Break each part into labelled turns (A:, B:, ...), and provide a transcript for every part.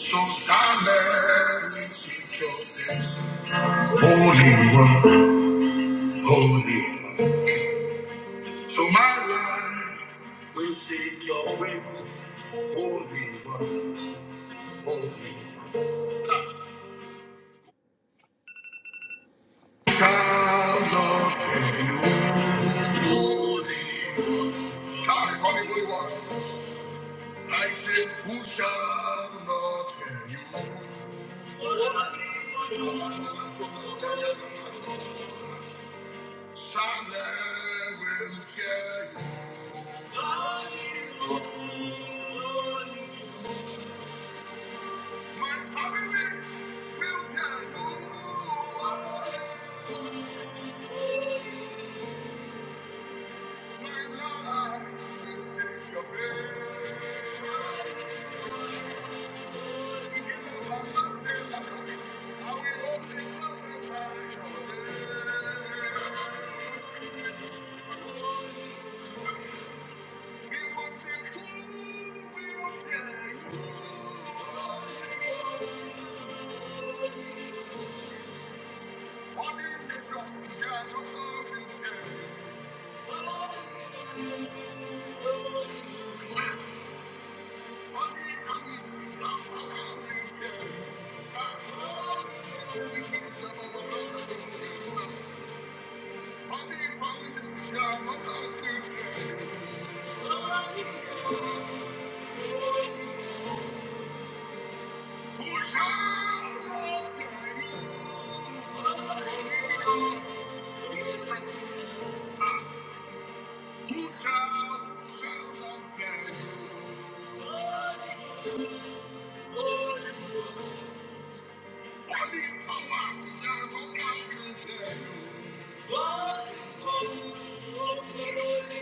A: So silent we seek your face. Holy one, holy one. So my life will seek your ways. Holy one, holy one. God love you. Holy one. God, I call you holy one. I say, who shall not fear you? Silent we fear you. Thank you. Thank you.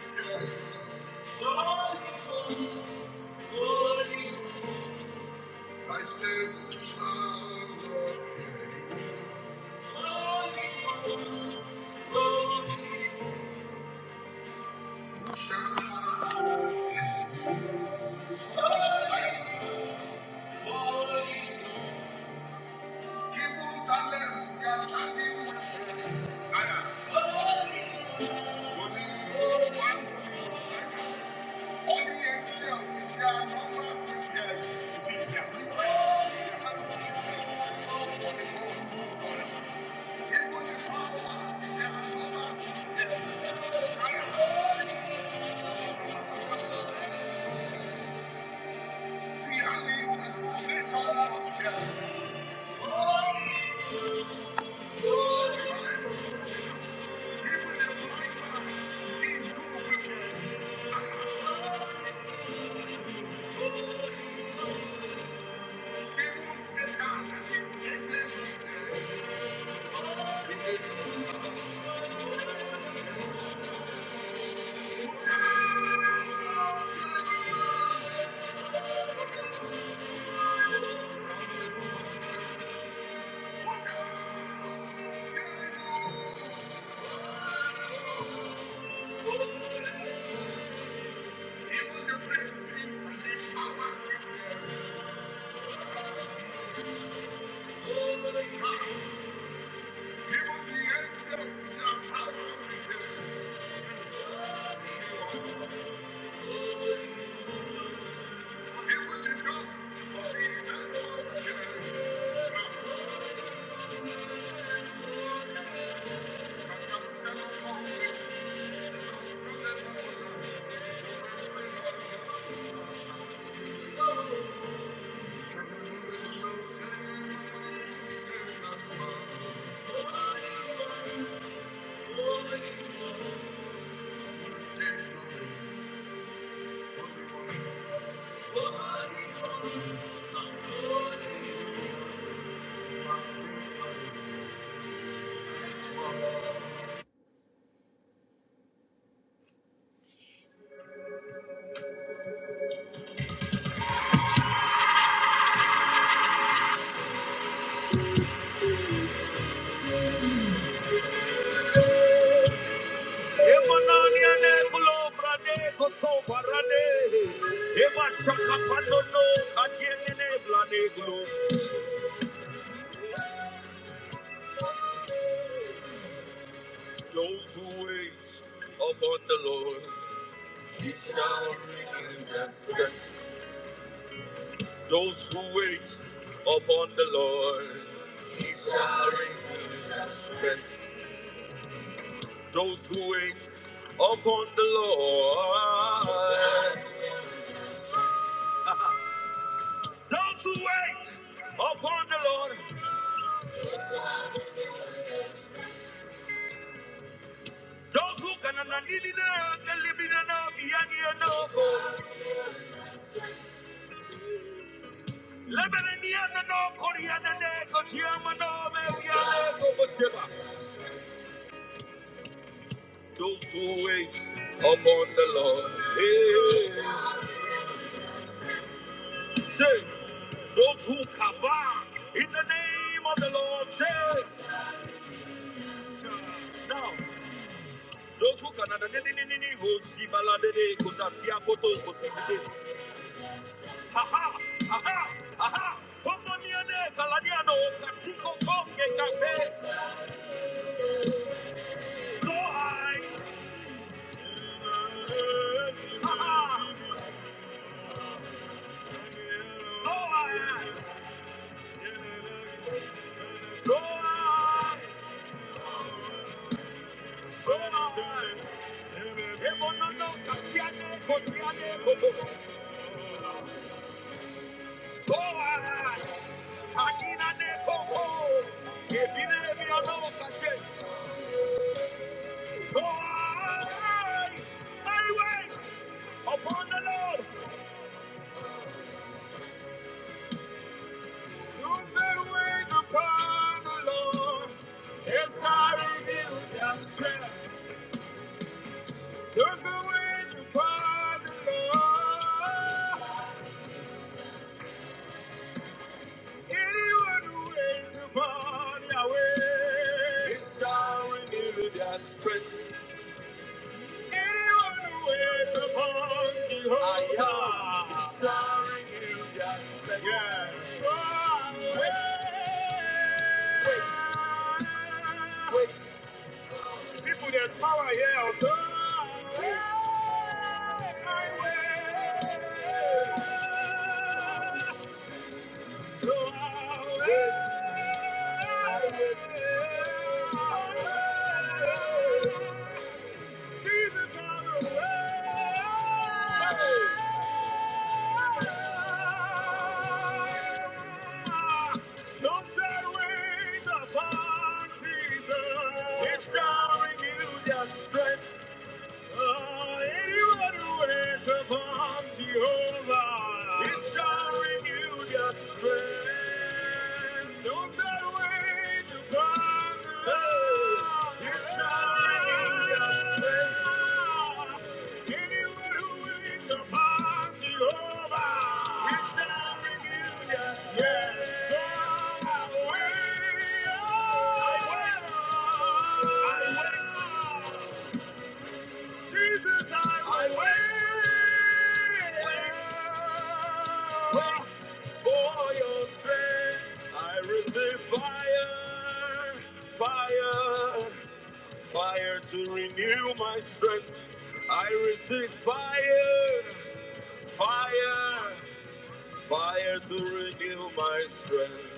A: Thank you. I said the child was saved. The child was saved. People in Salem, they are standing I am. For the whole world, Thank you. He was the drums. He was the you. Emanania ne kulo brade kotso parade. Eva shaka pano no kadiene ne blade Those who wait upon the Lord, He shall renew their strength. Those who wait upon the Lord, strength. Those who wait upon the Lord, those who wait upon the Lord, those who can ananili na kelibi na na biyani na lebereni na na koria na na kochiyama na mebiya na koboseba. Those who wait upon the Lord. Hey. Say, those who cover in the name of the Lord, say, now, those who can, ha ha, ha ha, ha ha, Omoniane, Kaladiano, Katiko, Koke, Kape, so high, ha ha, so high, so high. Upon the Lord, those that wait upon the Lord, His mighty will just share. Those that wait upon the Lord. Anyone who waits upon Yahweh is shall renew their strength. Anyone who waits upon Jehovah is shall renew their strength. Yes. Wait, wait, wait. People, there's power here. Also. Wait. I wait. It's now in you, just strength. Ah, anyone who is upon Jehovah is showering you just strength. Don't that wait upon the Lord is showering you just strength. Anyone who waits upon Jehovah is showering you just strength. Yes, so I wait. I wait. I wait. Jesus, I will wait for your strength. I receive fire, fire, fire to renew my strength. I receive fire, fire, fire to renew my strength.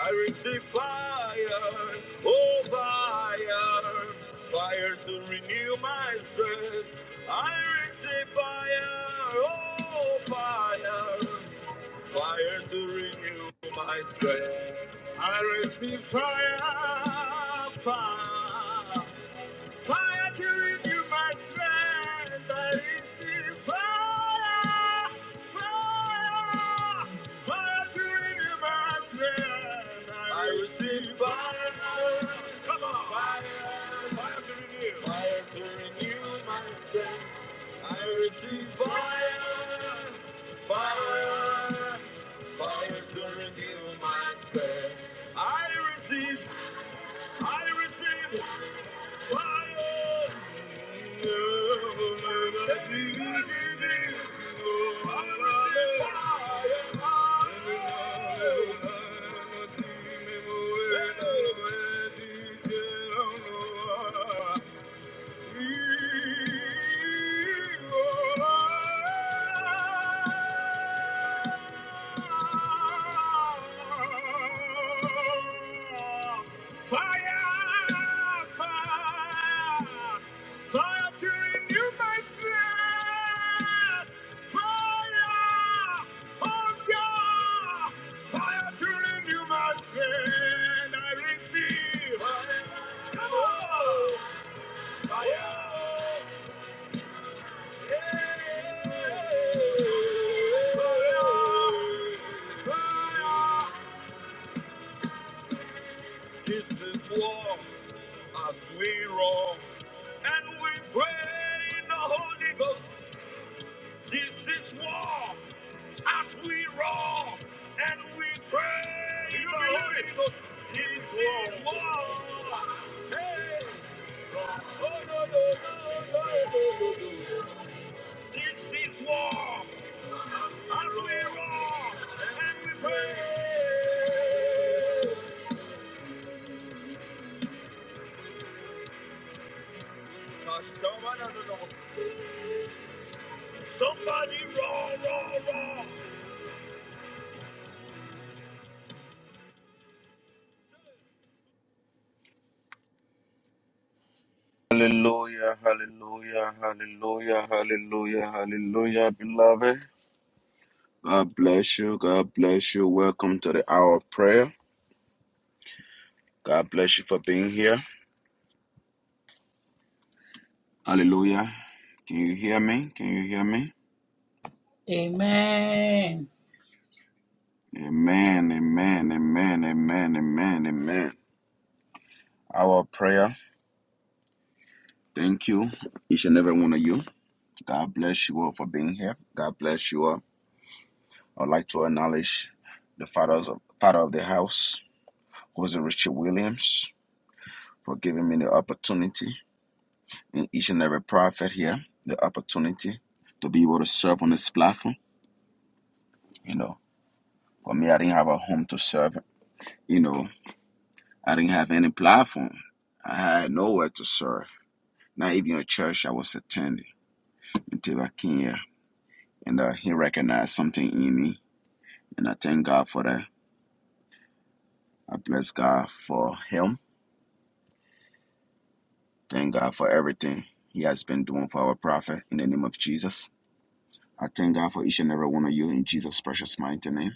A: I receive fire, oh fire, fire to renew my strength. I receive fire, oh fire, fire to renew my strength. I receive fire, fire. Fire to renew my strength. I receive fire, fire, fire to renew my strength. I receive fire. Come on, fire, fire to renew, fire to renew my strength. I receive fire, fire, fire to renew my strength. I receive, I receive fire. Thank you. Fire, fire, fire to renew my strength. Fire, oh God, fire to renew my strength. I receive. Come on. This is war as we roar and we pray in the Holy Ghost. This is war as we roar and we pray in you the believe Holy it? Ghost. This This is war. war. Hey. Oh, no, no, no, no, no, no, no. This is war. As we roar and we praise. Somebody roar, roar, roar. Hallelujah, hallelujah, hallelujah, hallelujah, hallelujah, beloved. God bless you. God bless you. Welcome to the hour of prayer. God bless you for being here. Hallelujah. Can you hear me? Can you hear me?
B: Amen.
A: Amen, amen, amen, amen, amen, amen. Our prayer. Thank you, each and every one of you. God bless you all for being here. God bless you all. I'd like to acknowledge the fathers of, father of the house, Jose Richard Williams, for giving me the opportunity and each and every prophet here, the opportunity to be able to serve on this platform. You know, for me, I didn't have a home to serve. You know, I didn't have any platform. I had nowhere to serve, not even a church I was attending until I came here. And uh, he recognized something in me. And I thank God for that. I bless God for him. Thank God for everything he has been doing for our prophet in the name of Jesus. I thank God for each and every one of you in Jesus' precious mighty name.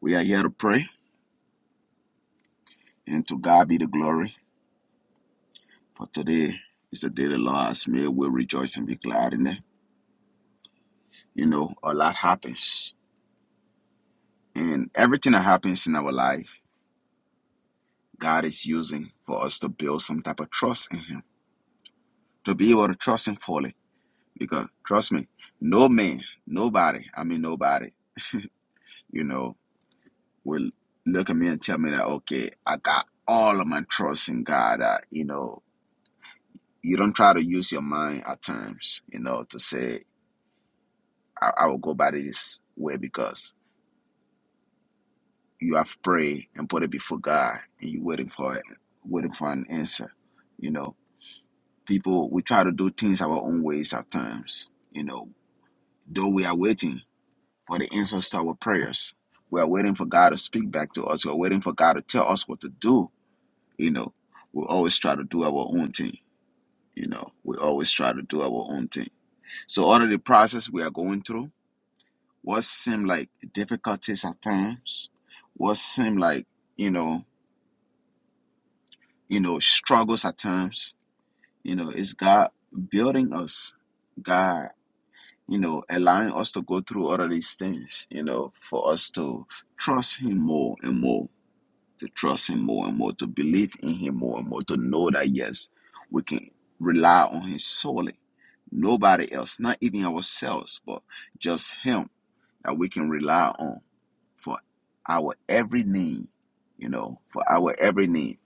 A: We are here to pray, and to God be the glory. For today is the day the Lord has made. We'll rejoice and be glad in it. You know, a lot happens, and everything that happens in our life, God is using for us to build some type of trust in Him, to be able to trust Him fully. Because trust me, no man, nobody, I mean, nobody, you know. will look at me and tell me that okay i got all of my trust in god that you know you don't try to use your mind at times you know to say i, I will go by this way because you have prayed and put it before god and you're waiting for it waiting for an answer you know people we try to do things our own ways at times you know though we are waiting for the answers to our prayers we are waiting for god to speak back to us we're waiting for god to tell us what to do You know, we always try to do our own thing. You know, we always try to do our own thing. So all of the process we are going through, what seem like difficulties at times, what seem like, you know, you know, struggles at times, you know, it's God building us. God, you know, allowing us to go through all of these things, you know, for us to trust him more and more to trust him more and more, to believe in him more and more, to know that yes, we can rely on him solely. Nobody else, not even ourselves, but just him that we can rely on for our every need, you know, for our every need.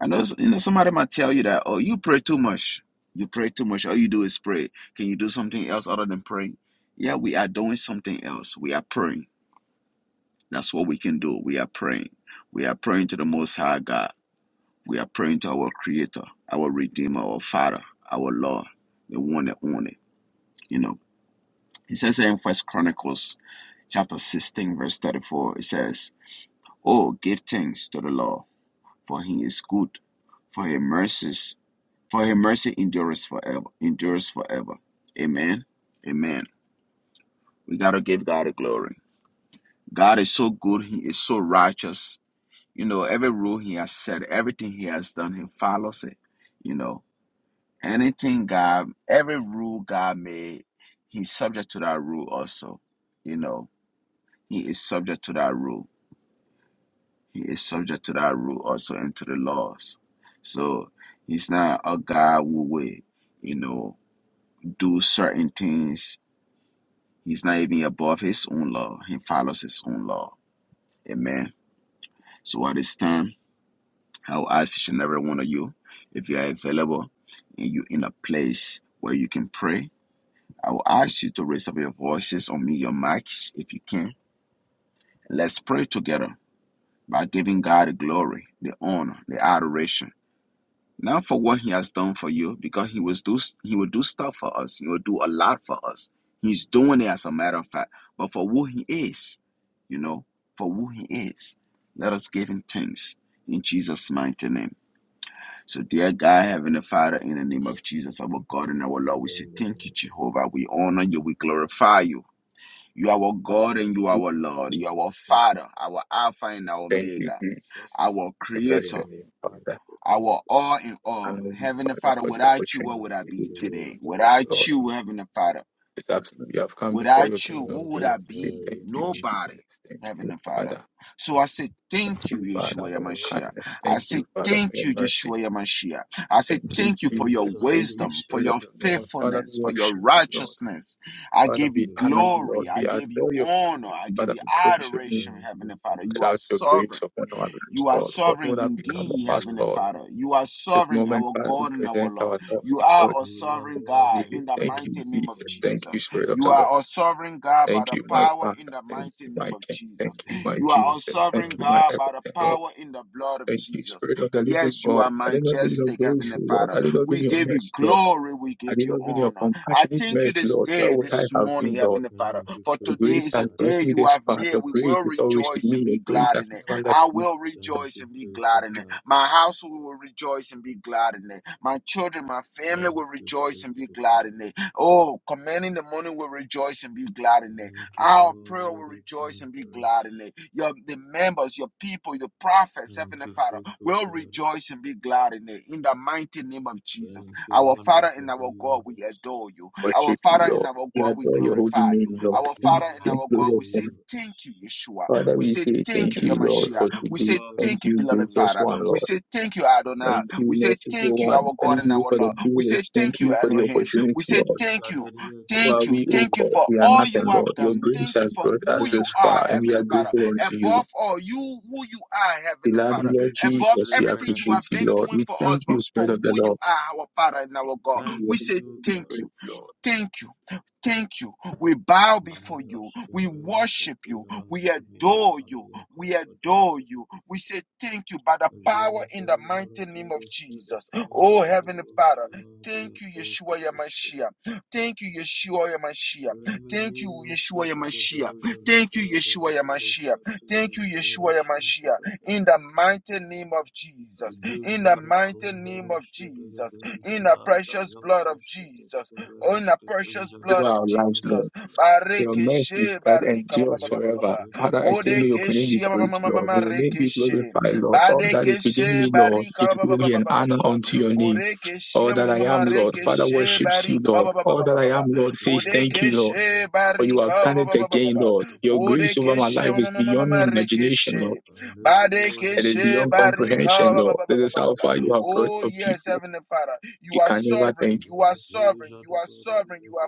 A: I know, you know, somebody might tell you that, oh, you pray too much. You pray too much. All you do is pray. Can you do something else other than praying? Yeah, we are doing something else. We are praying. That's what we can do. We are praying. We are praying to the Most High God. We are praying to our Creator, our Redeemer, our Father, our Lord, the one that own it. You know, He says in First Chronicles chapter sixteen, verse thirty-four. It says, "Oh, give thanks to the Lord, for He is good, for His mercies, for His mercy endures forever, endures forever." Amen. Amen. We gotta give God the glory. God is so good. He is so righteous. You know, every rule He has said, everything He has done, He follows it. You know. Anything God, every rule God made, He's subject to that rule also. You know, He is subject to that rule. He is subject to that rule also and to the laws. So He's not a God who will, you know, do certain things. He's not even above His own law. He follows His own law. Amen. So at this time, I will ask each and every one of you if you are available and you're in a place where you can pray I will ask you to raise up your voices on me, your mics, if you can. Let's pray together by giving God the glory, the honor, the adoration. Not for what He has done for you, because He was do He will do stuff for us. He will do a lot for us. He's doing it as a matter of fact, but for who He is, you know, for who He is. Let us give Him thanks in Jesus' mighty name. So, dear God, Heavenly Father, in the name of Jesus, our God and our Lord,
C: Grace of
A: we say thank you, Jehovah. We honor you. We glorify you. You are our
D: Father,
A: God and you are our Lord. You are our Father, our Alpha and our
D: thank you,
A: Omega,
D: Jesus.
A: our
D: We bless
A: Creator,
D: your name, Father.
A: our all in
D: And
A: all.
D: Thank you,
A: Heavenly
D: Father,
A: Father,
D: for the
A: without you, what would
D: opportunity
A: I
D: you
A: be
D: have given
A: today?
D: unto us,
A: Without
D: Lord.
A: you, Heavenly Father.
D: It's absolutely. we have come before your
A: Without you,
D: throne of
A: who would
D: grace
A: I
D: to say
A: be?
D: thank you,
A: Nobody,
D: Jesus. Thank you,
A: Heavenly Father.
D: Father.
A: So I say
D: Thank
A: thank you,
D: you, Father,
A: Yeshua
D: for your
A: Yamashiach.
D: kindness.
A: I
D: Thank
A: say
D: you, Father, for
A: thank
D: your
A: you,
D: mercy.
A: Yeshua Yamashiach. I say
D: Thank you,
A: thank you for your
D: Jesus. Thank you,
C: peace,
A: wisdom, for
D: Spirit of
A: your
D: the
C: we say thank
D: Lord. Father,
A: faithfulness,
D: we
A: for your
D: worship you, Lord.
A: righteousness. I
C: thank
D: Father,
A: give
D: we
A: you
C: you,
D: honor you, Lord.
A: glory. I
D: We
C: Father.
A: give you
D: adore your holy
A: honor.
D: name.
A: I give
D: Father,
A: you
D: we praise your name.
A: adoration,
C: Thank you,
A: Heavenly Father.
C: Father.
A: You are
D: Without your
A: sovereign.
D: grace upon our lives,
A: You are
D: Lord, what
A: sovereign
D: would have become
C: Thank you,
A: indeed,
D: of us,
C: Lord
A: Heavenly
D: Lord?
C: God.
A: Father. You are
D: this
A: sovereign,
D: moment,
A: our
D: Father, we
A: God and our
D: present
A: Lord.
D: ourselves
A: You are
D: before
A: a
C: You
D: you.
C: love
A: sovereign
C: all
A: God
D: We say,
A: in the
D: Thank
C: mankind.
D: you,
A: mighty name of
D: Jesus.
C: Thank
D: Thank
C: you,
D: you,
A: Jesus.
D: Spirit of
A: You
D: the Lord.
A: are a sovereign God by
D: Thank
A: the
D: you, my
A: power
D: Father.
A: in the
D: Thank
A: mighty
D: you,
A: name
D: my
A: of
D: King.
A: Jesus.
D: Thank you,
C: thank
D: my
C: you,
A: You are a
D: Jesus.
C: faithful
D: Thank
A: sovereign
D: you,
C: Father.
D: my
A: God by the
D: everything, Lord.
A: power in the blood of
D: Thank you,
A: Jesus.
D: Spirit of the Living
A: Yes, you
D: God.
A: are
D: Had it not been your
A: majestic,
D: grace,
A: Heavenly
C: Thank you,
D: Lord,
A: Father.
D: had it not
C: faithful.
D: been
A: We
D: your
A: give you
D: mercy, Lord,
A: glory. We
D: had
A: give
D: it
A: you
D: not been your
A: honor. I
D: compassionate
A: thank you
D: mercy,
A: this
D: Lord, where
A: day,
D: would I
A: this
D: have
A: morning,
D: been, Lord?
A: Heavenly Father,
C: Thank you,
A: for
D: Your
A: today
C: faithful
D: grace
A: is
D: has
A: a
C: Father.
D: brought
A: day
D: me
A: you
D: this
A: have
D: far.
A: made.
D: Your
A: We will
D: grace is always with
A: rejoice
D: me.
A: and be
D: Your grace
A: glad
D: has
A: in it.
D: never
A: I
D: left me.
A: will
C: Thank
A: rejoice
C: you,
A: and be glad
C: faithful
A: in it.
C: Father.
A: My household will rejoice and be glad in it. My children, my family
C: Thank
A: will
C: you,
A: rejoice and be
C: faithful
A: glad
C: Father.
A: in it. Oh, commanding the morning will rejoice and be glad in it.
C: Thank you for
A: Our prayer will
C: what you've
A: rejoice
C: done
A: and
C: for
A: be
C: us.
A: glad in it. Your the members, your people, your prophets,
C: Thank
A: Heavenly
C: you,
A: Father,
C: faithful
A: will
C: Father.
A: rejoice and be glad in it. In the mighty name of Jesus.
C: Thank you,
A: Our Father
C: monarch
A: and
C: of the
A: our God, we
C: universe.
A: adore you. Our
D: Worship you,
A: Father and
D: Lord.
A: our
D: We
A: God, we
D: adore your holy
A: glorify you.
D: name, Lord.
C: Thank
A: Our
C: you,
D: King of
A: Father and
C: monarch
D: kings,
A: our
C: of
A: God,
C: the
A: we
D: glorious and
A: say
C: universe.
A: thank you, Yeshua.
D: Father,
A: We
D: we
A: say
D: say
A: thank
D: thank
A: you,
D: you, Lord,
A: Yamashia.
D: for
C: Sovereign
A: We
D: today.
A: say
C: God, we
D: Thank
A: thank you,
C: say
D: you,
A: beloved
C: thank
D: gracious
A: Father.
C: you.
D: one,
A: We
D: Lord.
A: say thank you, Adonai.
D: Thank you,
A: We say thank
D: merciful
A: you,
D: one.
A: our God
D: Thank
A: and
D: you
C: Thank
A: our
D: for
C: you.
D: the
A: Lord. We say
D: privilege. Thank
A: thank you,
D: you for the
A: Elohim.
D: opportunity,
A: We say
D: Lord.
C: We've
A: thank you,
C: gathered here to
A: thank
D: While
C: say
A: you,
D: we, O
A: thank you
C: thank
D: God,
C: you.
A: for
D: we are
A: all you
D: nothing, Lord.
A: have
D: Your
A: done.
D: grace
A: Thank you
D: has
A: for
D: brought us
A: who you
C: Thank
D: this
C: you
A: are,
D: far,
C: for
D: and we are
A: Heavenly Father.
C: saving
D: grateful
C: us.
D: unto you.
A: Above all, you who you are,
D: We
A: Heavenly
D: love you,
A: Father.
C: Thank
D: Lord
C: you for
A: Above
D: Jesus. We
C: delivering
A: everything
C: us.
A: you
D: appreciate
A: have
D: you,
A: been
D: Lord.
A: doing
D: We
A: for
D: thank
A: us,
D: you,
A: but for
D: Spirit of the
A: who you
D: Lord.
A: are, our Father and our God.
D: In your
A: We
C: Thank
D: holy
A: say
C: you,
D: name we
C: God.
A: thank
D: pray,
A: you.
D: Lord.
A: Thank you. Thank you. We bow before
C: Mani
A: you. We
C: Ashara
A: worship you.
C: Fatira
A: We
C: Shemiya
A: adore you. We adore
C: Kabiya
A: you. We say thank you by the power in the mighty name
C: Želekovaratiro
A: of Jesus. Oh, Heavenly
C: Shadakankaliro
A: Father. Thank you, Yeshua
C: Shaladiakofateshka
A: Yamashiach. Thank you, Yeshua Yamashiach. Thank you,
C: Remenino
A: Yeshua Yamashiach. Thank you, Yeshua
C: Shadagadojalakabaratiro
A: Yamashiach. Thank you,
C: Shatakaratiro
A: Yeshua Yamashiach.
C: Shantabeta
A: In the mighty name of Jesus. In the mighty name
C: Gimbarakondoro
A: of of Jesus, in the
C: Shadagadojala
A: precious blood
C: Yosa
A: of Jesus,
C: Shadeshka
A: oh, in the
C: Bereshka
A: precious
D: Save
A: blood of
D: our lives,
C: Jalaranino
D: Lord.
A: Jesus.
C: Shatela
D: Your mercy is
A: Barikeshe,
D: that
A: barika, ba,
D: endures
A: ba, ba, ba, ba,
D: forever.
A: ba.
C: Rebesheta
D: Father, I say, may your name be
A: Bodekeshe, ma, ma,
C: Barandagadagada
A: ma,
D: praised,
A: ma, ma,
D: Lord.
A: ma,
D: May your name be
C: Shadabragadia
A: rekeshe.
D: glorified, Lord. All that is within
A: Badekeshe,
D: me, Lord, give
A: barika, ba, ba, ba,
D: glory
A: ba, ba,
D: and
C: Ramasakataba
A: ba, ba,
D: honor
A: ba.
D: unto your name.
C: Shadabragada
A: Bodekeshe,
D: All
A: ma,
D: that
A: ma,
D: I
A: ma,
D: am,
A: ma,
D: Lord, Father
A: rekeshe,
C: Shadabaranta
D: worships you,
A: barika,
D: Lord.
A: ba, ba, ba,
D: All
A: ba,
D: that
A: ba, ba,
D: I am,
A: ba.
D: Lord, says thank you, Lord.
A: Bodekeshe,
D: For you have
A: barika, ba,
D: done
A: ba,
D: it
A: ba, ba, ba, ba,
D: again,
A: ba.
D: Lord. Your grace over my
A: Bodekeshe,
D: life
A: ma, ma,
D: is
A: ma, ma, ma,
D: beyond
A: ma,
D: imagination, Lord.
A: rekeshe.
D: It is
A: Badekeshe
D: beyond
A: barika
D: comprehension,
A: ba- ba-
D: Lord.
A: ba- ba-
D: This
A: ba-
D: is
A: ba- ba-
D: how far
A: ba.
D: you have brought
A: Oh,
D: your
A: yes,
D: people.
A: Heavenly Father,
D: You
A: you are
D: can never
A: sovereign,
D: thank
A: you are sovereign, you are sovereign, you are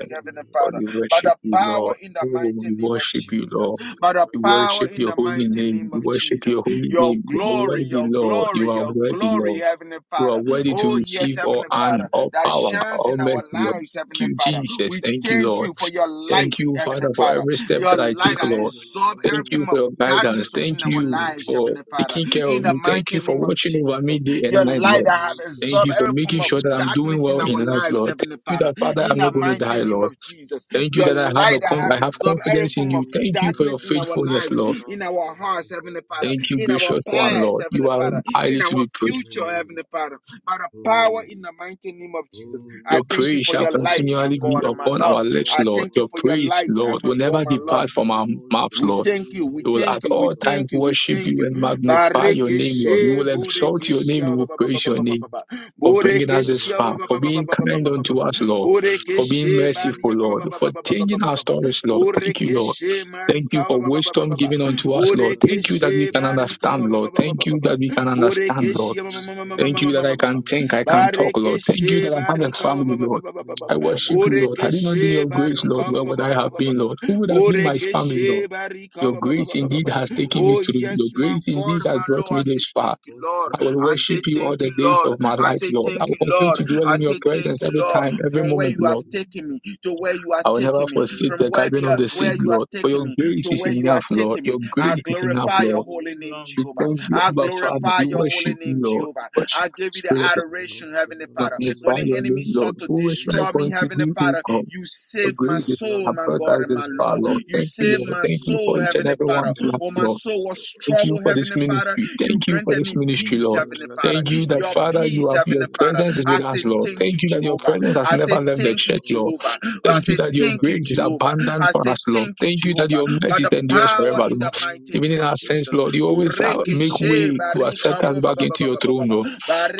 D: you.
A: Heavenly
D: God,
A: Father,
D: we
A: by
D: worship
A: the
D: you,
A: power
D: Lord.
A: in the
D: Oh,
A: mighty
D: we
A: name of
D: worship you,
A: Jesus,
D: Lord.
A: by the
D: We
A: power
D: worship
A: in
D: your
A: the
D: holy
A: mighty
D: name.
A: name
D: We
A: of
D: worship your
A: Jesus,
D: holy
A: your
D: name. You are
A: glory,
D: worthy,
A: your
D: Lord. You
A: glory,
D: are
A: your
D: worthy,
A: glory,
D: Lord.
A: Heavenly
D: You are
A: Father.
D: worthy to
A: Oh, yes,
D: receive all
A: Heavenly
D: honor,
A: Father,
D: all
A: that
D: power,
A: shines
D: all
A: in our
D: mercy, Lord.
A: lives,
D: Thank
A: Heavenly
D: you,
A: Father.
D: Jesus.
A: We
D: Thank you,
A: thank
D: Lord.
A: you for your light,
D: Thank you,
A: Heavenly
D: Father, for
C: Menos
A: Father.
D: every step
A: Your
C: kita
D: that I
C: para
A: light
D: take,
C: te
A: that
D: Lord.
C: ir a
A: absorb
C: la
A: every
D: Thank you
A: form
D: for
A: of
D: your
C: noche, que te
D: guidance.
A: darkness
D: Thank
A: within
C: agombra
A: our
C: de
D: you
A: lives,
D: for
A: Heavenly
C: tiros,
A: Father.
D: taking care
A: In
D: of
A: the
D: me. Thank you
A: mighty
D: for
A: name of
D: watching over me
A: Jesus.
D: day and
A: Your
D: night,
C: Holy,
A: light
D: Lord.
A: that have
C: holy,
D: Thank you
A: absorbed
D: for
A: every
C: holy,
D: making
A: form of
D: sure that I'm doing
A: darkness
D: well
A: in
D: in
A: our
D: life,
A: lives,
D: Lord. Thank
A: Heavenly
D: you
A: Father.
D: that, Father,
A: In
D: I'm
A: the
D: not going to
A: mighty
D: die,
A: name
D: Lord.
A: of Jesus.
D: Thank you
A: Your
D: that I have
A: light
D: a
A: that
D: con-
A: have
D: I have
A: absorbed every
D: confidence in
A: form
D: you.
A: of
D: Thank you for your
A: darkness in our
D: faithfulness,
A: lives,
D: Lord.
A: in our hearts, Heavenly Father,
D: Thank you,
A: in our
D: gracious one,
A: past,
D: Lord. You
A: Heavenly
D: are
A: Father, in
D: highly to
A: our
D: be praised, Lord.
A: future, Heavenly Father by the power in the mighty name of Jesus. I
D: Your
A: thank you
D: praise
A: for
D: shall
A: your light, my
C: holy
D: continually
C: are
D: be
A: God and
C: you,
A: my
D: upon
C: Lord
A: love.
D: our lips,
C: God
A: I
D: Lord.
A: thank you
D: Your
C: Almighty,
A: for your
D: praise,
A: light,
D: Lord,
A: and my
D: will
A: God,
D: never
A: my
C: the
A: love.
D: depart
C: one
D: from
C: who
D: our
C: holds the
D: mouths,
A: We
D: Lord.
C: one
A: thank you,
C: who is
A: we
D: We
C: and
D: will
A: thank
D: at
C: is
A: you,
C: to
A: we
D: all
C: come.
D: times
A: thank you, we
D: worship
A: thank
D: you
A: you.
D: and magnify your name, Lord. We
A: Barekeshe,
D: will
C: Alexander
D: exalt your name.
A: Borekeshia,
C: Baradeva,
D: We
A: ba-
D: will
A: ba- ba- ba-
D: praise
A: ba-
D: your
A: ba- ba-
D: name
A: ba- ba.
D: for bringing us this
A: Borekeshia, ba- ba-
D: far,
C: Baradeva
D: for
A: ba- ba- ba- ba-
D: being
A: ba- ba-
C: Nugato,
D: kind
A: ba- ba- ba-
D: unto
C: the
A: ba.
D: us,
C: Jada, the
D: Lord, for
C: Baradeva,
D: being
A: Borekeshe,
D: merciful,
C: Kondoro,
A: Badiaka,
D: Lord,
A: ba- ba-
D: for
A: ba- ba- ba- ba- ba- ba-
C: Sakabratia.
D: changing
A: ba-
D: our
A: ba- ba.
D: stories, Lord. Thank you, Lord.
A: Borekeshe,
D: Thank you
A: Marika, ba-
D: for
A: ba- ba- ba-
D: wisdom
A: ba- ba- ba.
D: given unto
C: Merciful
D: us, Lord.
C: Father,
D: Thank
C: we
D: you that
C: say
D: we
A: Borekeshe,
D: can
C: thank you.
A: Barika,
D: understand,
A: ba-
D: Lord.
A: ba- ba- ba- ba-
D: Thank
A: ba-
D: you
A: ba- ba.
D: that we can understand, Lord.
A: Borekeshia, ma- ma-
C: Grateful
A: ma- ma- ma- ma-
C: God,
D: Thank
A: ma- ma-
D: you
C: we
D: that
A: ma- ma-
D: I
C: say
A: ma- ma-
D: can
A: ma.
C: thank
D: think, I
C: you.
D: can talk, Lord. Thank you
A: Barekeshe,
D: that I have a
A: Barika, ba-
D: family,
A: ba- ba- ba-
D: Lord.
A: ba- ba- ba-
C: Thank
D: I
C: you,
D: worship you,
A: ba.
C: Manta
D: Lord. Had it not been
A: Borekeshe
D: your
C: Varashanda
D: grace, Lord,
A: barika ba
D: where
A: ba
D: would
A: ba
C: Gratira
D: I
A: ba ba
D: have
A: ba ba
D: been,
A: ba
C: Shanta
D: Lord? Who would have been my
C: Barakita.
D: family, Lord?
A: Borekeshe barika
D: Your
A: ba ba ba
D: grace
A: ba ba
C: For
A: ba
D: indeed
A: ba ba.
D: has
C: good
D: taken me
A: Oh
C: health, we
D: through.
C: say
D: Your
A: yes,
C: thank
A: my
D: grace
C: you.
D: indeed
A: God,
D: has
A: my
D: brought
A: Lord,
D: me
A: I say
D: this far.
A: thank you,
C: For
A: Lord.
D: I will
C: strength,
A: I
C: we
D: worship
A: say
C: say
D: you all
A: thank
C: thank
D: the
A: you,
C: you.
D: days
A: Lord.
D: of my
A: I
D: life,
A: say
D: Lord. I
A: thank
D: will
A: you,
C: For
D: continue
A: Lord.
D: to
C: your
D: dwell
A: I
D: in your
A: say
C: grace and
A: thank
D: presence
A: you,
D: every
A: Lord,
C: favor,
D: time,
C: we
D: every
C: say
A: from where
D: moment,
C: thank
A: you
D: Lord.
A: have
C: you.
A: taken me to where you are
D: I will never
A: taking me,
C: For your
D: forsake
A: from
D: the
A: where
D: gathering
A: you
D: of
A: are,
D: the
C: protection,
A: where
D: saint,
C: we
A: you
C: say
A: have
D: Lord. For
C: thank
A: taken
D: your
A: me
C: you.
D: grace
A: to
D: is
A: where you are
D: enough, Lord.
A: taking me.
D: Your
A: I
D: grace is enough,
C: For
A: glorify
C: your
A: your
D: Lord.
A: holy name,
C: deliverance,
D: We
C: we
A: Jehovah.
D: thank
C: say
D: you,
A: I
C: thank you.
D: Abba Father.
A: glorify
D: We
A: your holy
D: worship you,
A: name,
D: Lord.
A: Jehovah.
D: We worship
A: I
D: you,
A: give you the
D: Spirit
A: the
D: of
C: No, no,
A: adoration, Heavenly
C: Shalom,
D: God.
A: Father. When
D: Magnify
A: the
C: Damba,
D: your
C: Day,
A: enemy
D: name, Lord.
A: sought to
D: Who is like
A: destroy me,
D: unto
C: Kabbalah,
A: Heavenly
D: thee who
A: Father, you
D: comes? Your
A: saved my
D: grace is
C: Jala
A: soul,
D: have
A: my
D: brought
A: God
D: us
C: Branda
A: and
D: this
A: my
D: far,
A: Lord.
C: Deja
D: Lord.
A: You
D: Thank you,
C: Dico
A: saved
D: Lord.
A: my
D: Thank you
C: Bradiro
A: soul,
D: for each and
A: Heavenly
D: every
C: Santa
A: Father.
D: one's life,
A: When my
C: Bradiro
D: Lord.
A: soul was
D: Thank you
C: Sotabaya
A: troubled,
D: for this
A: Heavenly Father,
D: ministry.
A: you
D: Thank you for
A: granted
D: this
A: me
D: ministry,
A: peace,
D: Lord.
C: Zele
A: Heavenly
C: Rada
A: Father.
D: Thank you that,
A: Your
C: Verenda
D: Father, you
A: peace,
D: have your
A: Heavenly
C: Doradeco
A: Father.
D: presence is
A: I
D: with
A: say
D: us, Lord.
C: Badavinda
A: thank
D: Thank
A: you,
D: you that your
A: Jehovah.
D: presence
C: Davidada
D: has
A: I say
D: never left the
C: Dadoza
A: thank you,
D: church,
C: Lara
D: Lord.
A: Jehovah.
C: Sita
A: I
D: Thank
C: Eja
D: you
A: say
D: that
C: da
D: your
A: thank
C: Brada
A: you,
D: grace is
A: Jehovah.
C: Basha
D: abundant
A: I
D: for
A: say
D: us, Lord.
A: thank you,
D: Thank you that
A: Jehovah.
D: your
A: By
D: mercy
A: the
C: da
D: endures
A: power
D: forever,
A: in
C: Aigo
A: the
D: Lord.
A: mighty
C: Vanda
D: Even
A: name
D: in
C: da
A: of
D: our sins,
A: Jesus.
C: Janna
D: Lord, you always
C: Nina
D: uh,
A: Boreke
C: Sita
D: make
A: she
D: way
C: Deja
D: to accept
A: barika
D: us
C: Lara
A: ba ba ba
D: back
A: ba ba
D: into
C: Sata
D: your
A: ba ba ba
D: throne,
A: ba.
C: Bada
D: Lord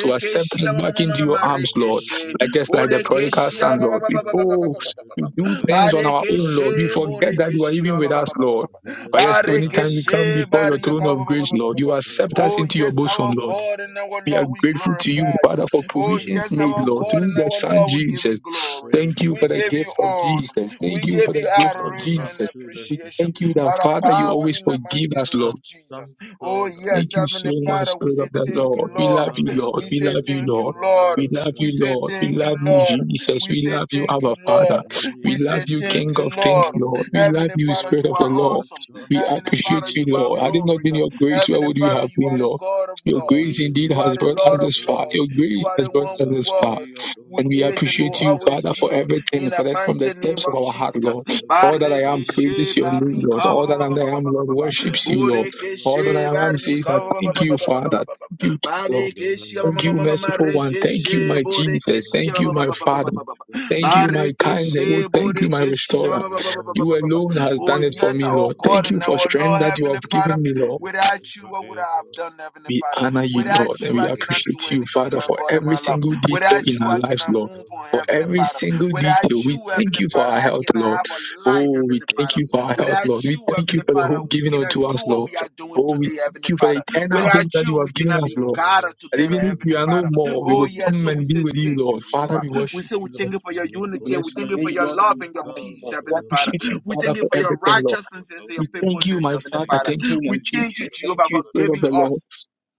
D: to accept us back into your arms, Lord.
C: Amananda
A: Marekeshe.
D: Like
C: Dida
D: just like the prodigal
C: Adosa
A: Borekeshia
D: son, Lord. We
C: Zandara
D: oh,
C: Deja
D: we do
C: da
D: things on
C: Deja Da
D: our own, Lord. We
A: Barekeshe
C: Brabate
D: forget that you are even with
A: Borekeshia
D: us, Lord.
C: There
D: But yes,
C: is none
D: anytime we come
A: Barekeshe
D: before your
A: Bariaka.
D: throne of grace, Lord, you accept us
A: Oh
D: into your
A: yes,
D: bosom,
A: our
D: Lord.
A: God and our
D: We are
A: Lord, we
D: grateful to you,
A: glorify
D: Father,
A: you.
D: for
A: Oh
D: provisions
A: yes,
D: made,
A: our
D: Lord,
A: God
C: like
D: through
A: and
C: you.
D: the
A: our
D: Son
A: Lord, we give you
D: Jesus.
A: glory.
C: There is
D: Thank you for
A: We
D: the
C: none
A: give
D: gift
A: you
C: like
D: of
C: you.
A: honor.
D: Jesus.
A: We
D: Thank you for
A: give
D: the
A: you
D: gift of
C: None
A: adoration
C: rub
A: and
D: Jesus.
C: shoulders
D: We
C: with
A: appreciation
D: thank
C: you.
D: you that,
A: by the
D: Father, you
A: power
D: always
A: in the
D: forgive
A: mighty
D: us,
A: name
D: Lord.
A: of
C: None stand
A: Jesus. Oh
C: taller than
A: yes,
C: you.
D: Thank you so
A: Heavenly
D: much,
A: Father, we
D: Spirit
A: say
D: of the
A: thank you,
D: Lord.
C: Mano
D: We
A: Lord.
D: love you,
C: shala
D: Lord.
A: We
D: We
A: say
D: love
C: gatauza
D: you,
A: thank you,
D: Lord.
C: kamera
A: Lord.
D: We
C: niro
D: love
A: We
D: you,
C: shanda
A: say
D: Lord. We
A: thank you,
C: bratiro
D: love you,
A: Lord.
C: shada.
D: Jesus.
A: We
D: We
A: say
D: love you,
A: thank
D: our
A: you,
D: Father.
A: Lord.
D: We
A: We
C: Milinde
D: love
A: say
D: you,
A: thank
D: King
A: you,
D: of
C: dida
D: Kings,
A: Lord.
D: Lord. We
C: zazundo do
D: love
A: Heavenly
D: you,
A: Father,
D: Spirit
A: you
D: of the
A: are
C: odola
D: Lord.
A: awesome.
D: We
C: rashanta
A: Heavenly
D: appreciate
A: Father,
C: ratia
A: you
D: you,
A: are
D: Lord. Had
C: tava.
D: it not been
A: glorious.
D: your grace, where
A: Heavenly
D: would we
A: Father,
D: have
A: you
D: been,
A: are the
D: Lord?
A: God of
D: Your
A: gods.
D: grace
C: Avaya
D: indeed
A: You are
D: has
A: the
D: brought
C: menino
D: us
A: Lord of
D: this far.
C: kopaya
D: Your
A: lords.
D: grace
A: You are
D: has
A: the
C: dibidim
D: brought
A: one
D: us
A: who
D: this far.
A: was,
C: baradia tum
A: who
D: And we
A: is, and will
C: baratiro
D: appreciate you,
A: always
D: Father, for
A: be.
D: everything,
A: In the
D: for that from the
A: mighty name
D: depths of
A: of
D: our heart,
A: Jesus.
D: Lord.
C: Maybe
D: All
C: a
D: that I am
C: providence
D: praises
A: Barikeshe
D: your name,
C: is
D: Lord.
C: the
A: barika ba
D: All
A: ba
D: that I
A: ba ba ba ba
D: am,
C: vision of a
A: ba
D: Lord,
A: ba ba.
C: Brunga
D: worships you, Lord.
C: Tadida
D: All that I
A: Borekeshe
D: am
C: Laradido
D: says
A: barika
D: that
A: ba ba
D: thank
A: ba ba
D: you,
C: Shashada,
A: ba ba ba
D: Father.
A: ba ba.
D: Thank you, Lord.
A: Barekeshe ma-
D: Thank
C: Egamanin
A: ma-
D: you,
A: ma- ma- ma-
D: merciful one.
C: Tabarapido
D: Thank you,
A: rekeshe
D: my
C: Sosham
D: Jesus.
A: borekeshe
D: Thank
A: ba-
C: Paranan
D: you,
A: ba-
D: my
A: ba- ba- ba- ba- ba-
D: Father.
C: Pradiro
A: ba- ba- ba.
D: Thank you,
C: Skipper
D: my kind
C: Badaba,
D: Lord.
A: Barekeshe
D: Thank you, my
A: borekeshe
D: restorer.
A: ba- ba- ba- ba- ba- ba-
D: You
A: ba- ba- ba.
C: Remelido
D: alone has
A: Oh,
D: done it for
A: yes,
D: me,
C: Skiragadeja
A: our
D: Lord.
C: La
A: God
D: Thank you
A: and
D: for
C: Brunga
A: our
D: strength
A: Lord,
D: that you
A: Heavenly
D: have
A: Father.
D: given
C: Shashada
D: me, Lord.
A: Without you, what would I
C: Bradiaba,
A: have done, Heavenly
D: We
A: Father?
D: honor you, Lord,
A: Without
D: and
A: you,
D: we
A: I
C: Ayako
A: cannot do
D: appreciate you,
A: anything,
D: Father,
A: my
C: Shantaba,
D: for
A: God and
D: every
A: my love.
D: single detail
A: Without
D: in
A: you,
D: our
A: I
D: lives,
A: cannot
C: Ayako
D: Lord.
A: move on,
D: For
A: Heavenly
D: every
C: Shantaba,
A: Father.
D: single
A: Without
D: detail, we
C: Thank
A: you,
D: thank
A: Heavenly
D: you for
A: Father,
D: our
A: I
D: health,
A: cannot
D: Lord.
A: have a life,
D: Oh, we
A: Heavenly
D: thank
A: Father.
D: you for our health,
A: Without
D: Lord. We
A: you,
D: thank you
A: Heavenly
D: for the
A: Father,
D: hope
A: we
D: given
A: cannot
D: unto
A: do
D: us,
A: what
D: Lord.
A: we are doing
D: Oh, we
A: today,
D: thank
A: Heavenly
D: you for the
A: Father.
D: eternal hope
A: Without
D: that
A: you,
D: you
A: we
D: have given
A: cannot
D: us,
A: be
D: Lord.
A: gathered
D: And
A: together,
D: even if we
A: Heavenly
D: are no
A: Father.
D: more, we
A: Oh,
D: will
A: yes.
D: come
A: So we
D: and be
A: say
D: with you,
A: thank you,
D: Lord. Father,
A: Jehovah.
D: we
A: We
D: worship
A: say we
D: you, Lord.
A: thank you for your
D: We
A: unity.
D: bless
A: We
D: your
A: thank you for
D: name,
A: your
D: Lord, and
A: love
D: we
A: and your
D: honor you,
A: peace,
D: Lord. We
A: Heavenly Father.
D: appreciate you,
A: We
D: Father,
A: thank you
D: for
A: for your
D: everything, Lord.
A: righteousness and your
D: We thank you,
A: faithfulness,
D: my
A: Heavenly
D: Father.
A: Father.
D: Thank you, my
A: We thank you,
D: Jesus. Thank
A: Jehovah,
D: you,
A: for
D: Spirit of
A: giving
D: the Lord.
A: us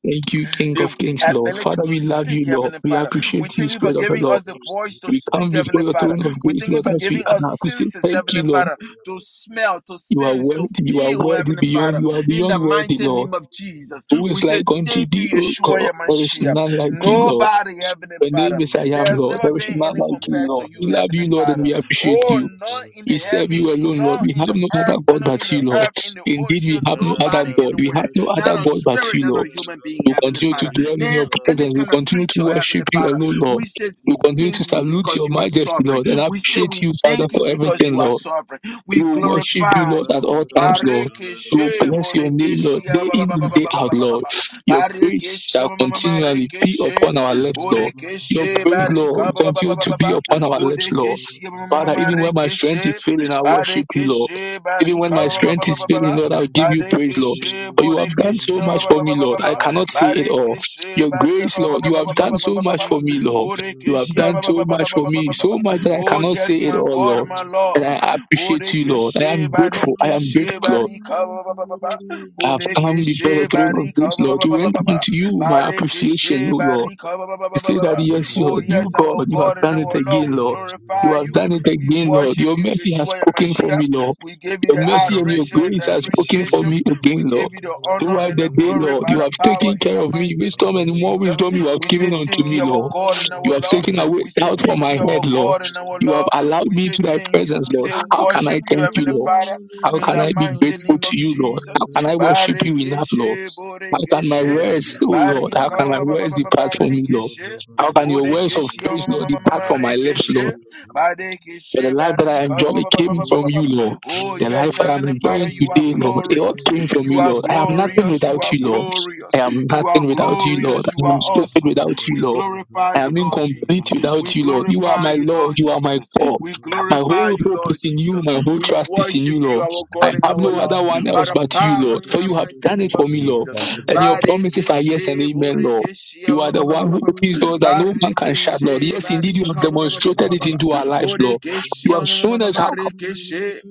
D: Thank you, King
A: the
D: of Kings, Lord.
A: ability
D: Father,
A: to
D: we love
A: speak,
D: you, Lord.
A: Heavenly
D: We
A: Father. We
D: appreciate you,
A: thank you for
D: Spirit of the
A: giving
D: Lord.
A: us the voice to
D: We come
A: speak, Heavenly
D: before your
A: Father.
D: throne of
A: We
D: grace,
A: thank you
D: Lord,
A: for
D: as we
A: giving
D: are
A: us
D: now to say
A: senses,
D: thank
A: Heavenly
D: you, Lord.
A: Father, to
C: you.
A: smell, to
D: You are
A: sense,
D: worthy,
A: to
D: you are
A: feel,
D: worthy
A: Heavenly
C: Shalom,
D: beyond,
A: Father.
D: you are
A: In
D: beyond
A: the
D: worthy,
A: mighty
D: Lord.
A: name of Jesus,
D: Who is
A: we say
D: like unto
A: thank
D: thee,
A: you,
D: O
A: Yeshua
D: God? There is none
A: Yamashiach.
D: like you, Lord.
A: Nobody, Heavenly
D: Your name
A: Father,
D: is I
A: there
D: am,
A: has
D: Lord.
A: never
D: There is
A: been
D: none
A: any
D: like you,
A: compared to
D: Lord. We
A: you,
D: love
A: Heavenly
D: you, Lord, and
A: Father.
D: we appreciate
A: Oh,
D: you.
A: none in the
D: We serve you
A: heavens,
D: alone, Lord.
A: none
D: We
A: in
D: have
A: the
D: no other
A: earth, oh,
D: God
A: none in
D: but
A: the
D: you, Lord.
A: earth, in the
D: Indeed, we
A: ocean,
D: have no other
A: nobody
D: God. We have
A: anywhere
D: no
A: not
D: other
A: a
D: God but
A: spirit,
D: you,
A: not
D: Lord.
A: a human being,
D: We
A: Heavenly
D: continue to
A: Father.
D: dwell in
A: Now,
D: your
A: any
D: presence. We
A: kind of
D: continue to
A: creature,
D: worship
A: Heavenly
D: you
A: Father,
D: alone, Lord.
A: we say
D: We
A: we
D: continue to
A: thank you
D: salute
A: because
D: your
A: you are
D: majesty,
A: sovereign.
D: Lord, and
A: We say
D: appreciate
A: we
D: you, Father,
A: thank you
D: for
A: because
D: everything,
A: you are
D: Lord.
A: sovereign. We
D: We will worship you,
A: glorify
D: Lord,
A: you.
D: at all times, Lord. We will
A: Barikeshe,
D: bless your name, Lord,
A: Borekeshe,
D: day
A: ba- ba-
D: in
A: ba- ba-
D: and day out, Lord. Your praise shall continually be upon our lips,
C: Thank
D: Lord. Your
A: Borekeshe,
D: praise, Lord,
A: Barika, ba- ba-
D: continue to be upon our lips, Lord.
A: Borekeshe, ma-
D: Father, even when my strength is failing, I worship you, Lord.
A: Barekeshe,
D: Even when
A: Barika,
D: my strength is failing, Lord, I'll give you praise, Lord.
A: Barikishe,
D: For you have done
A: Borekishi,
D: so much for me, Lord. I cannot say it all.
A: Barikishe,
D: Your grace, Lord,
A: Barika,
D: you have done so much for me, Lord. You have
A: Borekishi,
D: done so much for me, so much that I
A: Oh,
D: cannot say
A: yes,
D: it
A: my
D: all,
A: God,
D: Lord.
A: my
D: And
A: Lord.
D: I appreciate you, Lord. I
A: Borekishi,
D: am grateful. I am
A: Barikishe,
D: grateful, Lord.
A: Barika,
D: I have come before your
A: Borekishi,
D: throne of grace, Lord, to render
A: Barika,
D: unto you my appreciation,
A: Barikishe,
D: O Lord. You say that,
A: Barika,
D: yes,
A: Oh,
D: Lord, you,
A: yes,
D: God,
A: our
D: you have
A: God and
D: done it
A: our Lord,
D: again,
A: we
D: Lord. You
A: glorify
D: have
A: you.
D: done it
A: We
D: again, Lord.
A: worship
D: Your
A: you,
D: mercy has
C: you.
A: Yeshua
D: spoken for
A: and
D: me, Lord.
A: we give you
D: Your
A: the
D: mercy
C: Thank
D: and your
A: adoration and
D: grace
A: the
D: has spoken for
A: appreciation.
D: me again,
A: We give
D: Lord.
A: you the honor
D: Throughout
A: and
D: the
A: the
D: day,
A: glory
D: Lord,
A: by
D: you
A: the
D: have
A: power
D: taken
A: in
D: care
A: the
D: of me.
A: mighty name
D: Wisdom
A: of
D: and more
A: Jesus.
D: wisdom you have
A: We
D: given
A: say
D: unto
A: thank
D: me,
A: you, our
D: Lord.
A: God and our
D: You have taken
A: Lord.
D: away
A: We say
D: doubt from
A: thank
D: my
A: you,
D: head,
A: our
D: Lord.
A: God and our
D: You have
A: Lord.
D: allowed
A: We
D: me
A: say
D: to thy
A: thank you.
D: presence,
A: We
D: Lord.
A: say
D: How can I
A: worship you,
D: thank you,
A: Heavenly
D: Lord?
A: Father,
D: How
A: in
D: can
A: the
D: I be
A: mighty
D: grateful
A: name
D: to
A: of
D: you, Lord?
A: Jesus.
D: How can I
C: you.
D: worship you enough, Lord?
A: Barikeshe,
D: How can my
A: Borekeshe,
D: words, oh Lord, how
A: Bariaka,
D: can my
A: ba- ba- ba-
D: words
A: ba- ba-
D: depart from me, Lord?
A: Barikeshe,
D: How can your words of
A: Borekeshe, ma-
D: praise,
A: ma-
D: Lord,
A: ma- ma- ma-
D: depart
A: ma-
D: from my lips, Lord?
A: Rekeshe,
D: So the
A: Barikeshe,
D: life that I enjoy came from
A: Barika,
D: you, Lord.
A: Oh,
D: The
A: yes,
D: life that I'm
A: Heavenly Father,
D: enjoying
A: you are
D: today, Lord, it all
A: glorious.
D: came from
A: You
D: you,
A: are
D: Lord. I am nothing
A: glorious. You
D: without
A: are
D: you, Lord. I
A: glorious.
D: am
A: You are
D: nothing without you, Lord.
A: glorious.
D: I
A: You
D: am
A: are
C: Yemeni
D: stupid
A: awesome.
D: without you,
A: We
D: Lord.
A: glorify
D: I am
A: you, Lord
D: incomplete
A: Jesus.
D: without
A: We
D: you, Lord. You are
A: glorify
D: my
A: you,
D: Lord.
A: Lord
D: You are my
A: Jesus.
D: God.
A: We
D: My
A: glorify
D: whole
A: you,
D: hope
A: Lord
D: is in you.
A: Jesus.
D: My whole
A: We
D: trust is in
A: worship
D: you,
A: you,
D: Lord.
A: our
D: I
A: God and
D: have
A: our
D: no other
A: Lord,
D: one
A: by
D: else
A: the
D: but you,
A: power
D: Lord.
A: in
D: For
A: the
D: you have
A: mighty
D: done it
A: name
D: for
A: of
D: me,
E: Thank
D: Lord.
A: Jesus.
E: you
D: And
E: for bringing
D: your
E: us
D: promises are yes and
A: Barikeshe,
D: amen, Lord.
A: borikeshe,
D: You are
A: ba- ba-
D: the
A: ba-
D: one
A: ba-
D: who
A: ba- ba-
D: opens doors that
A: ba-
D: no man can shut, Lord.
A: barikeshe,
D: Yes, indeed, you have
A: barika, ba- ba- ba- ba- ba-
D: demonstrated
A: ba-
D: it
A: ba-
D: into
A: ba-
D: our lives, Lord.
A: borikeshe,
D: You have
A: ma- ma- ma- ma-
D: shown
A: ma-
D: us
A: ma-
D: how,
A: rikeshe.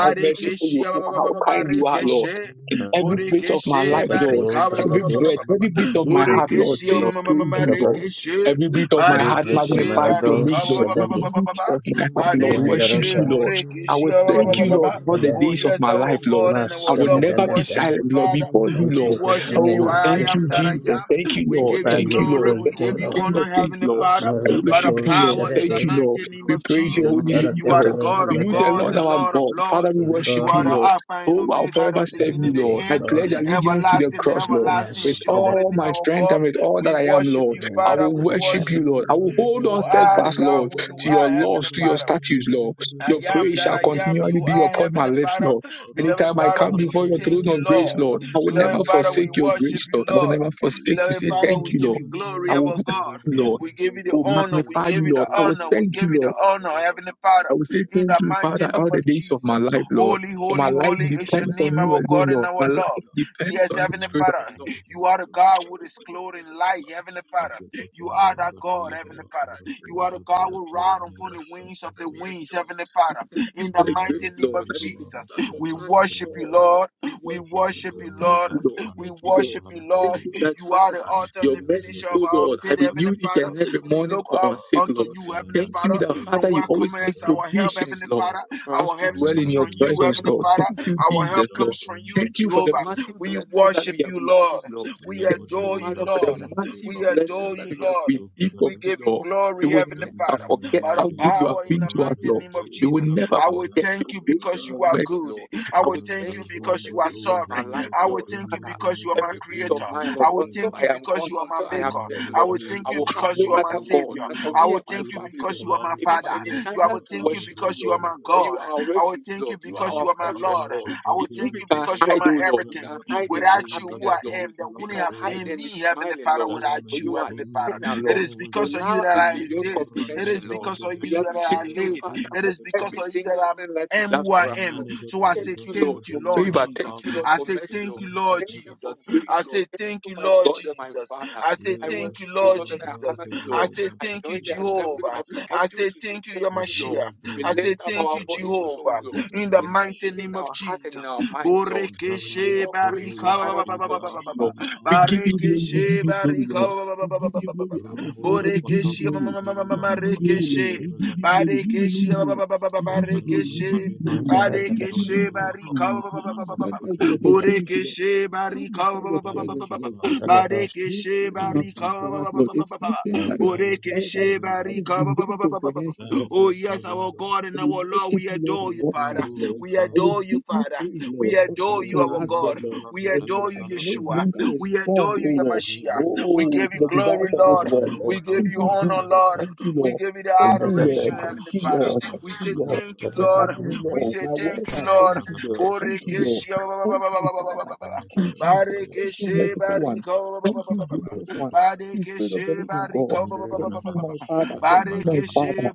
D: how merciful you are, how kind you are, Lord.
A: Barikishe
D: In every bit of my
A: Burikishe
D: life, Lord,
A: Barika
D: every breath, every bit of my heart,
C: mani
D: Lord,
A: Burikishia
C: tu
D: says praise you, Lord.
C: bhagirasadati
A: Marikishe
D: Every bit of my
C: kubhrangati
D: heart
A: Barikishe
C: atam
D: magnifies your name,
A: Barika
D: Lord. Every bit of
C: Thank
D: my heart, Lord, worships
A: Barikishe
D: you, Lord. I will thank you,
A: Burikishia
D: Lord, for the
A: Oh
D: days of
A: yes
D: my
A: our
D: life, Lord.
A: God and
D: I
A: our
D: will
A: Lord we
D: never be
A: worship you
D: silent, Lord,
A: Father
D: before you,
A: we
D: Lord.
A: worship you
D: Oh,
A: I
D: thank
E: this
A: am
D: you,
A: that
E: far.
A: I
D: Jesus. Thank
A: am
D: you,
A: we
E: It's
D: Lord.
A: give you
E: by
D: Thank
E: your
D: you,
A: glory
D: Lord.
A: we
D: Thank
E: grace, O
A: give
D: you,
A: you
E: Lord.
D: King of
A: honor
D: Kings,
A: heavenly
D: Lord.
A: Father
D: I
A: by the
D: worship
E: Marikato
D: you, Lord.
A: power in the
D: Thank you,
E: Shadade,
D: Lord.
A: mighty name
D: We
A: of
D: praise your
A: Jesus
D: holy name,
A: you are
D: Lord.
A: the
E: Mintarakato
A: God
D: To
A: of
D: you, the
A: gods,
D: Lord
A: the
E: Radata,
D: our
A: Lord of
D: God. Father,
A: lords.
D: we
E: the
D: worship
A: You are
E: glory
D: you,
A: the
E: that
D: Lord.
A: Alpha and
D: Oh, I'll
A: Omega,
D: forever
A: the
D: serve
A: beginning,
D: you,
E: is
A: the
E: a
D: Lord. I
A: end.
E: glory.
D: pledge allegiance to the
A: Everlasting,
D: cross, Lord.
A: everlasting
D: With
A: is your
E: Mashadade,
A: holy
D: all
A: name,
D: my
A: our
D: strength
A: God.
D: and with all that
A: We
D: I am,
A: worship
D: Lord,
A: you,
D: I
A: Father.
D: will
A: We
D: worship you,
A: worship
D: Lord.
A: you.
D: I will hold on
A: You are the
D: steadfast,
A: God
D: Lord,
A: who you
D: to
A: are,
D: your
A: Heavenly
D: laws, to your
A: Father.
D: statutes, Lord.
A: I
D: Your
A: am
D: praise
A: that
D: shall
A: I am.
D: continually
A: You
D: be
C: you.
A: are
D: upon my
A: Heavenly
D: lips,
A: Father.
D: Lord.
C: Shut up,
A: Beloved
D: Anytime I
A: Father,
D: come
A: we say
D: before your
A: thank
D: throne
A: you,
D: of grace,
A: Lord.
D: Lord, I will never
A: Beloved Father, we
D: forsake your
A: worship
D: grace,
A: you,
D: Lord. I will
A: Lord.
D: never forsake to
A: Beloved
D: say
A: Father,
D: thank
A: we
D: you,
A: give
D: Lord.
A: you
D: I
A: glory,
D: will,
A: our
D: worship
A: God.
D: you, Lord.
A: We give you
D: I
A: the
D: will
A: honor. We
D: magnify
A: give
D: you,
A: you the
D: Lord. I will
A: honor. We
D: thank you,
A: give you
D: Lord.
A: the honor, Heavenly Father.
D: I will say
A: In
D: thank
A: the
D: you,
A: mighty
D: Father,
A: name
D: all the
A: of
D: days of my
A: Jesus.
D: life, Lord.
A: Holy,
D: For my
A: holy,
D: life
A: holy is your
D: depends on
A: name,
D: you
A: our
D: alone,
A: God and
D: Lord.
A: our
D: My
A: Lord.
D: life depends
A: Yes,
D: on you,
A: Heavenly
D: Spirit of the
A: Father,
D: Lord.
A: you are the
D: We
A: God
D: worship
A: who is
D: you, Lord.
A: clothed in
D: We
A: light,
D: give you
A: Heavenly
D: glory. We
A: Father.
D: thank
A: You
D: you, Lord.
A: are that
D: Thank
A: God,
D: you for the
A: Heavenly
D: life
A: Father.
D: that we
A: You are
D: enjoy.
A: the God who
D: We
A: ride
D: thank you
A: upon
D: for
A: the
D: the food
A: wings of
D: that
A: the
D: we
C: I am.
A: winds,
D: enjoy.
A: Heavenly
D: We
A: Father.
D: thank you
A: In
D: for
A: the
D: the
A: mighty
D: grace,
C: Emberete
A: name
D: Lord,
A: of
D: that is
C: izala
A: Jesus,
D: that's
C: rosha
D: what
A: we
C: kata
D: surpasses at
A: worship you,
C: brakata
D: all.
A: Lord.
D: We
A: We
D: worship you,
A: worship
D: Lord.
A: you,
D: Thank
A: Lord.
D: you,
C: Jalabrangata
D: Lord.
A: We
D: Thank you,
C: Shanukutu
D: Lord.
A: worship you,
C: Bharate
D: Thank
A: Lord.
D: you that,
A: You are the
D: Father,
A: author and
D: your
A: the
C: Antamaniya
A: finisher
D: mercies,
A: of
D: O
A: our
C: Kata
D: Lord, I
A: faith, Heavenly
D: renew each
A: Father.
D: and
C: Shadabragata
D: every
A: We
D: morning
A: look
D: for
A: up
D: our
C: Shadabragata
D: sake,
A: unto
D: Lord.
A: you, Heavenly
D: Thank you
A: Father.
D: that,
A: From
D: Father,
C: Elemanakadanda
D: you
A: where
D: always make
A: cometh
C: Dadagata
A: our help,
D: provisions,
A: Heavenly
D: Lord,
C: Shadabragata
A: Father?
D: for us
A: Our
D: to
A: help
D: dwell
A: comes
D: in your
A: from
C: Amimanina
A: you,
D: presence,
C: Namo
A: Heavenly
D: Lord.
A: Father.
D: Thank you,
A: Our
C: Shadabragati
D: Jesus,
A: help
D: Lord.
A: comes from you,
D: Thank
C: Jalabrangata
D: you for the
A: Jehovah.
D: massive
A: We
D: blessings that we
A: worship
D: have
A: you,
C: Shadabrangatashka
D: received,
A: Lord.
D: Lord.
A: We
D: Thank you,
A: adore you,
D: Father,
C: Lebadoja
D: for the
A: Lord.
C: Parante
D: massive
A: We
C: Pranto
D: blessings
A: adore
D: that
A: you,
D: we have
A: Lord.
C: Rushakutu
D: received from
A: We
D: you,
A: give
C: Bragatashka
A: you
D: Lord. We
A: glory,
D: will
A: Heavenly
D: never
A: Father,
D: forget
A: by
C: Antamaniya
A: the
D: how good
C: Diya
D: you have
A: power in
D: been
A: the
D: to us,
C: Kaparante
A: mighty
D: Lord.
A: name
C: Gate
A: of
D: We will
A: Jesus.
D: never
A: I will
C: Shadabragata
D: forget
A: thank
D: your
A: you
D: grace and
A: because
C: Shadabata
A: you
D: your
A: are
D: mercy,
A: good.
D: Lord.
A: I
D: I
A: will
D: will
A: thank
D: thank
A: you
D: you all
A: because
D: the
C: Velamparando
A: you are
D: days of
C: doja
D: my
A: sovereign.
D: life,
A: I will
D: Lord.
C: menakotum
A: thank you
D: Father,
A: because you are my
D: every bit of
A: creator.
C: menedigadeja
D: mine, Lord,
A: I will
D: until
A: thank you
C: lagadega.
D: I am gone,
A: because you are my
D: until I am
A: maker.
D: dead,
A: I
D: Lord.
A: will
C: Ayamenetei
A: thank
D: I
A: you
D: will have
A: because you
D: no
A: are
C: barondo
A: my
D: other God.
A: savior.
D: As
C: borodoja
D: for
A: I
C: la
D: me
A: will
D: and my
A: thank you
D: family,
A: because
D: Lord,
C: eroshkera
A: you are my
D: even
C: angra
A: father.
D: my
A: You I
C: deroshkera
A: will
D: descendants to
A: thank you
D: worship you,
A: because
C: aradesha
A: you are
D: Lord.
A: my
D: For
C: lagada.
D: you
A: God.
D: are our
A: I will
D: refuge,
A: thank
D: Lord.
A: you
D: You are
A: because
D: our
A: you are my
D: fortress,
C: Alakaja
A: Lord.
D: Lord.
A: I will
D: In you
A: thank
D: we
A: you
C: sheteventa
D: can
A: because you are
D: hide,
A: my
D: O Lord. We
A: everything
D: can
C: veshetogranda
A: nothing.
D: hide in
A: Without
C: prokotum
A: you, who I
D: happiness, Lord.
A: am,
C: bragadeja
A: there
D: We
A: wouldn't
D: can
A: have
D: hide
C: lagadova.
A: been
D: and be
A: me, Heavenly
D: smiling,
A: Father,
D: Lord.
A: without
D: For
A: you,
D: you are
A: Heavenly
C: Elemeyepondo
A: Father.
D: eternal,
A: It
D: Lord.
A: is
D: Your
C: nonunoja
A: because of you
D: love
A: that
D: is
A: I
C: degadeja
D: beyond
C: la
A: exist. It
C: rande
A: is
D: comprehension, Lord.
A: because of
D: We
A: you that
C: dedededeja
A: I
D: appreciate
C: da
D: you,
A: live.
D: Father,
C: brodum
A: It
D: for
A: is because
D: every
A: of you that
D: single
A: I'm
D: thing that you
A: am
D: do
A: who I
D: for us,
A: am.
D: Lord.
A: So I
D: Thank
A: say
D: you,
C: Menegatezana
D: Lord,
A: thank
D: for
A: you, Lord
D: favor.
C: Bratijana
D: Thank
A: Jesus.
D: you, Lord,
A: I
D: for
C: Avanus
A: say
D: mercy,
A: thank
D: Lord.
A: you,
C: Shashanta
A: Lord
D: Thank you for
A: Jesus.
C: Brigadash
D: grace,
A: I
D: Lord.
A: say
D: Thank
A: thank
D: you,
A: you,
D: my
A: Lord
D: God and my
A: Jesus.
D: Father.
A: I say
D: I
C: Leo
A: thank you,
D: worship you,
A: Lord
D: Lord, and I
A: Jesus.
D: honor
C: Shalabrante
D: you,
A: I
D: Lord.
A: say
C: Velebra
D: I
A: thank you,
D: join the
C: Kateza
A: Jehovah.
D: assembly
A: Jehovah.
D: of
C: Lagadas
D: the
A: I
D: angels
A: say
D: to say,
A: thank you,
D: Thank you, Lord.
C: Vela
A: Yamashia.
D: We
A: I
C: Bruno
A: say
D: lift up
A: thank
D: our
A: you,
C: Suta
D: voices, O
A: Jehovah.
D: Lord,
C: Brigataja
A: In the
D: with
C: Bruno
A: mighty
D: thanksgiving
A: name
D: in
A: of
D: our
C: Shakatada
D: heart and in
A: Jesus.
D: our minds, Lord. We say,
C: Zamani
A: Borekeshe
D: All praise,
A: barika
D: all
C: Kodoja
D: honor
A: ba- ba- ba-
D: be
A: ba-
C: Diga
A: ba- ba-
D: unto
A: ba-
D: you,
A: ba- ba.
D: Lord.
C: Ashala
D: We
C: Anda
D: give you glory, we
C: Kadoja
A: Barekeshe
D: give you glory,
C: Dashka
A: barika
D: Lord.
A: ba- ba- ba- ba-
D: We
A: ba- ba-
D: give
A: ba-
D: you
A: ba- ba.
D: glory,
A: ba.
D: Abba
C: Rombo
D: Father, we give you
C: Zapata
A: Borekeshe ma- ma-
D: glory.
A: ma- ma- ma- ma-
D: We
C: Brigadiza
A: ma-
D: give
C: La
D: you glory, Lord.
C: Rosheta
A: rekeshe.
D: We give you glory.
C: Brigadishka
D: You
A: Barekeshe
D: alone,
A: ba- ba-
D: Lord.
A: ba- ba- ba- ba-
D: We
A: ba-
D: give you glory, we
C: Ajalamina
D: give
A: rekeshe.
D: you glory,
C: Ninato
D: Lord.
C: Don
D: If you
A: Barekeshe
C: Tolia
D: are the
A: barika ba
D: Lord, you
A: ba ba ba
C: Kabasa
A: ba
D: always
A: ba ba
C: Diga
A: ba.
D: grant us the
C: Vijenda
E: Mintaradada,
D: opportunity, Lord,
C: Gadash
A: Borekeshe
D: to come
A: barika
D: before your
C: Thank
D: presence,
C: you,
D: Lord,
C: Father.
D: Father. This
A: Barekeshe
D: that you have
C: Thank you,
D: done for
C: Father.
D: us,
A: barika
D: Lord, is something that is
C: Thank you,
D: that is that is
A: Borekeshe
C: Sovereign
D: that, that
C: God.
D: is
A: barika
D: beyond comprehension, Lord.
C: Thank you,
A: Oh yes,
C: Sovereign
A: our
C: God.
A: God
D: I
A: and our
D: will
A: Lord,
D: worship
A: we
D: you, Lord, at
A: adore you,
C: Thank
D: all
C: you,
A: Father.
D: times, Lord.
C: Holy
A: We
D: I will
C: Father.
A: adore you,
D: give you
A: Father.
D: praise, Lord,
A: We
C: Mante
D: until
A: adore you,
D: my
A: our
D: last breath,
C: adore
A: God.
D: Lord,
C: la
A: We
D: until
C: bradei
A: adore
D: I
A: you,
C: la
D: can no
A: Yeshua.
C: bradei.
D: longer
A: We
D: respond,
A: adore you,
D: oh Lord,
A: Yamashia.
C: Rere
A: We
D: oh,
C: shado
A: give
D: to
A: you
D: the desires
A: glory,
C: garante
D: of this
A: Lord.
C: beya
D: world, Lord.
A: We
C: kobodo
A: give
D: Thank
A: you
D: you,
A: honor honor,
D: Jesus.
C: garabada.
A: Lord.
D: Thank you,
A: We
D: Lord.
A: give you the
D: Thank you, Lord.
A: adoration,
C: Shala
D: Thank
A: Heavenly
D: you,
A: Father.
C: shata
D: Lord. Thank
A: We
C: brodo
D: you,
A: say
D: Lord.
C: bragada.
A: thank you,
D: This
A: Lord.
D: afternoon,
E: Ayanda
A: We
D: Lord,
A: say
D: my
C: Ibrakata
A: thank
D: words
A: you,
D: are
C: zina
A: Lord.
D: thank you,
C: bragada
D: Lord. Thank
C: shado
D: you, Lord.
A: Borekeshia
C: bragada.
A: ba- ba- ba-
D: Thank
A: ba- ba-
D: you,
A: ba- ba- ba- ba-
D: Father.
A: ba- ba.
D: Thank
C: Maneka
D: you, Jesus.
C: tabaya
D: Thank you,
C: shado
A: Barekeshe
D: merciful one.
C: bragata
A: bariko ba- ba- ba-
C: shado
D: Thank
A: ba-
D: you,
A: ba- ba-
C: bada bada
D: gracious
A: ba.
D: one.
C: bada.
D: Thank you, Spirit of the
A: Barekeshe
D: living God.
A: bariko ba- ba- ba- ba-
D: Thank
A: ba- ba-
D: you,
A: ba-
D: my
C: Nimperadash
A: ba.
D: Father. Thank you,
C: galabane
D: my Father
A: Barekeshe
C: manish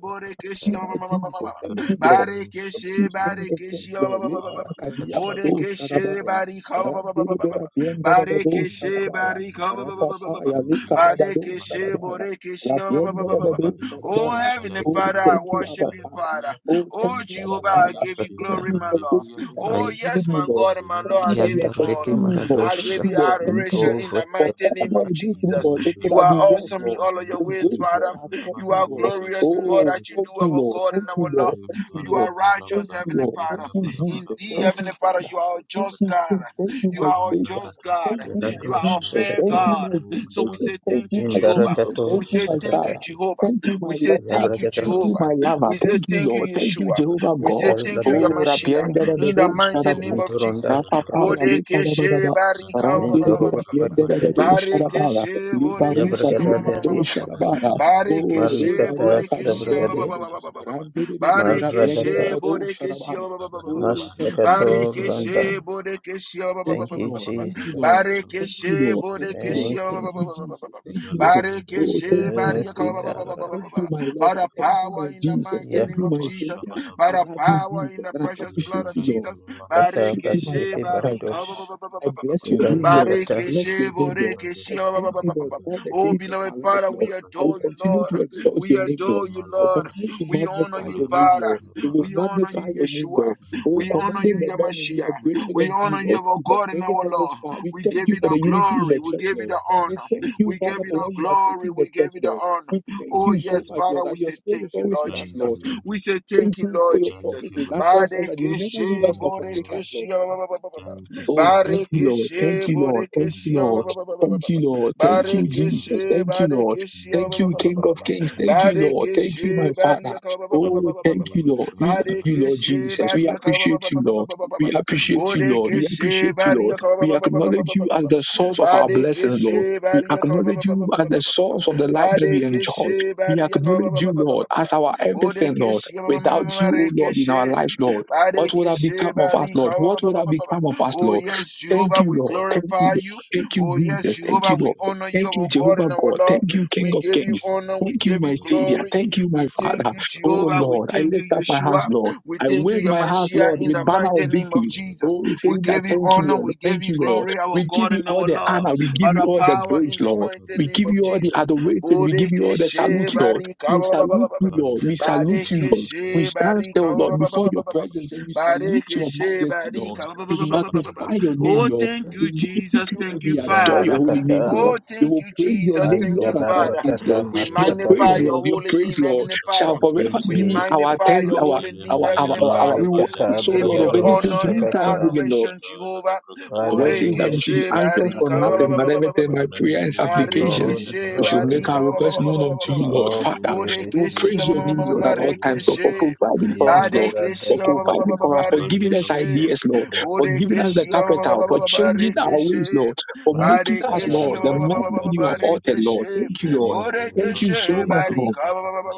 D: you, my
A: ma- ma- ma- ma- ma- ma-
D: Jesus.
A: ma.
D: Thank
C: Vele
D: you, Lord.
C: Bruno
D: Thank you,
A: Barekeshe
C: Shapatu
D: King of Kings, Lord.
C: Vragatizana
D: Le
A: barekeshia
C: Ardiru
D: barakadia
C: Shata
D: bado
A: Bodekeshe
C: Vraninos
D: shadabaya.
A: barika ba- ba- ba- ba-
D: Rabdelibera
C: Zakrina
D: biendere bado
C: Vishkele
A: Badekeshe
C: Kato
D: shadabaya.
A: barika
C: Zakiro
D: Rapapaya
C: Shatu Diru
D: lekada bado
A: Badekeshe
C: Shufranina
D: shadabaya.
A: borekeshe
D: Rabiendere bado
C: Mpalabadia
A: Oh
D: shadabaya.
A: heavenly
D: Oh,
A: Father,
C: Mpalabadia
A: I
D: thank you,
A: worship
D: Abba
A: you,
D: Father.
A: Father.
C: Mpalabadia
D: Oh, thank
A: Oh
D: you, Abba
A: Jehovah, I
D: Father.
C: Mpalabadia
A: give you
C: Shiri
D: Thank
A: glory,
D: you
A: my
D: for
A: Lord.
D: this food
C: Brandivriada
D: that you
A: Oh
D: have given
A: yes,
D: me,
C: Thank
A: my
C: you.
D: Lord.
A: God and my
D: Thank you
A: Lord, I
D: that
A: give
D: you
A: you
D: have
E: Reki
A: honor.
D: sustained me, Lord.
A: I
D: Thank
E: Maradosha
A: give
D: you,
A: you
D: Lord. Thank you,
A: adoration
D: Lord.
A: in
E: Ntova
A: the mighty name
D: Rather
A: of
D: than go through,
A: Jesus.
D: Lord, it could
A: You
D: have
A: are
D: been worse,
A: awesome in
D: Lord.
A: all of your
D: Your
A: ways,
D: grace,
A: Father.
D: Lord, has kept
A: You
D: you,
A: are
D: Lord.
A: glorious in all
D: Oh,
A: that you
D: thank
A: do,
D: you,
A: our
D: Lord.
A: God and
D: Thank you,
A: our Lord.
D: Lord. Thank you,
A: You
D: Lord.
A: are
D: Thank
A: righteous,
D: you,
A: Heavenly
D: Lord. Thank
A: Father.
D: you, Jesus.
A: Indeed,
D: Thank
A: Heavenly
D: you,
A: Father,
D: Father.
A: you are a
D: Thank
A: just
D: you,
A: God.
D: King. Thank you,
A: You
D: my
A: are a
D: Savior.
A: just God.
D: Thank you, my
A: You are a
E: Radosha
D: Jesus.
A: fair
E: Kate
D: Thank you,
A: God.
D: my
C: O
A: So
D: Jesus.
A: we say
D: Thank
C: Jalabi
A: thank you,
D: you, my
A: Jehovah.
D: Jesus.
C: Shalataba
E: Indarakato
A: We
D: Thank you,
A: say
D: my
A: thank you,
E: Shakata
D: Father.
A: Jehovah.
D: Thank you, my
A: We say
D: Lord.
A: thank you,
D: Thank
E: Yabragada
A: Jehovah.
D: you, my lover.
A: We say
D: Thank you,
A: thank you,
D: Lord. Thank you,
A: Yeshua.
D: Jehovah
A: We say
D: God.
A: thank you,
E: Yandaradada
D: Oh,
A: Yamashia.
D: rapienda da da
A: In the
D: do
A: mighty name
D: shadabara.
A: of
E: Mintoronda
A: Jesus.
D: Rapapa
E: Rakata
D: ya lipa da da da
A: Bodekeshe
D: da.
A: barika ba- ba-
D: Randi
A: ba-
D: de
E: Minto
C: Lembrakato
D: be
A: ba- ba- ba- ba- ba.
D: rapienda da
E: Rakate
D: da
C: Jadabado
D: do
A: ba.
C: Jadabaran
D: shadabara.
A: Barekeshe
D: Libaru
A: bodekeshe
D: kadi
E: Yabragada
A: ma- ma-
D: da
A: ma- ma-
D: do
E: Dadi
A: ma- ma- ma- ma.
D: shadabara. Oh, re
A: Barekeshe
E: Marikata
D: barua sadi
A: bodekeshe
D: prende
A: ba- ba-
E: Sabragadi
D: da
A: ba- ba-
D: be.
A: ba- ba- ba- ba. ba.
D: Randi de be de be rapienda
E: Maradada
D: da
A: Barekeshe
D: da do
A: Borekeshi
D: shadabara. Oh, thank you,
E: Mashakato
D: Jesus. Thank
E: Randa
D: you,
A: Barekeshe Borekeshi
D: Thank
E: Thank
D: you,
E: you,
D: Lord. Thank you,
E: Jesus.
D: Lord. Thank you,
A: Barekeshe
D: Lord. Thank you,
A: Borekeshi
D: Lord.
E: Thank you.
D: Thank you, Jesus. Thank you, Lord. Oh,
A: Barekeshe
D: thank you, my
A: Barika
D: Savior.
E: Ekidara
D: Thank you, my
A: by
D: lover.
A: the
D: Thank you,
A: power
D: my
A: in the
D: Jesus.
A: mighty
D: Thank
A: name
D: you,
E: yakata
A: of
D: my
A: Jesus,
D: Savior.
A: by
D: I
A: the
D: love you,
A: power in
D: Jesus.
A: the
D: And I
A: precious blood
D: appreciate
A: of
D: you, Lord.
A: Jesus.
D: I appreciate you, my
A: Barekeshe
E: basike
D: Father, my
A: Barika
D: Father.
E: baradosh
D: I bless your name, Lord. I
E: indarakata
D: bless your
A: Barekeshe
D: name, Lord. I thank you, Lord,
A: Borekeshi
D: all the
A: Oh
D: days of my
A: beloved
D: life,
A: Father, we
D: Lord. I
C: Thank
D: will
A: adore
C: you.
A: you,
D: continue
A: Lord.
D: to exalt
A: We
D: your name, Lord.
A: adore you,
C: Glory be
D: I
C: to
D: will
A: Lord.
D: continue to
A: We honor
C: the
D: magnify
A: you,
D: your
C: Father
D: name,
A: Father.
D: Lord. You will
C: and
A: We honor
D: magnify
A: you,
D: your name,
A: Yeshua.
D: Lord.
C: to the Son
D: Oh,
C: and
A: We honor
C: to
D: commanding
A: you,
D: the morning, we
A: Yamashia.
D: are grateful
A: We
D: unto you,
A: honor you,
D: Lord
A: our
D: for
A: God and
D: bringing
A: our
D: us this
A: Lord.
D: far. We
A: We
D: thank
A: give
D: you
A: you
D: for
A: the
D: the
C: the Holy
D: unity in
A: glory.
D: the
A: We
C: Spirit.
D: church,
A: give you
D: Lord.
A: the
C: Glory be to the Father
D: We
A: honor.
D: thank you,
A: We give
D: Father,
A: you
D: for
A: the
D: when you are
A: glory.
D: taking the
A: We give
D: church,
A: you the
D: Lord.
A: honor.
D: We thank
A: Oh,
D: you
C: and to the Son and to the Holy Spirit. Thank you,
D: so
A: yes,
D: much,
C: Lord.
D: Lord,
A: Father,
D: that
A: we
D: your
A: say
D: spirit is
A: thank you,
D: always with
A: Lord
D: us,
C: Thank you,
D: Lord.
A: Jesus.
C: Lord.
A: We say
D: Thank
A: thank you,
D: you for
A: Lord
D: your
C: Thank
A: Jesus.
C: you,
D: promises that
C: Lord.
D: tells us that you will never leave
A: Barekeshe,
D: us
C: Thank
D: nor
C: you,
D: forsake
C: Lord.
D: us, Lord.
A: borekeshe, ba- ba- ba- ba- ba- ba-
C: Thank you,
A: ba.
D: Oh, thank
C: Sovereign
D: you,
C: King.
D: Lord. Thank
A: Barekeshe,
D: you, Lord. Thank
C: Thank
D: you,
A: borekeshe, ba-
C: you,
A: ba-
D: Lord.
C: Lord.
A: ba- ba- ba- ba-
D: Thank
A: ba- ba.
D: you, Lord. Thank
C: Thank
D: you,
C: you for
D: Jesus.
A: Barekeshe,
D: Thank you, Lord.
A: Barekeshe,
C: my
A: ba-
D: Thank
A: ba-
D: you,
A: ba-
C: daily
A: ba-
D: King
A: ba- ba- ba-
D: of
A: ba.
C: blessings.
D: Kings. Thank
C: Thank you
D: you,
C: for
D: Lord. Thank you, my
A: Barekeshe,
D: Father.
A: Bariaka, ba- ba- ba-
C: your
A: ba-
D: Oh,
A: ba- ba- ba-
D: thank
A: ba- ba.
D: you,
C: grace
D: Lord.
C: and
D: We
C: your
D: love
C: love.
D: you, Lord
A: Barekeshe,
D: Jesus. We
A: Bariaka, ba- ba-
D: appreciate
A: ba- ba-
D: you,
A: ba- ba- ba-
D: Lord.
A: ba- ba- ba.
D: We
C: Thank
D: appreciate
C: you
D: you,
C: for
D: Lord. We
A: Borekeshe,
D: appreciate you, Lord.
A: Bariaka, ba-
D: We
A: ba- ba- ba- ba- ba-
D: acknowledge
A: ba- ba-
D: you
A: ba-
D: as
A: ba-
D: the
A: ba.
D: source of our blessing, Lord.
A: Barekeshe,
D: We
A: Bariaka, ba-
D: acknowledge
A: ba- ba-
D: you
A: ba- ba-
D: as
A: ba-
D: the
A: ba- ba- ba- ba.
D: source of the life that we enjoy.
A: Barekeshe,
D: We
A: Bariaka, ba-
D: acknowledge
A: ba-
D: you,
A: ba- ba-
D: Lord, as our everything, Lord. Without you, oh Lord, in our life, Lord. What would have become of us,
A: Barika,
D: Lord? What would have become of us,
A: Oh,
D: Lord?
A: yes,
D: Thank
A: Jehovah,
D: you,
A: we
D: Lord. Thank you,
A: glorify
D: Lord.
A: you.
D: Thank you,
A: Oh, yes,
D: Jesus. Thank you,
A: Jehovah, we
D: Lord.
A: honor you,
D: Thank you,
A: our God
D: Jehovah
A: and our
D: God.
A: Lord.
D: Thank you, King
A: We
D: of
A: give you
D: Kings.
A: honor. We
D: Thank you,
A: give
D: my
A: you
C: your
D: Savior.
C: love
A: glory.
D: Thank
C: and
D: you, my
A: We
D: Father.
A: thank you,
C: your
D: Oh,
A: Jehovah. We
D: Lord.
C: grace.
D: I
A: thank you,
D: lift up my
A: Yeshua.
D: hands, Lord.
A: We
D: I
C: Rabba
A: thank you,
D: wave my hands,
A: Yamashia,
D: Lord,
A: in
D: with
A: the
D: banner of
A: mighty name of
D: victory.
A: Jesus.
D: Oh,
A: We
D: saying that,
A: give you
D: thank you,
A: honor.
D: Lord.
A: We
D: Thank
A: give you
D: you, Lord.
A: glory, our
D: We give
A: God
D: you
A: and
D: all
A: our
D: the
A: Lord.
D: honor. We give
A: By
D: you
A: the
D: all the
A: power
D: praise,
A: in the
D: Lord.
A: mighty
D: We
A: name
D: give
A: of
D: you all the
A: Jesus.
D: adoration. We give you all the
A: Bodekeshe
D: salute, Lord.
A: barika
D: We
A: ba- ba- ba-
D: salute
A: ba- ba-
D: you,
A: ba- ba-
D: Lord. We salute you, Lord. We
A: Badekeshe
D: stand
A: barika
D: still,
A: ba-
D: Lord,
A: ba- ba- ba-
D: before
A: ba-
D: your
A: ba- ba- ba.
D: presence and we salute your
A: Badekeshe
D: majesty, Lord.
A: barika ba- ba-
D: We
A: ba- ba- ba- ba- ba- ba.
D: magnify your name,
A: Oh,
D: Lord.
A: thank
D: We
A: you,
D: worship
A: Jesus.
D: you and
A: Thank you,
D: we adore your
A: Father.
D: holy name, Lord.
A: Oh,
E: jandarakata
D: We
A: thank
D: will
A: you,
D: praise your
A: Jesus.
D: name,
A: Thank
D: Lord,
A: you,
D: at all
A: Father.
D: times,
E: ayabarotata
D: Lord.
A: We
D: Your
A: magnify
D: praise,
E: masakate
A: your
D: Lord, your
A: holy
D: praise,
A: name,
D: Lord,
A: Heavenly
D: shall
A: Father.
D: forever
A: We
D: be
E: gijis
D: our
A: magnify
D: ten,
A: your
D: our
A: holy name,
D: our, our,
A: Heavenly
D: our, our,
A: Father.
D: we will
A: We
D: ask,
E: marikata
D: O
A: give you
D: Lord, of
A: the
D: anything
A: honor
D: through
A: and the
E: bragadoshakata
D: thanksgiving, Lord
A: adoration, Jehovah.
E: Father,
D: we're
E: we
D: saying that
A: Boreke
D: we should be
A: she
E: worship
D: anxious
E: and
D: for
A: barika
E: adore
D: nothing
E: you.
D: but everything by prayer and
C: Alinanin
E: Take
C: to
A: bareke
E: all
D: supplications.
C: Melia
E: the
A: she
D: We should
C: Tabason
E: glory,
D: make our
A: barika
D: request known
C: Cabraca
D: unto you, Lord.
C: Tabadia
E: all
D: Father,
C: Dum
D: we
A: boreke
E: praise
D: will
E: we
A: she
C: Verdero
D: praise your
E: give
D: name,
E: to
D: Lord,
C: Stotoro
D: at
E: you.
D: all times,
A: bareke
D: God,
C: Dodora
D: for
A: she
C: Adia
D: providing
C: De
D: for us, Lord.
E: Yandara
A: bareke she
D: For
E: dadanda,
D: providing for us,
C: O
D: for giving
A: bareke
D: us
C: Valero
A: she
D: ideas,
C: Saka
D: Lord, for giving us
C: Bracataja
D: the
A: Borekeshe
D: capital, for
C: Labragadeja
D: changing our
C: Labragadeja
D: ways, Lord, for making us,
E: Master
A: Barekeshe
D: Lord, the man that
E: Rakata.
D: you have altered, Lord.
A: Barekeshe
C: Melididididididid
D: Thank you, Lord.
E: Thank
D: Thank
C: Solabradosa
E: you,
D: you
A: Barekeshe Borekeshe
D: so much,
E: Jesus.
D: Lord.
A: Barika
C: Labragadosa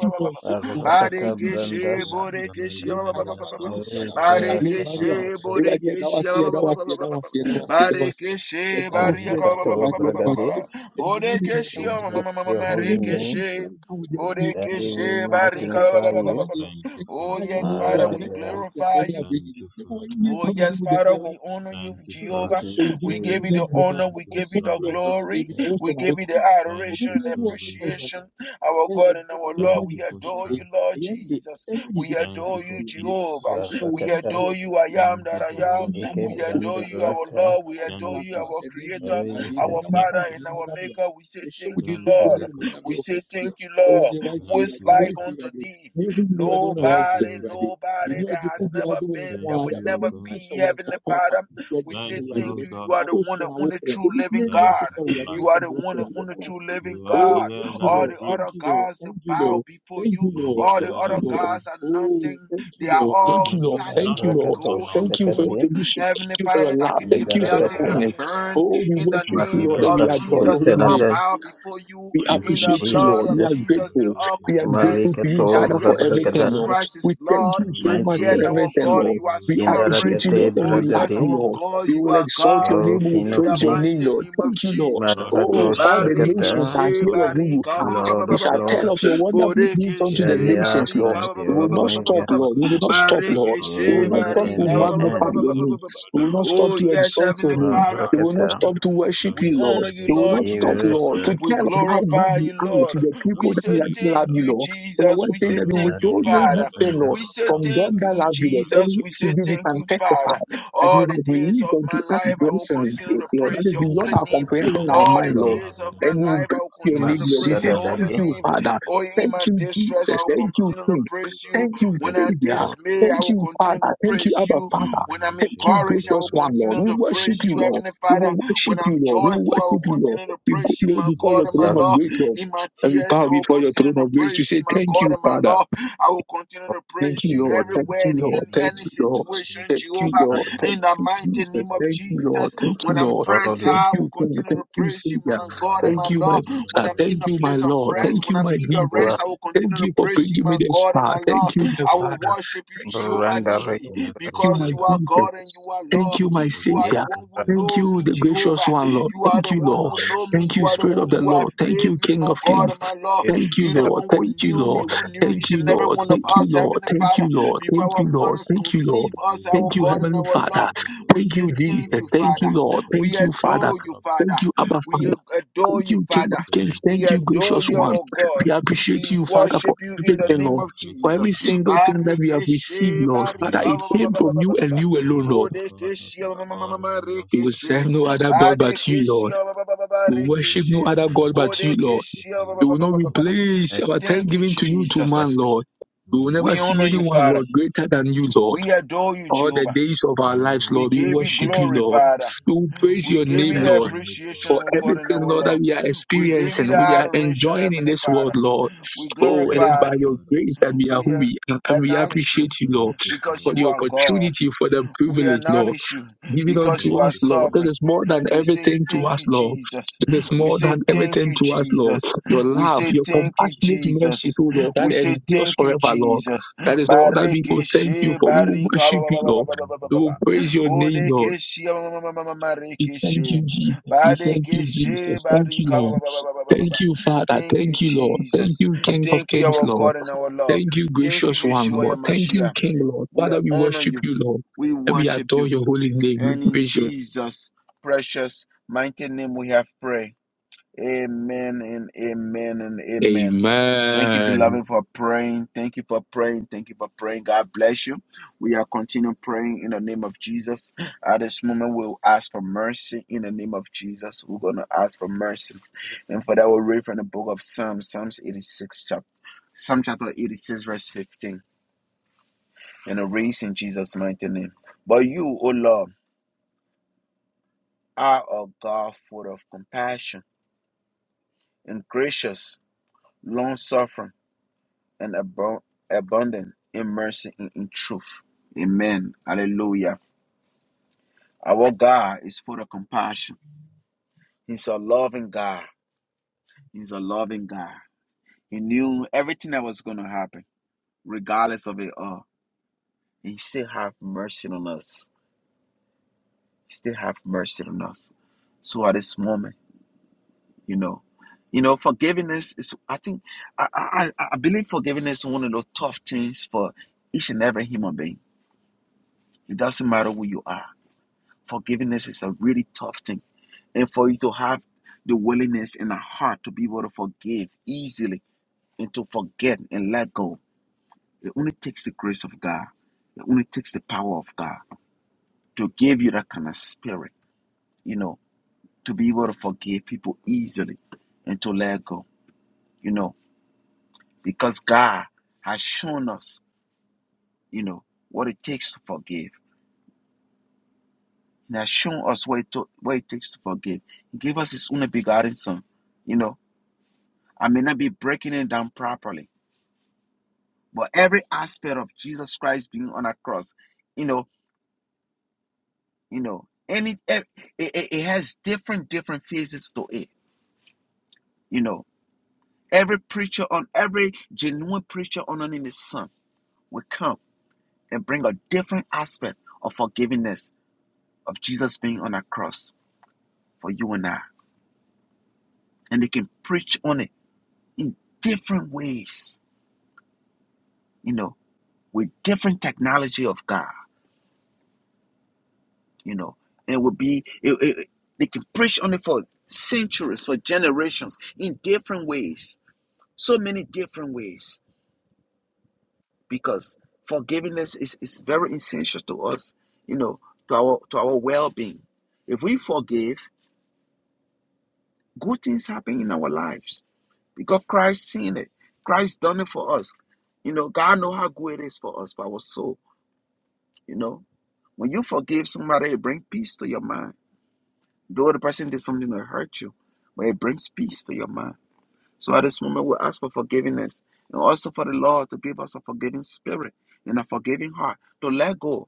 D: Thank you for your faithfulness. Thank
E: Rakata
D: you for your
E: Branda,
A: Barekeshe
D: faithfulness.
A: Borekeshe
C: Yatamela Melia
D: Limparabado,
C: Tabaradosa
D: Shadabaya,
A: Barekeshe
C: Labragadosa
D: Limbarua. Everybody, that
A: Borekeshe
D: was here, that was here, that was here, that was
E: Ajakato
D: here, that was here.
A: Barekeshe
D: And that was here,
A: Barika
D: that was here, that was
E: Bragade,
D: here.
C: Mintabadosa
D: And when you mean
C: Skadaska
D: that
A: Borekeshe
E: we
D: was here,
E: bless your
D: and when
E: holy
D: you mean
E: name.
A: Marekeshe
D: since you don't come with you, you don't come
E: Daddy,
D: with
A: Borekeshe
E: we
D: you. And I
A: Barika
D: said,
E: magnify
D: come with you, I
E: you.
D: did.
C: Thank you,
D: And
A: Oh
D: by
C: Father.
D: the
A: yes,
D: way, you are
A: Father,
D: the
A: we
D: next time I
E: Maraya,
D: see a
A: glorify
D: baby,
A: you.
D: I'm
C: Thank
D: bringing you.
C: you,
D: The more
C: Father.
D: you
A: Oh
D: come and do
A: yes,
D: the
A: Father,
D: beer,
A: we honor you,
C: Thank you,
D: I
E: thank
A: Jehovah.
C: Father.
E: you,
D: you
A: We
D: to do
A: give you
D: that.
A: the
D: You
E: Jesus.
D: know,
A: honor,
C: Thank
D: I'm
A: we
C: you,
D: not
A: give you
D: going
A: the
D: to
C: Sovereign
D: get
C: God.
D: scared
A: glory,
D: because I was
A: we
D: on
A: give you the
C: Thank
A: adoration
C: you,
A: and
C: sovereign God.
A: appreciation. Our
D: when you na
A: God and
D: yɛadɔ
A: our
C: Thank
D: nneɛma
A: Lord, we
C: you
D: nipa
C: for
A: adore
D: awurade
A: you,
C: strength.
D: na
A: Lord
D: yɛnde
A: Jesus.
D: asɛm bi ne
A: We
D: yɛbɛtumi
C: Thank you
A: adore
D: aka
A: you,
C: for
D: awurade
C: peace.
A: Jehovah.
D: yɛbɛhyɛ wo
A: We
D: din so
E: Barakata,
D: ayɛ
A: adore
D: wo
A: you, I
D: kɛseɛ
A: am
C: Thank
A: that
C: you for
A: I
D: atontom wo
A: am.
C: rest.
D: ama
E: Ike
D: wo
A: We
D: so
A: adore you,
D: awurade
A: our
E: Brandarata,
A: Lord.
D: yɛda
A: We
D: wase na
A: adore
C: Thank
D: wasa
A: you,
C: you
A: our
D: wahyɛ da awie
A: Creator,
D: awurade
C: for
A: our
E: Rikas,
D: animuonyam nka wo
A: Father,
C: protection.
D: din
A: and our
D: animuonyam yɛ
A: Maker. We say
D: wo. yɛhyɛ wo
A: thank you,
D: din
C: Thank
D: konko na
A: Lord.
C: you, O
D: animuonyam
C: God.
D: yɛ
A: We
D: wo
A: say
D: kɛseɛ
A: thank you,
D: ɛwɔ
A: Lord.
D: ne woayɛ
C: Thank
A: What's
D: awurade ne
C: you,
A: like
C: O
D: woayɛ
C: God.
A: unto
D: awurade
A: thee?
D: ne hu ne awurade wo na
C: Thank
D: woayɛ
A: Nobody,
C: you, O
D: awurade
C: God.
D: ɛni
A: nobody that
D: ɔgyefo
A: has
D: biara
A: never
D: gye wo nko
A: been,
C: Thank
A: that
D: ara
A: will
C: you,
D: yɛabɛbɔ
C: O
A: never
D: nyinaa
C: God.
D: hyɛ
A: be,
D: wo nsa
A: Heavenly
D: papa
A: Father. We
D: yɛda no
A: say
C: Thank you,
D: awurade
A: thank
C: O
D: wɔ-
A: you. You
C: God.
A: are
D: wɔ-
A: the
D: wo
A: one
D: so
A: and
D: na now,
A: only
D: korɔ
A: true
D: obi
A: living
D: biara ni
C: Thank
D: wɔte
A: God.
C: you
D: sɛ wo,
C: for
D: awurade wo
C: life.
A: You
D: so
A: are
D: now,
A: the
D: wo
A: one and
D: korɔ
A: only
D: yɛda wo
A: true
D: ase
A: living
C: You are
D: Oh,
C: the
A: God.
D: thank
C: air
D: you,
C: that
A: All
C: we
D: Lord.
A: the
C: breathe.
A: other
D: Thank you, Lord.
A: gods they
D: Thank you,
A: bow
D: Lord.
A: before
D: Thank
A: you.
D: you,
C: You are the
D: Lord.
A: All the
C: air
D: Thank
C: that
D: you,
A: other
C: we
D: Lord.
C: breathe.
A: gods are
D: Oh,
A: nothing.
D: thank you,
A: They are
D: Lord.
C: We
D: Thank
A: all
D: you,
C: can
D: Lord.
C: do
A: statue
D: Thank you,
A: of
D: Lord.
C: nothing
E: Rakato
C: on
A: gold
C: our
A: and
D: Thank you for your
C: own.
A: wood.
E: Shakate,
D: permission. Thank
A: Heavenly
D: you for your
A: Father, that
D: love.
A: can be
C: Thank
D: Thank you
C: you,
D: for your
A: melted and
E: Indarakata,
C: Father.
D: kindness.
A: burned.
D: Oh, we
A: In the
D: worship you,
A: name
D: Lord,
E: Marika
D: and
C: Thank
D: we
A: of
C: you,
D: adore
E: Paso
D: your
C: Father.
A: Jesus,
D: holy
A: they
D: name.
A: all
E: Teladai.
A: bow before you.
D: We
E: Thank
A: In
E: you,
C: O
A: the
D: appreciate you,
A: blood
D: Lord. We
A: of
D: are
C: Vashakata
E: Jesus.
A: Jesus, they
D: grateful.
C: Barati
A: all
D: We
C: Shada
D: are grateful
A: confess
D: to
C: Gratiata
D: you,
E: Marikato
A: that
D: Father, for
A: yes,
D: everything,
A: Jesus
E: Rabragada,
D: Lord.
A: Christ
D: We
A: is
D: thank
A: Lord.
D: you
C: Shala
D: so much for
A: Yes,
E: mighty
A: our
C: Barabasha
D: everything,
A: God,
D: Lord.
A: you
C: Rata
A: are
D: We appreciate
A: sovereign.
D: you,
E: Indarakate
D: Lord, and
A: Oh,
D: we love
A: yes,
D: you,
E: Bradade,
A: our
D: Lord.
A: God,
D: We
A: you
D: will
A: are
D: exalt
A: God.
D: your name.
E: O
D: We will
E: King
A: In
E: of
A: the
D: praise your name,
A: mighty
D: Lord.
E: Kings,
A: name
D: Thank
A: of
D: you, Lord.
A: Jesus.
D: Oh,
E: Marvado
D: all
C: Brapa
D: the nations are
C: Rambare
E: Shakata,
A: Barikeshe
D: here of
C: Paria
D: who you
A: barika
D: are.
C: Propata
E: Lord
D: We
E: of
D: shall tell of your
E: Lords,
C: Prakata
D: wonderful deeds unto
E: you are
D: the
A: Borekeshe
E: the
D: nations,
E: Alpha
D: Lord.
E: and
A: barika
E: the
D: We will not stop,
E: Omega,
D: Lord. We will
C: Prakata Bragata
D: not stop,
C: Bragata
D: Lord.
E: the
C: Shala
D: We will
A: Barikeshe
D: not
C: Brata
E: beginning
D: stop to
E: and
A: barika
C: Bragata
E: the
D: magnify
E: end.
D: your name.
C: Bragata
D: We
C: Shada
D: will not
C: Bragata
D: stop
A: Oh,
D: to
C: Baria
A: yes,
D: exalt your
A: Heavenly
D: name.
C: Bragata
A: Father.
D: We will not
E: Marakata,
D: stop to worship
C: Jala
A: We
D: you, Lord.
A: honor
C: Bragata
A: you,
D: It will
A: Lord
D: not
C: Jala
E: give
D: stop,
C: Branda
A: Jesus.
D: Lord, to
E: us
C: Bragata
A: We
D: tell of
C: Shada
D: how good
A: glorify
C: Bragata
D: you
A: you,
D: are
C: Bragata
D: to
A: Lord.
D: the
C: Shada
D: people
A: We
D: that
A: say
C: Bragati
D: lo- love
A: thank
C: Pada
D: you,
A: you,
D: Lord. For your
A: Jesus.
D: word
A: We
D: saying
A: say
D: that you
A: thank
C: Alamana
A: you,
D: withhold no
C: Nilata
D: good
A: Father.
C: Jala
D: thing,
E: Ashadada,
D: Lord,
A: We say
D: from them
A: thank
C: Brangata
D: that
A: you,
D: love
C: Shada
D: you, Lord.
A: Jesus.
D: And
C: Bragata
A: We
D: yes,
A: say
C: Shada
D: indeed, we
A: thank
D: can
A: you,
C: Bragata
D: testify
A: Father.
D: that
A: All
D: you
A: the
D: have
A: days
D: released
A: of
D: unto
A: my
D: us
A: life, I will
D: blessings,
A: continue to
D: Lord. That
A: praise
D: is
A: your
D: beyond
A: holy
D: our
A: name.
C: Menebedebedebe,
D: comprehension, our
A: All
E: yes,
D: mind,
A: the
D: Lord.
E: Lord.
A: days of my
D: And we will
A: life, I will
C: menabeyabadabadaba,
D: bless your
A: continue
D: name,
A: to
D: Lord. We
A: praise
D: say,
A: your holy
D: Thank
E: Masadadade,
D: you,
A: name.
D: Father.
A: Oh,
C: malebarabadebedebedebede,
A: in
D: Thank
A: my
D: you,
A: distress,
D: Jesus.
A: I will
D: Thank you,
A: continue to
D: King.
A: praise you.
D: Thank you,
A: When
E: thank you,
C: barambarabadozadabadaba,
A: i dismay,
D: Savior.
E: Lord.
A: I
D: Thank
A: will
D: you,
A: continue to
D: Father. Thank you,
A: praise
D: Abba
A: you.
D: Father.
A: When I'm
D: Thank you,
A: encouraged, I
D: gracious
A: will
D: one, Lord.
A: continue
D: We
A: to
D: worship
A: praise
D: you,
A: you,
D: Lord.
A: Heavenly
C: melebeleshekebreketeuzalabradebadabadaba,
D: We will
A: Father.
D: worship
A: When I'm
D: you, Lord. We will
A: joyful, I will
D: worship you, Lord.
A: continue to
D: We go
A: praise you,
D: low
A: my
D: before your
A: God and
D: throne
A: my
E: Dar-
D: of
A: Lord.
D: grace, Lord.
A: In my
D: And we
A: tears,
D: bow
A: I will
D: before your
A: continue
D: throne
A: to
D: of grace to
A: praise
C: shalabarabadozadabadabadabadabada,
A: you,
D: say,
A: my
D: Thank
A: God
D: you,
A: and my
D: Father.
A: Lord. I will continue to
D: Thank
A: praise
D: you,
A: you
D: Lord. Thank
A: everywhere
D: you,
A: in,
D: Lord.
A: in
D: Thank
A: any
D: you, Lord.
A: situation,
D: Thank you,
A: Jehovah.
D: Lord.
A: In
D: Thank
A: the
D: you,
A: mighty name
D: Jesus.
A: of
D: Thank you, Lord.
A: Jesus,
D: Thank you,
A: when
C: shelemenetemeniatabarepepereperapatebaraketabediakapadabra,
A: I'm
D: Lord.
E: Lord,
A: pressed
E: we
D: Thank
E: thank
A: high, I will
D: you, King.
A: continue
D: Thank
A: to
D: you,
A: praise you,
D: Savior.
A: my God
E: you,
A: and
D: Thank
A: my
D: you, my
A: Lord. When
D: Father.
A: I'm
D: Thank
A: in a
D: you, my
A: place of
D: Lord.
E: thank
A: rest,
D: Thank
A: when
D: you,
A: I'm
D: my
A: in your
E: you, uh,
D: Jesus.
A: rest, I
C: balarabarembabarigadabrubadozadabradabada,
A: will continue
D: Thank
A: to
D: you for
A: praise you,
D: bringing me
A: my
D: this
A: God and
D: far.
A: my Lord.
D: Thank you, my
A: I will
C: shalatea,
D: Father.
A: worship you,
D: Thank you, my
A: Jehovah
E: Branda
D: King,
E: Rake,
D: Lord.
A: Nissi,
C: mefretea,
D: Thank you,
A: because
D: my
A: you are God and
D: Jesus.
A: you are
D: Thank
A: Lord.
D: you, my
A: You are the
D: Savior.
A: one who
E: Rake,
D: Thank
A: know
D: you,
A: me,
D: the gracious
A: Jehovah.
D: one, Lord.
A: You are
D: Thank
A: the
D: you,
A: one
D: Lord.
A: who know me.
D: Thank
A: You
C: Marošate
D: you,
A: are the
D: Spirit of
A: one
D: the
A: who
C: bratela
A: have
D: Lord. Thank you,
A: made me,
D: King
A: my
D: of Kings.
A: God and my Lord.
D: Thank you,
A: You the
D: Lord.
A: one who
D: Thank you,
A: knew me,
D: Lord.
A: who
C: mekaba
A: knew
D: Thank
A: each
D: you,
A: and every
C: yente
D: Lord.
A: one of
D: Thank you,
C: dedira
A: us,
D: Lord.
A: Heavenly
C: rada.
D: Thank you,
A: Father,
D: Lord.
A: before
D: Thank
A: our
D: you, Lord.
A: mothers
D: Thank you, Lord.
A: conceive us,
C: jele
A: our
D: Thank you,
A: God and
D: Heavenly
A: our
C: roto shoto
A: Lord.
D: Father.
C: roto
A: We
D: Thank
A: say
D: you,
C: shoko
A: thank
D: Jesus.
A: you,
C: toro
D: Thank
C: dira
A: Father.
D: you, Lord.
C: dobro
A: We
D: Thank
C: dira
D: you,
C: bara
D: Father.
A: adore you,
C: bara bara
A: Father.
D: Thank you, Abba
A: We
D: Father.
A: adore
D: Thank
A: you,
D: you, King
A: Father.
D: of Kings.
C: thank you
A: We
D: Thank you,
C: faithful
A: adore
D: gracious
A: you,
C: one
D: one.
A: our
D: We
A: God.
D: appreciate
A: We
D: you, Father, for
A: worship you in the
D: everything,
C: thank
A: name
D: Lord.
C: you
A: of
D: For
C: faithful
D: every
A: Jesus.
C: one
D: single thing that we have received,
A: Barikeshe,
D: Lord. Father,
C: mala
A: barika,
D: it
A: ba- ba- ba-
D: came
A: ba-
C: shato
D: from
A: ba- ba-
D: you
A: ba- ba-
C: bate
D: and you
A: ba.
D: alone,
C: gomani
D: Lord.
C: akata
A: Bodekeshe,
C: dira
A: ma- ma- ma- ma- ma-
C: arni
D: We will serve
A: rekeshe.
C: ashkatashka
D: no other God but you,
A: Badekeshe,
D: Lord.
A: ba- ba- ba- ba- ba-
D: We will
C: mande
D: worship
C: vido
D: no
A: rekeshe.
D: other
C: shana
D: God but you,
C: bratiro
D: Lord.
A: Bodekeshe,
C: shkate
A: ba- ba-
D: We
A: ba-
D: will
A: ba-
C: jala
D: not
A: ba- ba- ba- ba.
C: abadia
D: replace
E: Rake,
D: our
A: Thank you,
D: thanksgiving to you, to
E: Rake,
D: man,
A: Jesus.
D: Lord. We will
C: mande
D: never
A: We
D: see
C: shato
A: honor you,
D: anyone,
C: shato
A: Father.
D: Lord, greater than
C: shato
D: you,
C: shato
D: Lord
A: We adore you,
D: all the
A: Jehovah.
D: days of our lives,
C: Diana
A: We
C: me
D: Lord. We
A: give you
C: pron for
D: worship you,
A: glory,
C: evil
D: Lord.
A: Father.
D: We praise
A: We
D: your
A: give
D: name,
C: I
A: you
E: Rake,
A: the
D: Lord,
C: thank you for
A: appreciation,
D: for
A: O God, and
D: everything,
A: our
D: Lord, that
A: Lord.
D: we are
A: We give you
D: experiencing,
A: the
C: Thank
D: we
C: you,
D: are
C: Father.
A: adoration,
D: enjoying in
A: Heavenly
D: this world,
A: Father.
D: Lord.
A: We
D: Oh, it
E: Yes.
C: Thank
D: is
A: glorify
C: you,
D: by
A: you.
D: your
C: Father.
D: grace that we are
A: We
D: who we are, and we
A: acknowledge you
D: appreciate you,
C: Thank
D: Lord,
C: you,
A: because
D: for
C: Father.
D: the
A: you are God.
D: opportunity, for the
A: We
D: privilege, Lord.
A: acknowledge you
D: Given
A: because
D: unto
A: you
C: Thank
A: are
D: us,
C: you,
D: Lord. This
C: Father.
A: sovereign.
D: is more than
A: We say
D: everything to
A: thank
D: us,
A: you,
D: Lord.
A: Jesus.
D: This is
C: Thank you,
A: We
D: more
A: say
D: than
C: Father.
A: thank
D: everything
A: you,
D: to us, Lord.
A: Jesus.
D: Your
A: We
D: love,
A: say
D: your
A: thank you,
D: compassionate mercy,
A: Jesus.
D: oh Lord, that
A: We say
D: endures
A: thank you,
D: forever, Lord.
A: Jesus.
D: That is all that we will thank you
A: Barikeshe
D: for. We will
A: barika ba-
D: worship
A: ba-
D: you,
A: ba- ba-
D: Lord.
A: ba- ba-
C: Thank
A: ba- ba-
C: you,
D: We
A: ba-
D: will
A: ba.
C: Father.
D: praise your name, Lord.
A: Bodekeshe ma- ma- ma- ma- ma- ma-
D: We thank you,
A: rekeshe.
D: Jesus. We thank you,
A: Badekeshe
D: Jesus. Thank you,
A: barika ba-
D: Lord.
A: ba- ba- ba- ba- ba- ba- ba-
D: Thank you,
A: ba.
D: Father.
A: Thank you,
D: Thank you, Lord. Thank
A: Jesus.
D: you, King of
A: Thank you,
D: Kings,
A: our
D: Lord.
A: God and our Lord.
D: Thank you,
A: Thank you,
D: gracious one,
A: Yeshua
D: Lord. Thank you,
A: Yamashiach.
D: King, Lord.
A: We
D: Father, we
A: honor
D: worship
A: you.
D: you, Lord.
A: We
D: And we
A: worship
D: adore
A: you.
D: your holy name.
A: And
D: We
A: in
D: praise you.
A: Jesus' precious mighty name we have prayed. Amen and amen and amen. Thank you,
D: Amen.
A: beloved, for praying. Thank you for praying. Thank you for praying. God bless you. We are continuing praying in the name of Jesus. At this moment, we'll ask for mercy in the name of Jesus. We're going to ask for mercy. And for that, we'll read from the book of Psalms, Psalms 86, chapter, Psalm chapter 86, verse 15 and a race in Jesus' mighty name. But you, O Lord, are a God full of compassion and gracious, long suffering, and abo- abundant in mercy and in truth. Amen. Hallelujah. Our God is full of compassion. He's a loving God. He's a loving God. He knew everything that was going to happen, regardless of it all. He still have mercy on us. He still have mercy on us. So at this moment. you know you know forgiveness is i think i i, I I believe forgiveness is one of the tough things for each and every human being it doesn't matter who you are forgiveness is a really tough thing and for you to have the willingness and the heart to be able to forgive easily and to forget and let go it only takes the grace of god it only takes the power of god to give you that kind of spirit you know to be able to forgive people easily and to let go you know because God has shown us, you know, what it takes to forgive. He has shown us what it, to, what it takes to forgive. He gave us His only begotten Son. You know, I may not be breaking it down properly, but every aspect of Jesus Christ being on a cross, you know, you know, any it, it, it it has different different phases to it. You know, every preacher on every genuine preacher on in the Son will come and bring a different aspect of forgiveness of Jesus being on a cross for you and I. And they can preach on it in different ways, you know, with different technology of God, you know. And it would be, it, it, they can preach on it for centuries, for generations, in different ways, so many different ways, because forgiveness is, is very essential to us, you know, to our, to our well being. If we forgive, Good things happen in our lives because Christ seen it. Christ done it for us. You know, God know how good it is for us, for our soul. You know, when you forgive somebody, it brings peace to your mind. Though the person did something that hurt you, but it brings peace to your mind. So at this moment, we ask for forgiveness and also for the Lord to give us a forgiving spirit and a forgiving heart to let go,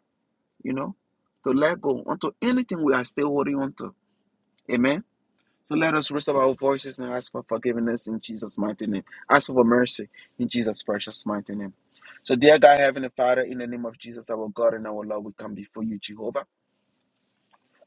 A: you know, to let go onto anything we are still holding on to. Amen. So let us raise up our voices and ask for forgiveness in Jesus' mighty name. Ask for mercy in Jesus' precious mighty name. So, dear God, Heavenly Father, in the name of Jesus, our God and our Lord, we come before you, Jehovah.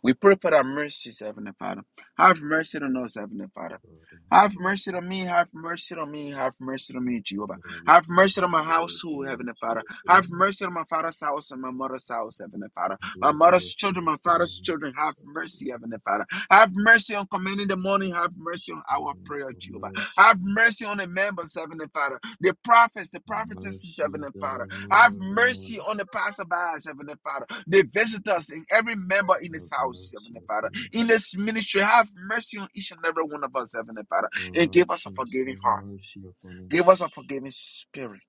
A: We pray for thy mercies, Heavenly Father. Have mercy on us, Heavenly Father.
C: Father,
A: Have
C: thank
A: mercy
C: you.
A: on me, have mercy on me, have mercy on me, Jehovah.
C: Father, we
A: Have mercy on my
C: come
A: household,
C: boldly
A: Heavenly
C: unto
A: Father.
C: your
A: Have
C: throne,
A: mercy on my father's house and my mother's house, Heavenly Father. My
C: boldly
A: mother's
C: unto
A: children,
C: your
A: my father's
C: throne,
A: children, have
C: exalting
A: mercy, Heavenly Father. Have mercy on commanding the morning, have mercy on our
C: asking
A: prayer,
C: for
A: Jehovah.
C: mercy.
A: Have mercy on the members, Heavenly Father. The prophets, the
C: The
A: prophetesses,
C: mercies
A: Heavenly
C: that
A: Father.
C: are
A: Have
C: new every
A: mercy
C: morning,
A: on the passerbys, Heavenly Father. The visitors and every member in
C: have
A: this house,
C: mercy
A: Heavenly Father.
C: upon us.
A: In this ministry, have mercy on each and every one of us, Heavenly Father.
C: For
A: And
C: our
A: give us a
C: actions,
A: forgiving
C: have
A: heart.
C: mercy upon us.
A: Give us a forgiving spirit.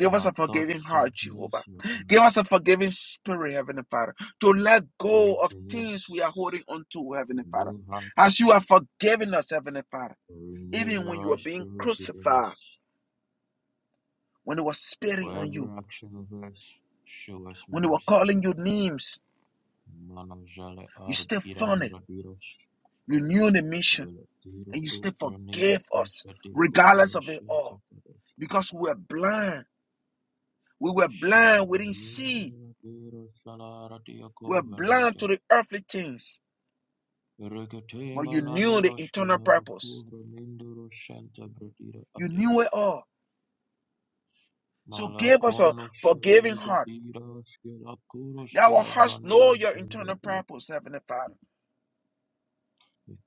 C: For
A: us a
C: our
A: forgiving
C: thoughts, have
A: heart, Jehovah.
C: mercy upon
A: Give us
C: us.
A: a forgiving spirit, Heavenly Father, to let go
C: Great
A: of
C: in
A: things we are
C: us.
A: holding on to, Heavenly Father.
C: new hearts,
A: As you have forgiven us, Heavenly Father.
C: renew
A: Even
C: the
A: when you were
C: right
A: being
C: spirit within us.
A: crucified, when they were
C: For
A: spitting on
C: every
A: you,
C: action of us, show us
A: when they were
C: mercy.
A: calling you names,
C: Mano jale
A: you
C: ar
A: still found it.
C: irangra diros,
A: You knew the mission
C: velatiro
A: and you still
C: utronira
A: forgave us,
C: agradeko
A: regardless of it
C: velashente
A: all,
C: vedeski.
A: because we were blind. We were blind. We didn't see.
C: Shalabayimira diro shalara
A: We
C: diako
A: were blind to
C: venete.
A: the earthly things, but
C: Riketema
A: you knew the
C: naniro
A: internal
C: shkilaro
A: purpose.
C: kuvra ninduro shente bredira
A: You knew it all. So give us a
C: Malakono
A: forgiving heart.
C: Shelegebiros Gelakuros
A: That our hearts
C: Gelavranino
A: know your internal
C: Sendebiet
A: purpose, Heavenly Father.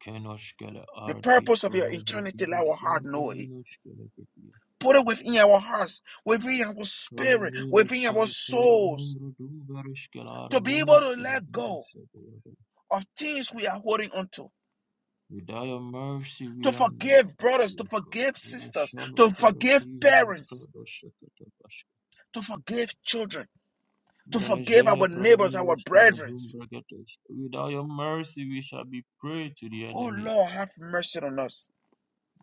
C: Kenos Gele
A: The
C: Arti
A: purpose of your eternity, let
C: Kronovratiros
A: our heart know it.
C: Sentininos Gelegebiet
A: Put it within our hearts, within our spirit,
C: Ranino
A: within our
C: Shele Era
A: souls,
C: Andro Duveris
A: to be able
C: Gelaranino
A: to let
C: Geladiros
A: go
C: Sebeoda
A: of things we are holding on to,
C: Without your mercy we
A: to
C: are nobody. not
A: forgive brothers, to
C: Yoko
A: forgive sisters,
C: Roshano
A: to forgive
C: Ferati and
A: parents,
C: Akrado Shakatabash
A: to forgive children, to
C: Mele
A: forgive our neighbors, our
C: Braninos
A: brethren.
C: Gelezumbra Getes With thy mercy we shall be prey to the
A: Oh
C: enemy
A: Lord, have mercy on us.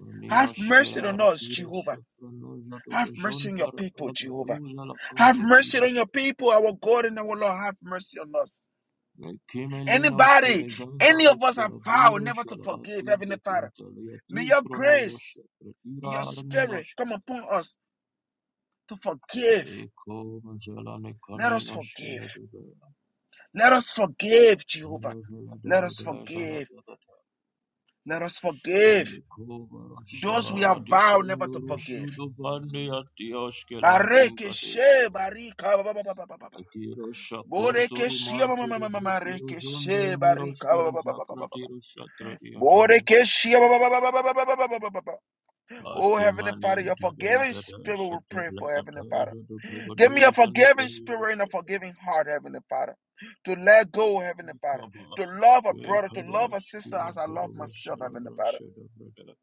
C: Nina
A: Have mercy on
C: Skirara
A: us,
C: Tiro
A: Jehovah.
C: Shopranoja to
A: Have mercy on your
C: Bozontara
A: people, Jehovah.
C: Agratuzala
A: Have
C: Ade
A: mercy
C: Tiro
A: on your people, our God and our Lord. Have mercy on us.
C: Kimelino
A: Anybody, any
C: Skirajandaro
A: of us have vowed
C: Skiraviro
A: never to
C: Shala
A: forgive,
C: Tinte
A: Heavenly Father.
C: Tintalia
A: May
C: Tu
A: your
C: Kronoro
A: grace, your
C: Shapratira Nino
A: spirit come upon us to forgive.
C: Eko Mazela
A: Let us
C: Nekamino
A: forgive.
C: Skiradebe
A: Let us forgive, Jehovah.
C: Mino Vila
A: Let us
C: Debede Shala
A: forgive.
C: Bede
A: Let us forgive
C: Mayeko
A: those we
C: Shala
A: have
C: Radi
A: vowed never to
C: Proluru
A: forgive.
C: Sudo Vande Atioskela
A: Bareke
C: Dinkate Shala
A: barika ba ba ba ba ba ba ba ba.
C: Akiro Shakunto
A: ma ma ma
C: Rumantere
A: ma ma ma
C: Vratiru
A: reke
C: Jondro Niro
A: barika ba
C: Shiri
A: ba ba ba ba ba ba ba.
C: Zakratiru Shatrati Atalaba
A: Boreke she ba ba ba ba ba ba ba ba ba ba ba. Oh, Heavenly Father, your
C: Atemanente
A: forgiving
C: Belakata
A: spirit will
C: Shate
A: pray for
C: Blakata
A: Heavenly Father.
C: Zodo
A: Give me a
C: Brugadoja
A: forgiving
C: Nebramino
A: spirit and a
C: Shate
A: forgiving heart, Heavenly Father. To let go, Heavenly Father.
C: Ikaba
A: To love a brother, to
C: Ikaba
A: love a sister
C: Shkiva
A: as I love
C: Kova
A: myself, Heavenly
C: Shalabra
A: Father.
C: Shada Brada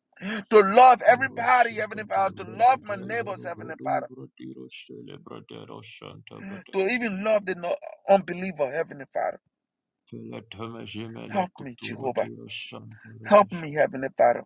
A: To love everybody, Heavenly
C: Miroshakata
A: Father. To love
C: Bragata
A: my neighbors,
C: Jalo
A: Heavenly
C: Brudu
A: Father.
C: Vratiro Shele Brada Roshanta Brada
A: To even love the no- unbeliever, Heavenly Father.
C: Felatame Jimele
A: Help me,
C: Kuturu
A: Jehovah.
C: Tiro Shanta
A: Help
C: Retash,
A: me, Heavenly Father.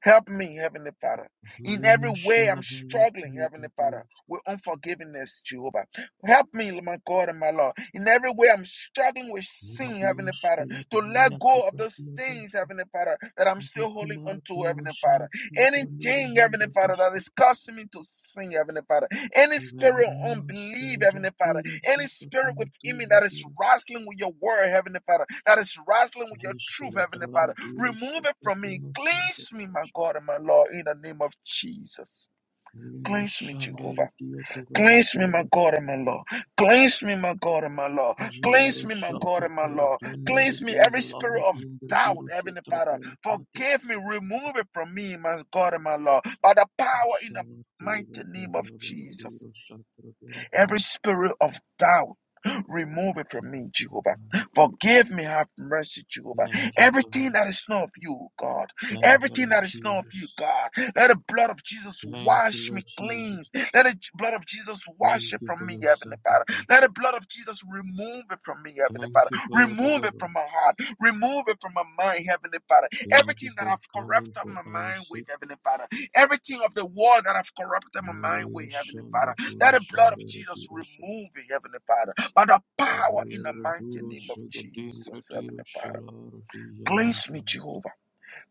A: Help me, Heavenly Father. In every
C: Galeno
A: way, I'm
C: Shalavalati
A: struggling, Heavenly Father,
C: Bradeoska,
A: with unforgiveness, Jehovah. Help me, my God and my Lord. In every way, I'm struggling with sin,
C: Lenabila
A: Heavenly Father,
C: Skela
A: to let
C: Beliati
A: go of those things,
C: Bradeoska,
A: Heavenly Father, that I'm still holding on to,
C: Recumaratero
A: Heavenly Father.
C: Shalacutra Nero
A: Anything, Heavenly Father, that
C: Zondrotista,
A: is causing me to sin, Heavenly Father. Any spirit of
C: Kivelenio
A: unbelief,
C: Skele
A: Heavenly Father.
C: Jastiro
A: Any spirit
C: Satatino
A: within me that is
C: Tubratira,
A: wrestling with your word, Heavenly Father. That is wrestling with your
C: Kele
A: truth,
C: Skele
A: Heavenly
C: Daro
A: Father.
C: Diro
A: Remove it from me.
C: Sofratino Santa
A: Cleanse me, my
C: Beres,
A: God and my Lord, in the name of Jesus.
C: Limo
A: Cleanse me, Jehovah.
C: Sanderi Diacovera
A: Cleanse me, my
C: Coro
A: God and my
C: Santa
A: Lord. Cleanse me, my God and my Lord. Cleanse
C: Geloro
A: me, my God and my
C: Shakatara
A: Lord.
C: Tendoro
A: Cleanse me every spirit
C: Duzalaro
A: of
C: Hindra
A: doubt,
C: Diro
A: Heavenly
C: Sotra
A: Father.
C: Tera
A: Forgive me,
C: Kate
A: remove it from me, my God and my Lord. By the power in the
C: Thank
A: mighty name of Jesus. Every spirit of doubt. Remove it from me, Jehovah. Forgive me, have mercy, Jehovah.
C: you,
A: Everything
C: Father.
A: that is not of you, God.
C: Thank you,
A: Everything
C: Lord
A: that is not of
C: Jesus.
A: you, God. Let the blood of Jesus
C: Thank you,
A: wash me
C: Lord
A: clean.
C: Jesus.
A: Let the blood of Jesus wash
C: Thank
A: it
C: you
A: from
C: for
A: me,
C: your
A: Heavenly Father.
C: sacrifice.
A: Let the blood of Jesus remove it from me, Heavenly Father.
C: Thank you for your
A: Remove it from
C: deliverance.
A: my heart. Remove it from my mind, Heavenly Father.
C: Thank you
A: Everything that
C: for
A: I've
C: coming
A: corrupted
C: for
A: my
C: our
A: mind with,
C: sake.
A: Heavenly Father. Everything of the world that I've corrupted my mind
C: Malia
A: with, Heavenly Father.
C: Shande Guru
A: Let the blood of
C: Shande
A: Jesus
C: Retiro Shada.
A: remove it, Heavenly Father. By the power in
C: Vele
A: the mighty
C: Roduro
A: name of
C: Shaga Dingra
A: Jesus,
C: Tiro
A: Heavenly Father.
C: Shala Roti Yalam
A: Cleanse me,
C: Panyata.
A: Jehovah.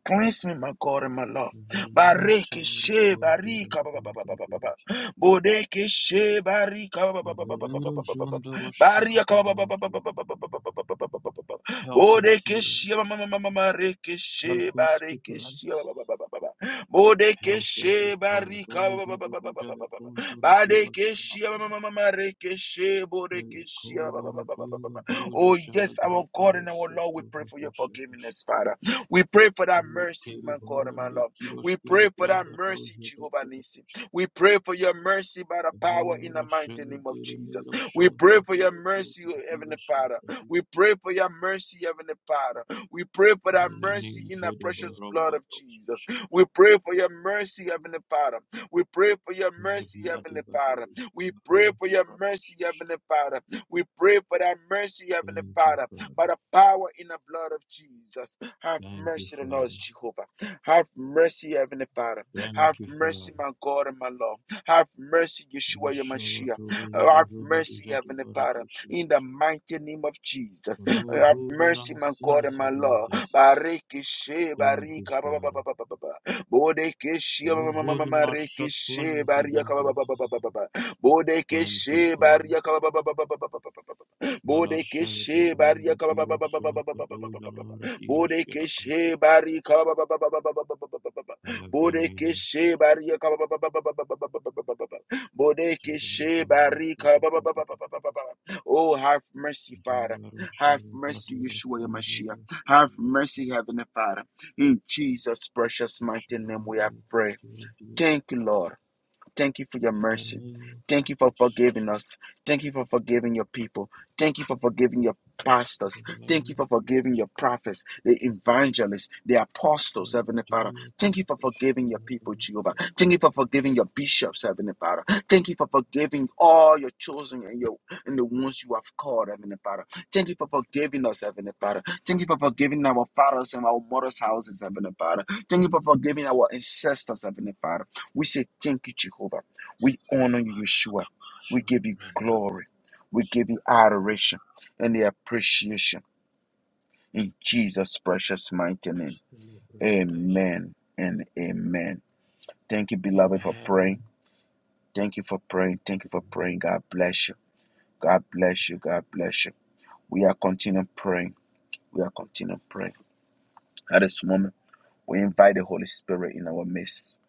A: Cleanse me, my God and my Lord.
C: Velero
A: Bareke
C: Shala
A: she
C: Roti Retiro
A: barika ba ba ba ba ba ba ba
C: Shantro
A: ba. Bodeke she barika ba ba ba ba ba ba ba
C: Velero
A: ba ba ba ba.
C: Jondoro
A: Barika ba ba ba ba
C: Shakatabayati.
A: ba ba ba ba ba ba ba ba ba ba ba ba.
C: Help us,
A: Bodeke
C: Lord.
A: she ma ma ma ma ma ma reke
C: Help
A: she
C: us,
A: bareke she
C: Spirit.
A: ba ba ba ba ba ba ba. Bodeke
C: Help us,
A: she
C: God.
A: barika ba
C: Only
A: ba
C: God
A: ba
C: of
A: ba ba ba
C: us
A: ba
C: shall
A: ba ba ba.
C: come to the day of
A: Bareke she
C: Shalom.
A: ma ma ma ma ma reke she bodeke
C: Only
A: she ba ba
C: cover
A: ba
C: a
A: ba ba
C: day
A: ba ba ba.
C: of those who
A: Oh
C: shall
A: yes, our
C: agree to
A: God
C: your
A: and our Lord,
C: shout
A: we
C: of
A: pray for
C: the
A: your
C: Shadash.
A: forgiveness, Father. We pray for that
C: Only
A: mercy,
C: carry
A: my God and my
C: baron the
A: love.
C: Kirosh
A: We
C: Kela
A: pray for that
C: Granga Dows
A: mercy,
C: of the
A: Jehovah Nisi.
C: Bragadosh.
A: We pray for your mercy by the power in the
C: Velero
A: mighty name of
C: Shaladere
A: Jesus.
C: Nero
A: We pray
C: Shondro
A: for your
C: Dero Kot
A: mercy,
C: Dero
A: Heavenly Father.
C: Shadra
A: We
C: Dero.
A: pray for your mercy, Heavenly Father. We pray for that mercy
C: Menanim
A: in the
C: Vede
A: precious blood
C: Baramba
A: of Jesus.
C: Dows.
A: We pray for your mercy, Heavenly Father. We pray for your
C: Many
A: mercy, Heavenly
C: bloody
A: Father.
C: battles
A: We
C: and
A: pray for
C: great
A: your
C: battles.
A: mercy, Heavenly Father. We pray for that mercy, Heavenly
C: Thank you,
A: Father by
C: Father.
A: the power in the blood of Jesus. Have
C: Thank you,
A: mercy on us,
C: Father.
A: Jehovah. Have mercy, Heavenly Father.
C: Thank
A: Have
C: you, Father.
A: mercy, my God and my Lord. Have mercy, Yeshua
C: Mashallah
A: Yamashia.
C: to the little
A: Have mercy,
C: Zubadija de
A: Heavenly Father, in the
C: Baradoshadushi.
A: mighty name of Jesus.
C: For no
A: Have
C: holding
A: mercy,
C: our
A: my God
C: sins
A: and my
C: against
A: Lord.
C: us.
A: Barikishe,
C: Thank you,
A: barika, ba- ba-
C: Father.
A: ba- ba- ba- ba- ba. Bodekeshe,
C: For
A: ma-
C: no
A: ma- ma- ma-
C: holding
A: ma-
C: our
A: rekeshe,
C: shortfallings
A: barika,
C: against
A: ba- ba-
C: us.
A: ba- ba- ba- ba- ba-
C: Thank you,
A: Bodekishe,
C: Father.
A: barika, ba. Bodekeshe, barika,
C: Manashala de
A: Bodekeshe
C: Brenda
A: Baria kaba ba ba ba ba ba ba ba
C: Biroshan
A: ba ba ba
C: Kodoja Lord Biroshkela Abba.
A: Bodekeshe Bari kaba ba ba ba ba ba ba ba ba ba ba ba ba.
C: Eleven minutes.
A: Bodekeshe Baria kaba ba ba ba ba ba ba ba Bodekeshe Bari kaba ba ba ba ba ba ba ba ba ba. Oh, have mercy, Father.
C: Jivaro
A: Have
C: Shuru
A: mercy,
C: Bratiro
A: Yeshua your
C: Kurunuru
A: Have mercy, Heavenly Father. In Jesus' precious mighty name we have
C: Shalamana
A: prayed.
C: Bhatiradya.
A: Thank you, Lord. Thank you for your
C: In the
A: mercy.
C: name of
A: Thank you for
C: Jesus,
A: forgiving us. Thank you for forgiving your people. Thank you for forgiving your
C: in
A: pastors.
C: the
A: Thank you
C: name of
A: for forgiving
C: Jesus,
A: your prophets, the evangelists, the apostles, Heavenly Father.
C: Bhatiyo
A: Thank you for forgiving your people,
C: Kupushkilaran
A: Jehovah. Thank you
C: Brandiro
A: for forgiving your bishops, Heavenly Father. Thank you for forgiving all your chosen and your and the ones you have called, Heavenly Father. Thank you for forgiving us, Heavenly Father. Thank you for forgiving our fathers and our mothers' houses, Heavenly Father. Thank you for forgiving our ancestors, Heavenly Father. We say thank you, Jehovah. We honor you, Yeshua. We give you
C: Shalamandaba
A: glory. We give you adoration and the appreciation in Jesus' precious mighty name.
C: Shalabragadesh.
A: Amen and amen. Thank you, beloved, for praying.
C: Amen.
A: Thank you for praying. Thank you for
C: Amen.
A: praying. God bless you. God bless you. God bless you. We are continuing praying. We are continuing praying. At this moment, we invite the Holy Spirit in our midst.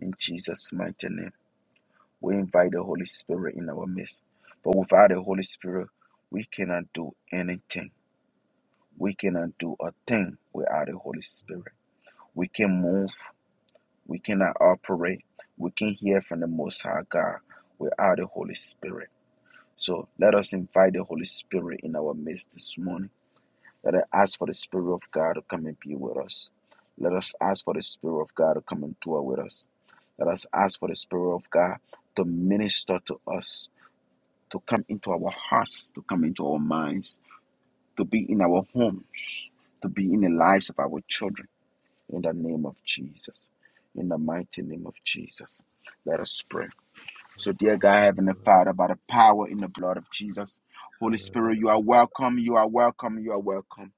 A: In Jesus' mighty name. We invite the Holy Spirit in our midst. But without the Holy Spirit, we cannot do anything. We cannot do a thing without the Holy Spirit. We can move. We cannot operate. We can hear from the Most High God without the Holy Spirit. So let us invite the Holy Spirit in our midst this morning. Let us ask for the Spirit of God to come and be with us. Let us ask for the Spirit of God to come and dwell with us. Let us ask for the Spirit of God to minister to us. to come into our hearts, to come into our minds, to be in our homes, to be in the lives of our children. In the name of Jesus. In the mighty name of Jesus. Let us pray. So, dear God,
C: Recover,
A: Heavenly Father, by the power in the blood of Jesus, Holy Spirit, you are
C: Shalabadabadaba.
A: welcome, you are welcome, you are welcome.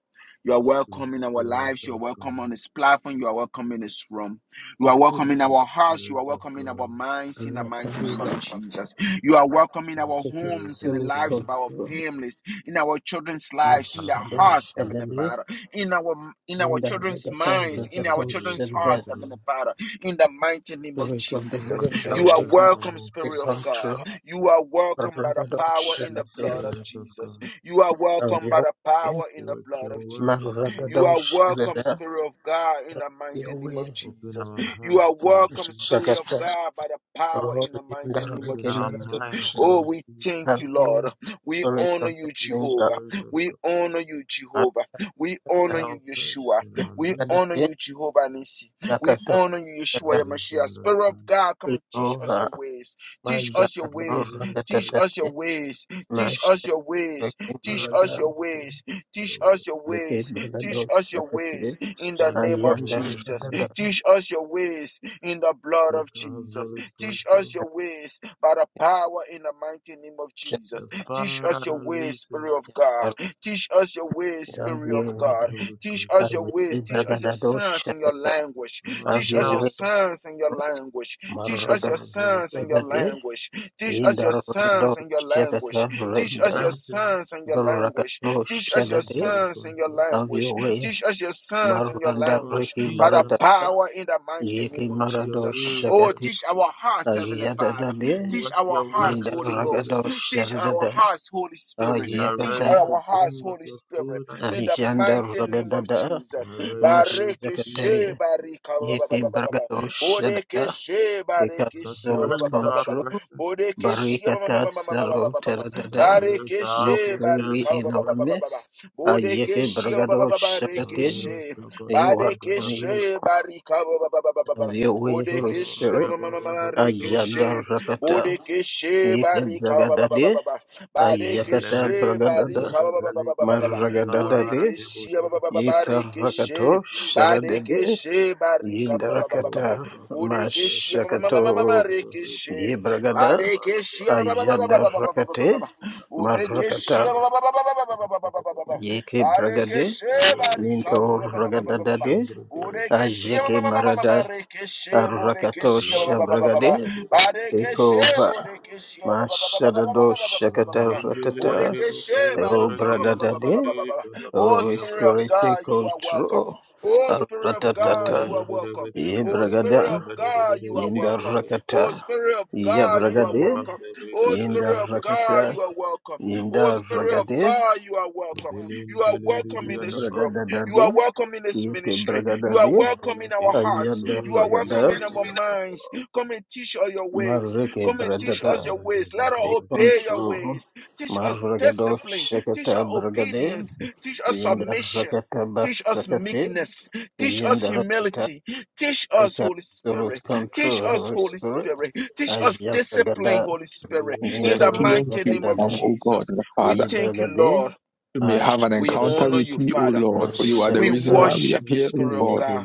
A: You are
C: Sweet
A: welcome in our
C: Spirit
A: lives. You
C: of
A: are welcome on
C: God,
A: this platform. You are welcome in this room. You are
E: Yes,
A: welcome in
C: sweet
A: our
E: Lord.
A: hearts. You
C: Spirit
A: are
C: of
A: welcome in our
C: God,
A: minds in the mighty name of
E: Rakabila,
A: Jesus. You are welcome in
C: sweet
A: our
E: take
C: Spirit
A: homes, in
C: of
A: the
E: absolute
A: lives of
C: God,
A: our
E: control.
A: families, in our children's
C: take
A: lives, in their
E: Mashado
C: absolute
A: hearts, Heavenly
C: control,
E: Shadale,
A: Father, in our in our
E: Minda
A: children's
E: Ragata
A: minds,
C: take
A: in our
E: Ragato
C: absolute
A: children's
E: Shadale,
A: hearts,
C: control.
A: Heavenly Father, in the mighty name
E: the
A: of
E: weight of the
A: Jesus.
E: living
C: Work
E: Yes.
C: your
E: God,
A: You are
E: take
C: works
E: control,
A: welcome,
C: amongst
E: take
A: Spirit
C: us,
A: of God.
E: control.
A: You are welcome by the
E: Ragado
A: power in
C: sweet
A: the blood
E: Shadale,
A: of
C: Spirit of
A: Jesus.
C: God.
A: You are
E: of
A: welcome by
E: your
A: the
E: way.
A: power in the
C: Work
A: blood
C: your
A: of
E: Man
C: works
A: Jesus.
C: amongst
A: You
E: Ragado
A: are
C: us.
A: welcome,
E: Shadale,
A: Spirit of God, in the mighty
E: your
A: name of
E: way.
C: Open
A: Jesus.
C: our
A: You
C: hearts
A: are
C: to
A: welcome,
C: receive.
A: Spirit of
E: Shagata,
A: God, by the power
E: oh,
A: in the mighty
E: Minda
A: name of
C: Open
E: Riki
C: our
A: Jesus.
C: minds
E: Maradosha,
A: Oh,
C: to
A: we
C: receive.
A: thank
E: have
A: you,
E: your
A: Lord. We
E: way, spirit
A: honor
E: of the
A: you,
C: Sweet
E: living
A: Jehovah.
C: Spirit of
A: We
C: God,
A: honor you,
E: God.
A: Jehovah. We honor
E: Ragata,
A: you,
C: help us
A: Yeshua.
C: in our
A: We
C: need.
A: honor
E: Ibadade,
A: you, Jehovah Nisi. We
E: Yakato,
A: honor you, Yeshua your
C: Bring us
A: Yamashiach. Spirit of
C: understanding.
A: God, come and teach us
E: Jehová,
A: your ways. Teach us your
E: Majato
C: Give us
A: ways. Teach
C: insight.
A: us your
E: Rakatatati,
A: ways. Teach us
E: Mashta
A: your ways.
E: Reki
C: Give
A: Teach
C: us
A: us
E: Marada,
A: your
C: wisdom.
A: ways. Teach
C: Lord,
A: us your ways.
E: Reki
A: Teach
E: Marado
A: us your
E: Shakati,
A: ways in the
C: thank
A: name
C: you,
A: of
E: Ayanda
C: Holy
A: Jesus.
C: Spirit.
E: Rada
A: Teach us your ways in the blood of
C: Take
A: Jesus.
C: absolute
A: Teach us
C: control.
A: your ways by the power in the mighty name of Jesus.
C: The
A: Teach
C: Father
A: us
C: that
A: your ways,
C: lives in
A: Spirit
C: us.
A: of God.
E: Shakata,
A: Teach us your ways,
E: have
A: Spirit
C: Take
E: your
A: of
E: way,
A: God.
C: absolute
A: Teach us your
C: control.
E: Ayanda
A: ways. Teach us your
E: Bragado
A: sons and your
E: Shakata,
A: language.
C: Our
E: have
A: Teach us
E: your
A: your
E: way,
C: help
A: sons and your
E: Lord.
A: language. Teach
C: Take
A: us your
E: Marakatatati,
C: absolute
A: sons and your
C: control.
A: language. Teach us
E: Inda
A: your sons
E: Ragado
A: and your language.
E: Shakata,
C: Our
A: Teach us your
E: Renda,
C: strengthener,
A: sons and your language.
E: Bragado
A: Teach
C: take
A: us your
E: Shadati,
C: absolute
A: sons and your
C: control.
E: have
A: language.
E: your way,
A: Teach us your sons and your
E: Maranda
C: Our
A: language
E: Reki
A: flesh by the
C: teacher,
E: Marada,
A: power in the mighty name
E: Yeki
A: of
C: have your
E: Marado
A: Jesus.
C: way with
A: Oh,
E: Shakati,
C: us.
A: teach our hearts, Heavenly Father.
E: Ayadadade,
A: Teach
C: Work
A: our
C: your works
A: hearts, Holy
C: amongst us.
A: Ghost.
E: Yindaragado
A: Teach our
E: Sharadada,
A: hearts, Holy Spirit.
C: We are
A: Teach
C: ready
E: Ayakata,
C: to
A: our hearts,
C: drink of
A: Holy
C: your
A: Spirit,
C: food.
A: in the mighty name of
E: Ayandaragada,
C: We
A: Jesus.
C: are ready to
A: Bareke
C: receive
A: she
C: of
E: Mashakate,
C: you.
A: barika ba ba
E: Yeti
A: ba ba ba ba ba.
E: Bargado
A: Bodeke
E: Shadada,
A: she
E: Eka
A: bareke she ba
E: Absolute
A: ba
C: Saturate
A: ba ba ba ba
C: our
A: ba ba.
E: Control,
C: presence.
A: Bodeke she ma ma
E: Barikata
A: ma ma ma ma ma ma
E: Saro
A: ma ma ma.
E: Teradada,
C: Saturate
A: Bareke
C: our
A: she
C: atmosphere
E: Mofiri
A: barika
C: with your
A: ba
E: in
A: ba ba
E: our
A: ba ba
C: presence.
A: ba ba.
E: midst,
A: Bodeke
E: Ayake
A: she ba ba ba
E: Bargado
A: ba ba. Bareke
E: Shakate,
C: Malero
A: she.
E: you
C: shakata
E: welcome
C: bragadaba.
E: you
A: Badekeshe barika ba ba ba ba ba ba ba.
E: of your way, Holy
A: Bodekeshe
C: Shaloro
A: ma
E: Spirit,
A: ma ma ma ma
C: debaro
A: ma
C: dobo dom
A: rekeshe.
C: darabadabada.
E: Ayandarakata,
A: Bodekeshe
E: Yeke
A: barika ba ba ba ba ba
E: Bragadade,
A: ba ba.
E: Ayakata
A: Badekeshe
C: Lemelino
E: Bragadada
A: barika ba
C: zodo
A: ba ba ba ba
C: veli
A: ba ba ba ba.
C: crodo
E: Maragadada
C: zalara
E: de
C: de
A: Bodekeshe ba ba
C: bozon
A: ba ba ba
C: topera
A: rekeshe.
E: Yitarakato Sharadede
A: Badekeshe barika ba ba
C: le
A: ba ba ba ba ba.
C: crodo
E: Yindarakata
C: bracata breca
A: Bodekeshe ma ma ma ma ma
C: parri
A: ma ma
E: Mashakato
C: parri
A: rekeshe.
C: parri parri
E: Yebragada
C: parra
A: Badekeshe
C: parra
A: ba ba ba ba
C: parra
A: ba
E: Ayada
A: ba ba
C: parra
A: ba ba
C: parra
A: ba ba
E: Rakate
A: ba.
C: parra
A: Bodekeshe
E: Marakata
A: ba ba ba ba ba ba ba
C: parra
A: ba ba
C: parra
A: ba ba ba.
C: parra
E: Yeke Bragade
A: Barekeshe barika ba-
E: Minto
A: ba-
C: Roshara
A: ba- ba- ba- ba-
C: Diro
A: ba- ba-
E: Ragadada
A: ba.
E: de
C: Shangra Diro
A: ma-
E: Ayeke
A: ma- ma-
C: Shakataba
A: ma- ma- ma- ma-
E: Marada
A: rekeshe
E: Arakato
A: borekeshe ba- ba- ba- ba-
C: Nilebaram
A: ba- ba- ba.
E: Shabragade
C: Berebede Shalabrade
E: Ekova Mashadado Shakata
C: Randimilia
E: Ratata
C: Deba
E: O
C: Kobara Dinda
E: Bradada
C: Dede
A: Oh
E: Holy
C: Shalabradia
A: Spirit of
E: Spirit,
C: Kapa
E: take
A: God, you are welcome.
E: control.
A: Oh Spirit of
C: Ajele
A: God, you
E: Aratatata.
A: are
C: Dede Dede
A: welcome.
C: Bede
A: Oh
C: Bede
A: Spirit
E: Yebragada.
A: of
C: Shala
A: God,
C: Dede
A: you are
E: Yinda
A: welcome.
C: Dede
A: Oh
E: rakata.
A: Spirit of God, you are
E: Yabragade.
A: welcome.
C: Rababaranda
A: Oh
C: Rigata
E: Yinda
A: Spirit of
C: Shada
A: God, you
E: rakata.
C: Prakata
A: are welcome. Oh
E: Yinda
A: Spirit of
E: ragade.
A: God, you are welcome.
C: Abelin
A: You are welcome in
C: Teleria
A: this
C: Daba
A: room.
E: Bragada
A: You are
E: dade.
A: welcome in this
E: Yete
A: ministry.
E: bragada
A: You are
E: de.
A: welcome
C: Mevela
A: in our
C: Teya
A: hearts.
E: Ayada
A: You
C: Toro
A: are welcome
E: ragada.
A: in our
C: Nitelia Papa
A: minds. Come and teach us your ways.
E: Marreke
A: Come and teach us
E: bragada.
A: your
C: Jala
A: ways.
C: Jaja
A: Let us
E: Take
C: Jala
A: obey your
E: control.
A: ways. Teach us
E: Marragado
A: discipline. Teach us
E: shakata bragade.
A: obedience. Teach us
E: Yinda
A: submission.
E: rakata
A: Teach us
E: basakate.
A: meekness. Teach us
E: Yinda rakata.
A: humility. Teach us,
E: Take
A: Holy
E: absolute
A: Spirit. Teach
E: control,
A: us,
E: Holy
A: Holy
E: Spirit.
A: Spirit. Teach us discipline,
E: Ajabragada,
A: Holy Spirit.
D: To
A: In the
E: Minto
D: experience
A: mighty
D: you,
A: name of
D: come,
E: Bragadada,
D: O God,
A: Jesus.
D: and
A: We
D: Father.
A: thank you, Lord.
E: Yebragade,
D: We may have an
A: We
D: encounter
A: honor
E: Asherada,
D: with
A: you,
D: you, O
A: Father.
D: Lord, for you are the
A: We
D: reason why
E: Mashakata,
D: we are
A: worship you,
D: here, O
A: Spirit of
D: God.
E: Yeke
A: God.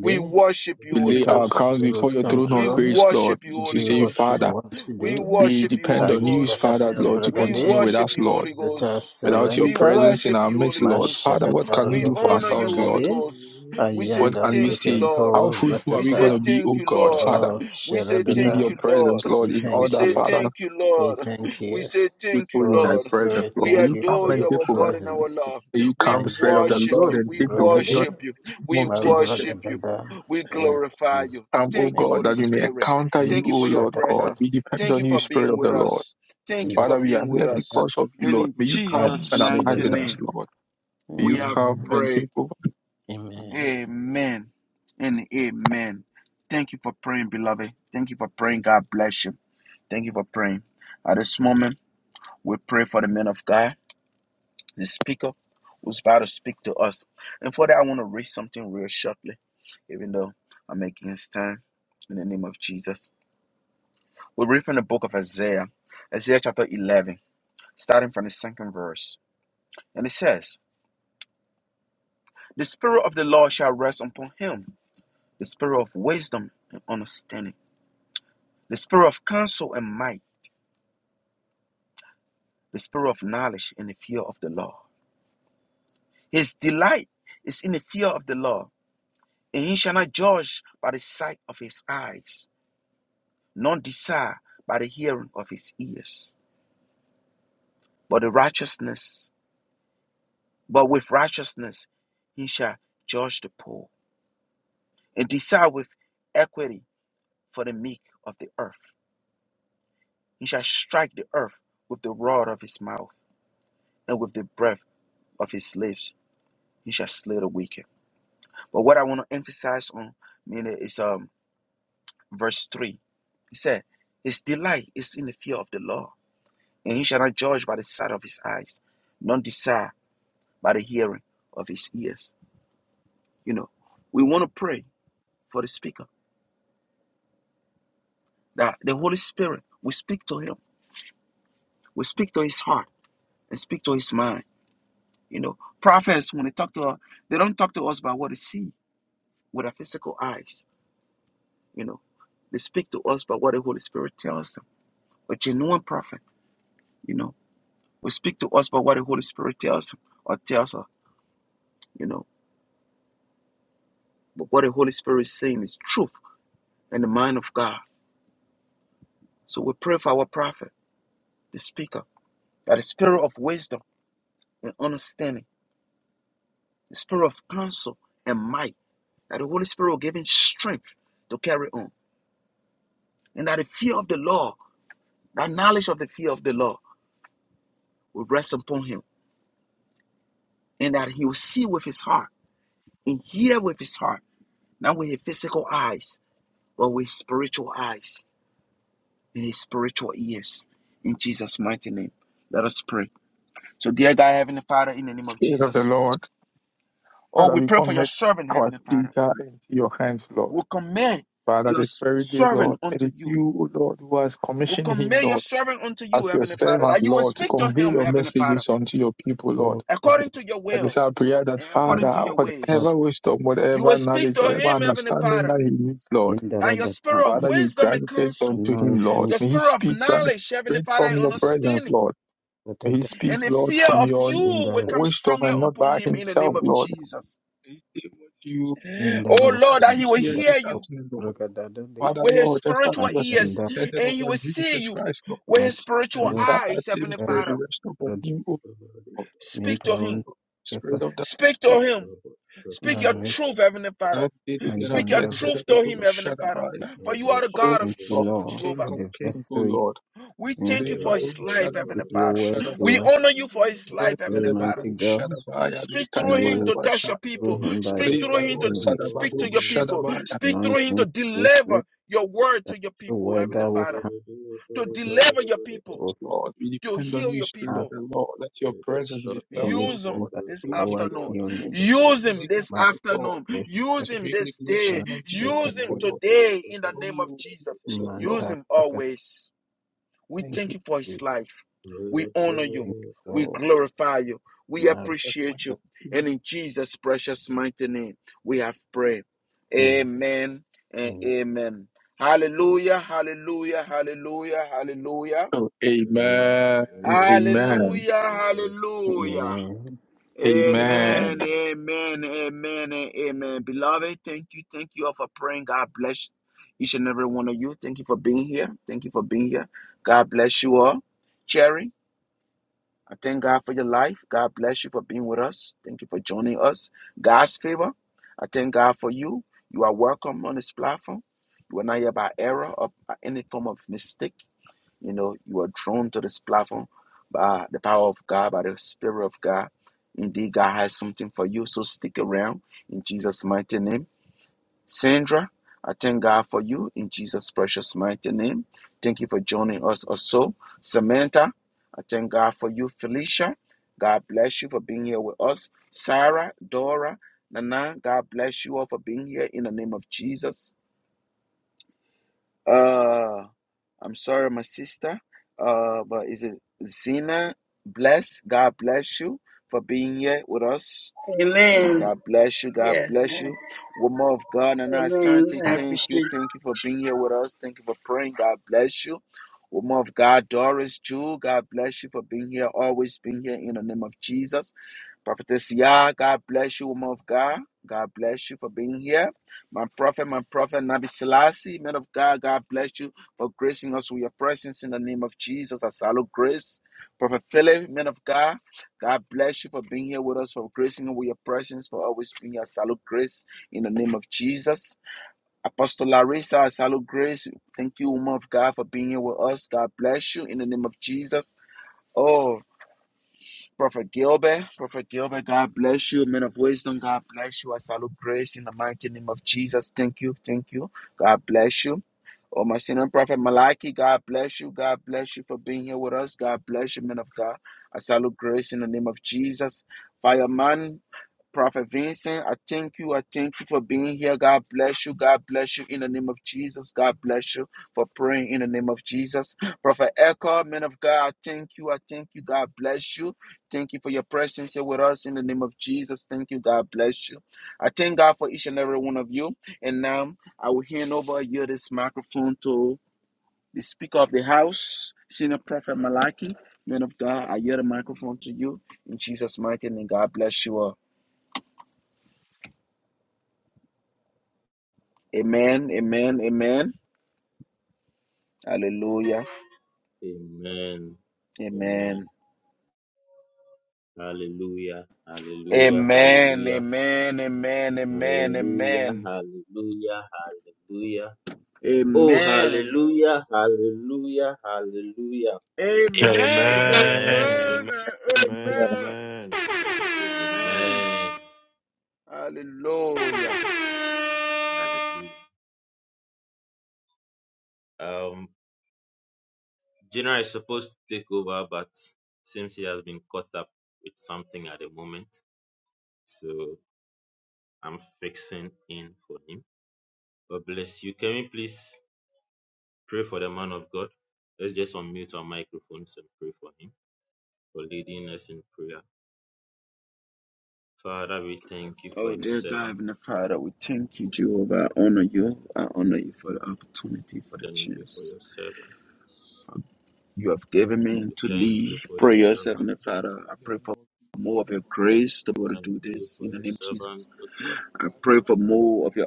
A: We worship you,
D: We
A: Holy
D: lay
E: Take
D: our crowns
A: Ghost.
D: before
E: absolute
D: your throne
A: We
D: of
E: control.
D: grace, Lord,
A: worship you,
D: to
A: Holy
E: Do
D: say,
E: what you
A: Ghost.
D: Father,
E: want to
A: We
E: do.
D: we
A: worship you,
D: depend
A: Holy
D: on you,
A: Ghost.
D: Father,
E: Ajakata
D: Lord, to
A: We
D: continue with
E: Bragade,
A: worship
D: us,
A: you,
D: Lord.
A: Holy
E: Zeta
A: Ghost.
D: Without your
A: We
E: surrender.
D: presence in
A: worship
D: our
A: you,
D: midst,
A: Holy
D: Lord.
A: Ghost.
D: Father, what can
E: Mashakata
D: we
A: We
D: do for
E: Roko
A: honor you,
D: ourselves, Lord?
A: Holy
E: Bradade,
A: Ghost. We say
D: What
E: Ajanda
D: can we
A: thank you,
D: say?
A: Lord.
D: How
E: Riketo
D: fruitful are
A: We
D: we going
A: say
D: to
E: Ratata,
D: be,
A: thank
D: O
A: you,
D: God,
A: Lord.
D: Father?
E: Oh
A: We say
D: We need
A: thank
E: Sharadada.
D: your
A: you,
D: presence,
A: Lord.
E: We
D: Lord, in
A: We
E: thank
D: order,
A: say
E: you.
D: Father,
A: thank you,
E: We
A: Lord.
E: thank
A: We
E: you.
A: say thank
D: fruitful
A: you,
D: in thy
E: Holy
A: Lord.
D: presence,
E: Spirit,
D: Lord.
A: We
D: May
E: thank
D: you
E: you
D: come
E: for
A: adore
D: and
A: you,
E: your
D: take
A: our
D: over.
A: God and our
E: presence.
A: love.
D: May you
A: We
D: come, Spirit of the
A: worship
D: Lord,
E: Ajakatu,
A: you.
D: and
A: We
D: take dominion
E: Bragade,
A: worship
D: in
A: you.
D: the name
A: We
D: of Jesus.
A: worship you.
E: Maragadada,
A: We
E: in
A: glorify
E: Jesus'
A: you.
D: Come, O
A: Thank
E: name.
A: you,
D: God,
A: Holy
D: that we may
A: Spirit.
D: encounter you,
A: Thank you
D: O
A: for your
D: Lord God.
E: Shakata,
A: presence.
D: We depend
A: Thank
D: on
A: you
D: you,
A: for
D: Spirit
A: being
D: of the
A: with
D: Lord.
A: us. Thank you for
D: Father, we are
A: being with
D: here
E: Yakata,
A: us.
D: because of you,
A: And
D: Lord.
A: in
D: May you come
A: Jesus'
D: and abide
A: mighty
D: with us,
E: Mashadada.
A: name,
D: Lord. May
A: we
D: you
A: have
E: Amen.
D: come and
A: prayed.
D: take over.
E: Amen.
A: Amen and amen. Thank you for praying, beloved. Thank you for praying. God bless you. Thank you for praying. At this moment, we pray for the men of God the speaker who's about to speak to us. And for that, I want to read something real shortly, even though I'm making against time. In the name of Jesus, we read from the book of Isaiah, Isaiah chapter 11, starting from the second verse, and it says, "The spirit of the Lord shall rest upon him, the spirit of wisdom and understanding, the spirit of counsel and might, the spirit of knowledge and the fear of the Lord. His delight is in the fear of the Lord, and he shall not judge by the sight of his eyes." none desire by the hearing of his ears. But the righteousness, but with righteousness he shall judge the poor, and decide with equity for the meek of the earth. He shall strike the earth with the rod of his mouth, and with the breath of his lips he shall slay the wicked. But what I want to emphasize on meaning is um verse three. He said, His delight is in the fear of the law, and he shall not judge by the sight of his eyes, none desire by the hearing of his ears. You know, we want to pray for the speaker that the Holy Spirit we speak to him, we speak to his heart, and speak to his mind. You know, prophets when they talk to us, they don't talk to us by what they see with our physical eyes. You know, they speak to us by what the Holy Spirit tells them. A genuine prophet, you know, will speak to us by what the Holy Spirit tells him or tells her. You know, but what the Holy Spirit is saying is truth and the mind of God. So we pray for our prophet, the speaker that the spirit of wisdom and understanding, the spirit of counsel and might, that the Holy Spirit will give him strength to carry on, and that the fear of the law, that knowledge of the fear of the law, will rest upon him, and that he will see with his heart and hear with his heart, not with his physical eyes, but with spiritual eyes and his spiritual ears. In Jesus' mighty name, let us pray. So, dear God, Heavenly Father, in the name of
D: Spirit of the
A: Jesus,
D: Lord,
A: oh,
D: Father,
A: we
D: we
A: pray for your
D: commit
A: servant,
D: our
A: Heavenly Father.
D: speaker into your hands, Lord.
A: will commend
D: Father,
A: your
D: this very day,
A: servant
D: Lord, it
A: unto
D: is
A: you.
D: you, O Lord, who has
A: Will
D: commissioned him,
A: commend your
D: Lord,
A: servant unto you,
D: as your
A: Heavenly Father,
D: servant,
A: that you will
D: Lord, to
A: speak to
D: convey
A: him,
D: your
A: Heavenly Father,
D: messages unto your people, Lord.
E: Oh, forget
A: according to your
D: It is
A: will
D: our prayer that,
A: and
E: my
A: according
D: Father,
A: to your
E: Shakata,
D: whatever
A: ways.
D: wisdom,
A: You will
D: whatever
A: speak
D: knowledge,
A: to
D: whatever
A: him, Heavenly
D: understanding
A: Father,
D: that he needs, Lord,
A: that your
E: Indaradata,
A: spirit of
D: Father, you
A: wisdom
D: grant
A: and
D: it
A: counsel,
D: unto him, Lord.
E: anointing,
A: your
D: May he
A: spirit of
D: speak right
A: knowledge, Heavenly
D: straight
A: Father,
D: from
A: and
D: your presence,
A: understanding,
D: Lord. He
E: Mashadada,
D: speaks,
A: and the
D: Lord,
A: fear
D: from
A: of
D: your
A: you will
E: Indaradata,
A: come
D: wisdom
A: strongly
D: and not
A: upon
D: by
A: him in the name
D: himself,
A: of
D: Lord.
A: Jesus.
D: He said what you
A: Oh
D: wanted us
A: Lord,
E: Indaroku,
A: that
D: to
A: he will
D: hear
A: hear
D: this
A: you
D: afternoon, Lord. Father,
E: Bragada,
A: with his
D: Lord, just as
A: spiritual
D: your spirit
A: ears
D: descended
A: and he will
D: upon Jesus
A: see you
D: Christ, Lord,
A: with his
D: and
A: spiritual
D: in
E: Master,
D: that, that
A: eyes,
D: same
A: Heavenly
E: her
D: spirit
A: Father.
D: rest upon
E: rada
D: him, O Lord.
A: Speak to
E: mentorun
A: him.
D: Spirit of
E: capacity
D: the
A: Speak to him. Speak your
E: Marek
A: truth, Heavenly Father.
D: Father, did it and
A: Speak your
D: appeared
E: Mayanda.
D: that
A: truth
D: the
A: to
D: Lord
A: him, Heavenly Father.
D: Shadabaya.
A: For you are the
D: O
A: God of
E: Thank
C: Jala
E: you,
D: God,
A: truth,
E: Lord,
D: King
A: Jehovah.
E: for
D: of
E: the
D: King, O
E: vessel you
D: Lord.
A: We
C: Amen.
E: bring
A: thank you for
D: Lebaru
A: his life,
C: Amen.
A: Heavenly
E: with
D: Shadabadu
E: your
A: Father.
E: word
A: We
E: to us.
D: Shadabaya.
A: honor you for his life,
D: Rad
E: Pray,
A: Heavenly Father.
E: mighty God,
D: Shadabaya,
A: Speak
E: that
A: through
E: you
A: him
E: will
A: to
D: Lekadabadabasha.
A: touch your
E: through
A: people.
E: him by
A: Speak
E: the
A: through him
D: Rebaru
E: power
A: to
E: in your
A: speak
D: Sadabadu
A: to your people.
D: Shadabaya.
A: Speak through him to
E: anointing greatly,
A: deliver your word
E: that
A: to your
E: the
A: people,
E: weather
A: Heavenly
E: will
A: Father.
E: come
A: To
E: and
A: deliver your people.
E: for
D: Lord, we
A: To
D: depend on
A: heal
D: you,
A: your
D: Spirit of
A: people.
D: the
E: paths
D: Lord. Let your presence be felt through
E: formation
A: Use him
D: God,
E: by the
A: this
D: through him,
E: power
A: afternoon.
E: in
D: Lord.
E: your name.
D: Be
A: Use him
D: using us
A: this
E: Marek
D: through God
A: afternoon. Use
D: to
A: him
E: Oshakatran,
D: bring
A: this day.
D: liberation unto your
A: Use him
D: people,
E: Otakra,
D: Lord.
A: today in the name of
D: Oh,
A: Jesus.
D: said
A: Use
D: Lord,
E: Mantar,
A: him
E: Otakra.
A: always. We
E: Thank
A: thank you for
E: you.
A: his life. We honor you.
E: Thank you,
A: We
E: Lord.
A: glorify you. We
E: Maruka-
D: that went
A: appreciate you.
D: through
A: And
D: him.
A: in Jesus' precious mighty name, we have prayed.
E: Amen.
A: Amen and
E: Amen.
A: amen. Hallelujah, hallelujah, hallelujah, hallelujah.
D: Oh, amen. Amen.
A: Hallelujah, hallelujah,
E: Amen.
C: Amen.
D: Amen. Amen.
A: Amen,
C: Amen.
A: amen, amen, and amen. Beloved, thank you, thank you all for praying. God bless each and every one of you. Thank you for being here. Thank you for being here. God bless you all. Cherry, I thank God for your life. God bless you for being with us. Thank you for joining us. God's favor, I thank God for you. You are welcome on this platform. You are not here by error or by any form of mistake. You know, you are drawn to this platform by the power of God, by the Spirit of God. Indeed, God has something for you, so stick around in Jesus' mighty name. Sandra, I thank God for you in Jesus' precious mighty name. Thank you for joining us also. Samantha, I thank God for you. Felicia, God bless you for being here with us. Sarah, Dora, Nana, God bless you all for being here in the name of Jesus. Uh, I'm sorry, my sister. Uh, but is it Zena? Bless God bless you for being here with us yeah,
F: Amen.
A: God bless you. God
F: Yeah.
A: bless you. Woman of God and
F: Amen.
A: Asante,
F: I
A: thank
F: appreciate
A: you. Thank you for being here with us. Thank you for praying. God bless you. Woman of God, Doris Jewel, God bless you for being here, always being here in the name of Jesus. Prophetess Yah, God bless you, woman of God. God bless you for being here. My prophet, my prophet, Nabi Selassie, man of God, God bless you for gracing us with your presence in the name of Jesus. I salute grace. Prophet Philip, man of God. God bless you for being here with us, for gracing with your presence, for always being here. I Salute grace in the name of Jesus. Apostle Larissa, I salute grace. Thank you, woman of God, for being here with us. God bless you in the name of Jesus. Oh, Prophet Gilbert, Prophet Gilbert, God bless you. man of wisdom, God bless you. I salute grace in the mighty name of Jesus. Thank you, thank you. God bless you. Oh, my senior prophet Malachi, God bless you. God bless you for being here with us. God bless you, man of God. I salute grace in the name of Jesus. Fireman. Prophet Vincent, I thank you. I thank you for being here. God bless you. God bless you in the name of Jesus. God bless you for praying in the name of Jesus. Prophet Echo, man of God, I thank you. I thank you. God bless you. Thank you for your presence here with us in the name of Jesus. Thank you. God bless you. I thank God for each and every one of you. And now I will hand over here this microphone to the Speaker of the House, Senior Prophet Malaki, Man of God, I yield the microphone to you in Jesus' mighty name. God bless you all. Amen. Amen. Amen. Hallelujah.
C: Amen. Amen.
A: Amen.
C: Hallelujah. Hallelujah.
A: Amen.
C: Hallelujah.
A: Amen. Amen. Amen.
C: Hallelujah,
A: Amen.
C: hallelujah, hallelujah. Oh,
A: Amen.
C: hallelujah, hallelujah, hallelujah.
A: Amen.
G: Amen.
D: Amen.
C: Amen,
A: Amen.
G: Amen.
D: In
A: Amen.
G: Amen. Amen.
A: Amen.
C: amen,
A: Hallelujah.
C: hallelujah. Um, General is supposed to take over, but seems he has been caught up with something at the moment. So I'm fixing in for him. God bless you. Can we please pray for the man of God? Let's just unmute our microphones and pray for him for leading us in prayer. Father, we thank you for
A: Oh,
C: your
A: dear God,
C: servant.
A: Heavenly Father, we thank you, Jehovah. I honor you. I honor you for the opportunity, for the
C: Thank you for
A: chance
C: your servant.
A: you have given me
C: We
A: to
C: thank
A: lead
C: you for your
A: prayers, Heavenly
C: servant, O
A: Father.
C: God.
A: I
D: the
A: pray
D: name
A: for
D: of
A: more of your
D: Jesus,
A: grace to be able to
D: Heavenly
C: Thank
A: do
C: you
A: this
C: for
A: in the
C: your
A: name of Jesus.
C: servant, O God.
A: I
D: Father,
A: pray for more of your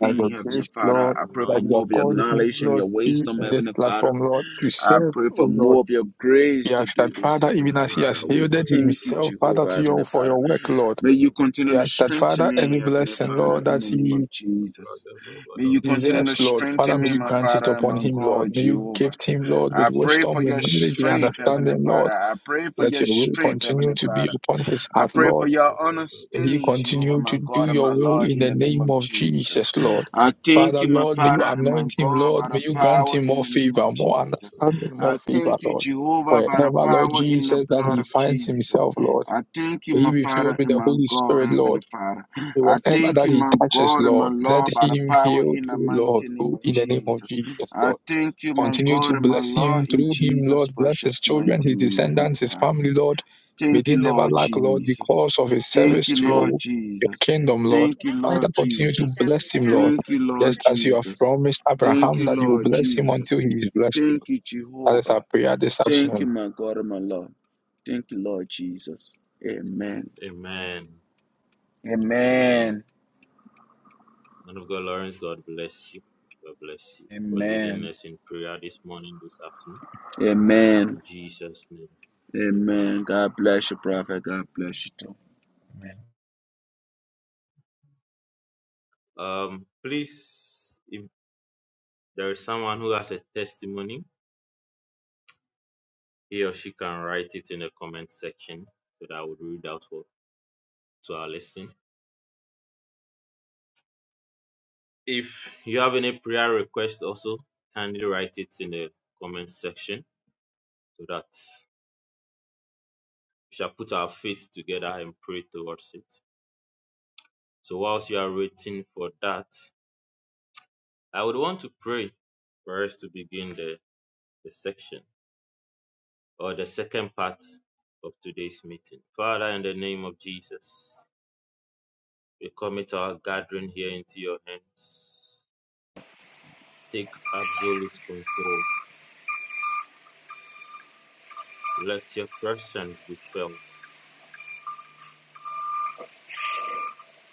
D: by your
C: Thank you
A: Heavenly
D: grace,
C: for
A: Father.
D: Lord,
A: I
C: your
A: pray
D: that
A: for
D: you
A: more
C: anointing
D: have
A: of your
D: called
C: upon his
D: me,
A: knowledge and
D: Lord,
A: your
C: life.
D: in
A: wisdom,
D: this
A: Heavenly Father.
D: platform, Lord, to
A: I
D: serve,
A: pray for
D: O Lord.
A: more of your grace
D: He
A: to
D: asked
A: do
D: that,
C: Thank
A: this,
C: you
D: Father,
C: for
A: Heavenly
D: even as he
C: using
D: has
A: Father.
C: him
A: We
D: yielded
A: thank
C: mightily.
A: you,
C: in
D: himself,
C: his
D: Father,
A: Jehovah,
D: to you
A: Heavenly
D: for
C: life.
A: Father.
D: your work, Lord.
A: May you
D: He
A: continue to
D: asked that,
A: strengthen
D: Father,
A: me,
D: every
A: Heavenly
D: blessing,
A: Father,
D: Lord,
A: in
D: that
A: the name
D: he
A: of Jesus.
C: Brother, brother,
A: May you
C: brother,
A: continue
D: deserves,
A: to
D: Lord. Father,
A: strengthen
D: may
A: me,
D: you
A: my
D: grant it
A: Father and
D: upon
A: my
D: him, Lord.
A: God,
D: May you
A: Jehovah.
D: gift him, Lord,
A: I
D: with
A: pray
D: wisdom,
A: for
C: Brother,
D: with
A: your
C: brother,
D: knowledge, with
A: strength, Heavenly
D: understanding,
A: Father.
D: Lord.
A: I pray for
D: Let
A: your
D: your will
A: strength,
D: continue
A: Heavenly
D: to be
A: Father.
D: upon his
A: I
D: heart,
A: pray
D: Lord.
A: for your
D: He
A: understanding, Jehovah,
D: continue
A: my
D: to do
A: God and
D: your
A: my
D: will
A: Lord,
D: in
A: in
D: the
A: the name
D: name
A: of
D: of
A: Jesus.
D: Jesus, Lord.
A: I thank
D: Father,
A: you, my
D: Lord, may you
A: Father and my
D: anoint him,
A: God,
D: Lord.
A: by
D: May
A: the
D: you
C: Brother,
D: grant
A: power
D: him
A: in
D: more
A: the name of
D: favor, more
A: Jesus.
C: brother,
D: understanding,
C: brother.
D: more
A: I
D: favor,
A: thank you,
D: Lord.
A: Jehovah over by the
D: Wherever, Lord
A: power in the
D: Jesus, that
A: blood
D: he
A: of
D: finds
A: Jesus.
D: himself, Lord,
A: I thank you,
D: may he
A: my
D: be filled
A: Father
D: with
A: and
D: the
A: my
D: Holy
A: God,
D: Spirit, Lord.
A: Heavenly Father.
D: May
A: I
D: whatever
A: thank
D: that
A: you,
D: he
A: my
D: touches,
A: God and my
D: Lord, let
A: Lord, by the
D: him
A: power
D: heal,
A: in the
D: too, Lord,
A: mighty name of
D: in the name of
A: Jesus.
D: Jesus,
A: I
D: Lord.
A: thank you, my
D: Continue
A: God
D: to
A: and my
D: bless
A: Lord,
D: him
A: in
D: through him,
A: Jesus'
D: Lord. Bless his
A: precious
D: children,
A: mighty
D: his
A: name, Heavenly
D: descendants, his
A: Father.
D: family, Lord. May
A: Thank
D: they
A: you,
D: never
A: Lord
D: lack, Lord,
A: Jesus.
D: because of his
A: Thank
D: service
A: you,
D: to your,
A: Lord
D: your
A: Jesus.
D: kingdom, Lord.
A: Thank you,
D: Father,
A: Lord
D: continue to
A: Jesus.
D: bless him, Lord.
A: Thank you, Lord
D: Just as you have
A: Jesus.
D: promised
A: Thank
D: Abraham
A: you,
D: that you will
A: Lord
D: bless him until
A: Jesus.
D: he is blessed, Lord.
A: Thank you,
D: That is our
A: Jehovah.
D: prayer this
A: Thank
D: afternoon.
A: you, my God and my Lord. Thank you, Lord Jesus. Amen.
C: Amen. Amen.
A: Amen.
C: Man of God, Lawrence, God bless you. God bless you for leading
A: Amen.
C: us in prayer this morning, this afternoon.
A: Amen.
C: In Jesus' name,
A: Amen.
C: amen.
A: God bless you, Prophet. God bless you too.
C: Um, please, if there is someone who has a testimony, he or she can write it in the comment section so that I would read out for to our listening. If you have any prayer request also, kindly write it in the comment section so that we shall put our faith together and pray towards it. So whilst you are waiting for that, I would want to pray for us to begin the, the section or the second part of today's meeting. Father, in the name of Jesus, we commit our gathering here into your hands. Take absolute control. Let your presence be felt.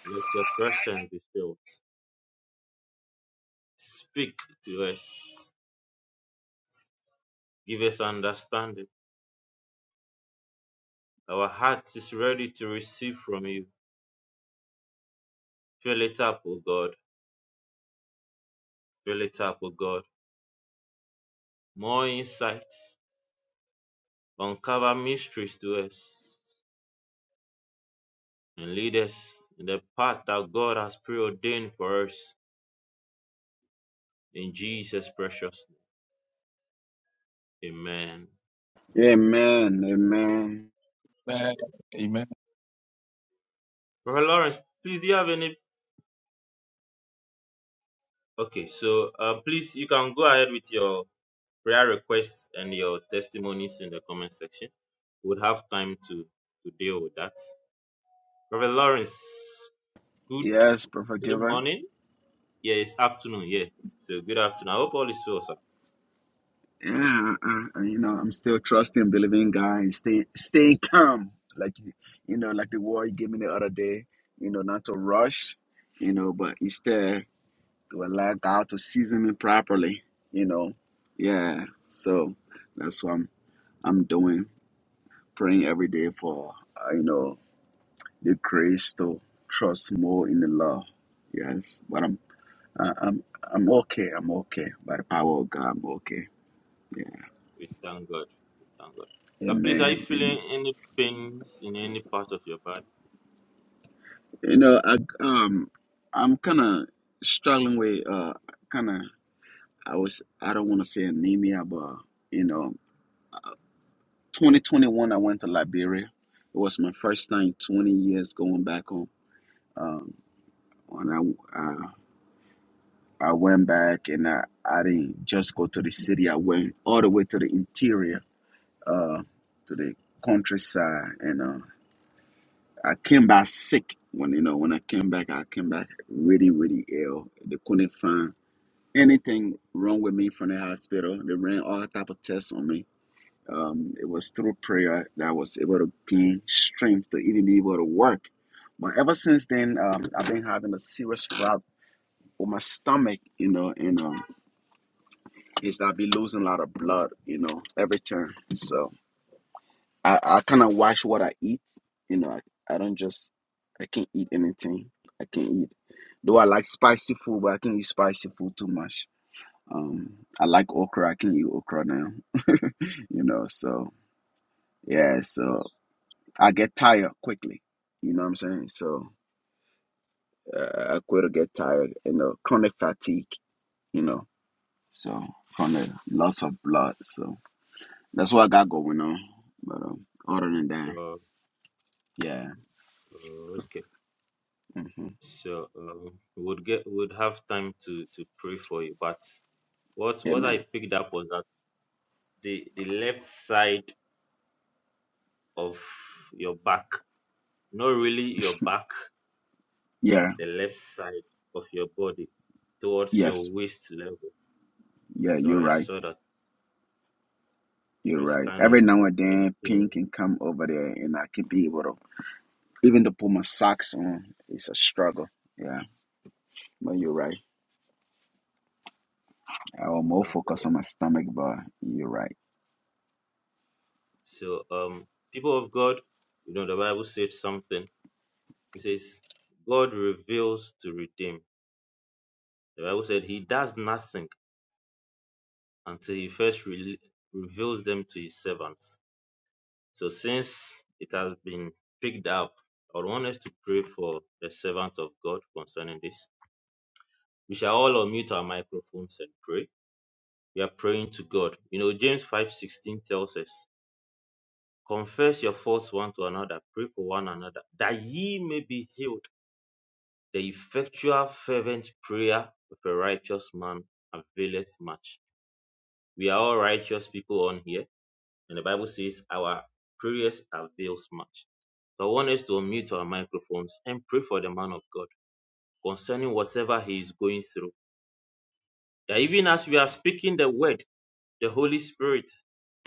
C: Let your presence be felt. Speak to us. Give us understanding. Our heart is ready to receive from you. Fill it up, O God. Fill it up, O God. More insight Uncover mysteries to us and lead us in the path that God has preordained for us in Jesus' precious name. Amen.
A: Amen. Amen.
D: Amen. Amen.
C: Brother Lawrence, please, do you have any? Okay, so um, please, you can go ahead with your prayer requests and your testimonies in the comment section. We'll have time to, to deal with that. Brother Lawrence, good
A: Yes, Prophet
C: is it
A: Giver.
C: morning? Yeah, it's afternoon. Yeah, so good afternoon. I hope all is well, sir.
A: Yeah, uh, uh, uh, you know, I'm still trusting, believing God, and stay, stay calm. Like you know, like the word you gave me the other day. You know, not to rush. You know, but instead. to allow God to season me properly, you know. Yeah. So that's what I'm I'm doing, praying every day for uh, you know the grace to trust more in the Lord. Yes, but I'm I- I'm I'm okay. I'm okay by the power of God. I'm okay.
C: We thank God. We thank God.
A: Yeah.
C: But please, are you
A: Amen. Amen.
C: feeling any pains in any part of your body?
A: You know, I um I'm kind of struggling with uh kind of I was I don't want to say anemia, but you know 2021, I went to Liberia. It was my first time 20 years going back home. Um, when I, I I went back and I, I didn't just go to the city. I went all the way to the interior, uh, to the countryside, and uh, I came back sick. When you know, when I came back, I came back really, really ill. They couldn't find anything wrong with me from the hospital. They ran all type of tests on me Um, it was through prayer that I was able to gain strength to even be able to work. But ever since then, um, I've been having a serious problem with my stomach, you know, and um, is that I be losing a lot of blood, you know, every turn. So I, I kind of watch what I eat, you know. I, I don't just I can't eat anything. I can't eat. Though I like spicy food, but I can't eat spicy food too much. Um, I like okra. I can't eat okra now, you know. So yeah, so I get tired quickly. You know what I'm saying? So uh, I quit or get tired, you know, chronic fatigue, you know, so from the loss of blood. So that's what I got going on. But um, other than that,
C: Uh,
A: yeah.
C: uh, okay.
A: hmm
C: So um, we would get we would have time to to pray for you. But what
A: Yeah,
C: what I
A: man.
C: picked up was that the the left side of your back, not really your back,
A: Yeah.
C: the left side of your body, towards your
A: Yes.
C: waist level.
A: Yeah,
C: So
A: you're
C: I
A: right.
C: saw that
A: You're
C: there's
A: right.
C: kind of
A: Every now and
C: a
A: then,
C: pain.
A: pain can come over there and I can be able to, even to put my socks on, it's a struggle. Yeah. But you're right. I will more focus on my stomach, but you're right.
C: So, um, people of God, you know, the Bible said something. It says, God reveals to redeem. The Bible said he does nothing until he first re- reveals them to his servants. So, since it has been picked up, I would want us to pray for the servant of God concerning this. We shall all unmute our microphones and pray. We are praying to God. You know, James 5:16 tells us, confess your faults one to another, pray for one another, that ye may be healed. The effectual fervent prayer of a righteous man availeth much. We are all righteous people on here, and the Bible says our prayers avails much. So I want us to unmute our microphones and pray for the man of God concerning whatever he is going through. That even as we are speaking the word, the Holy Spirit,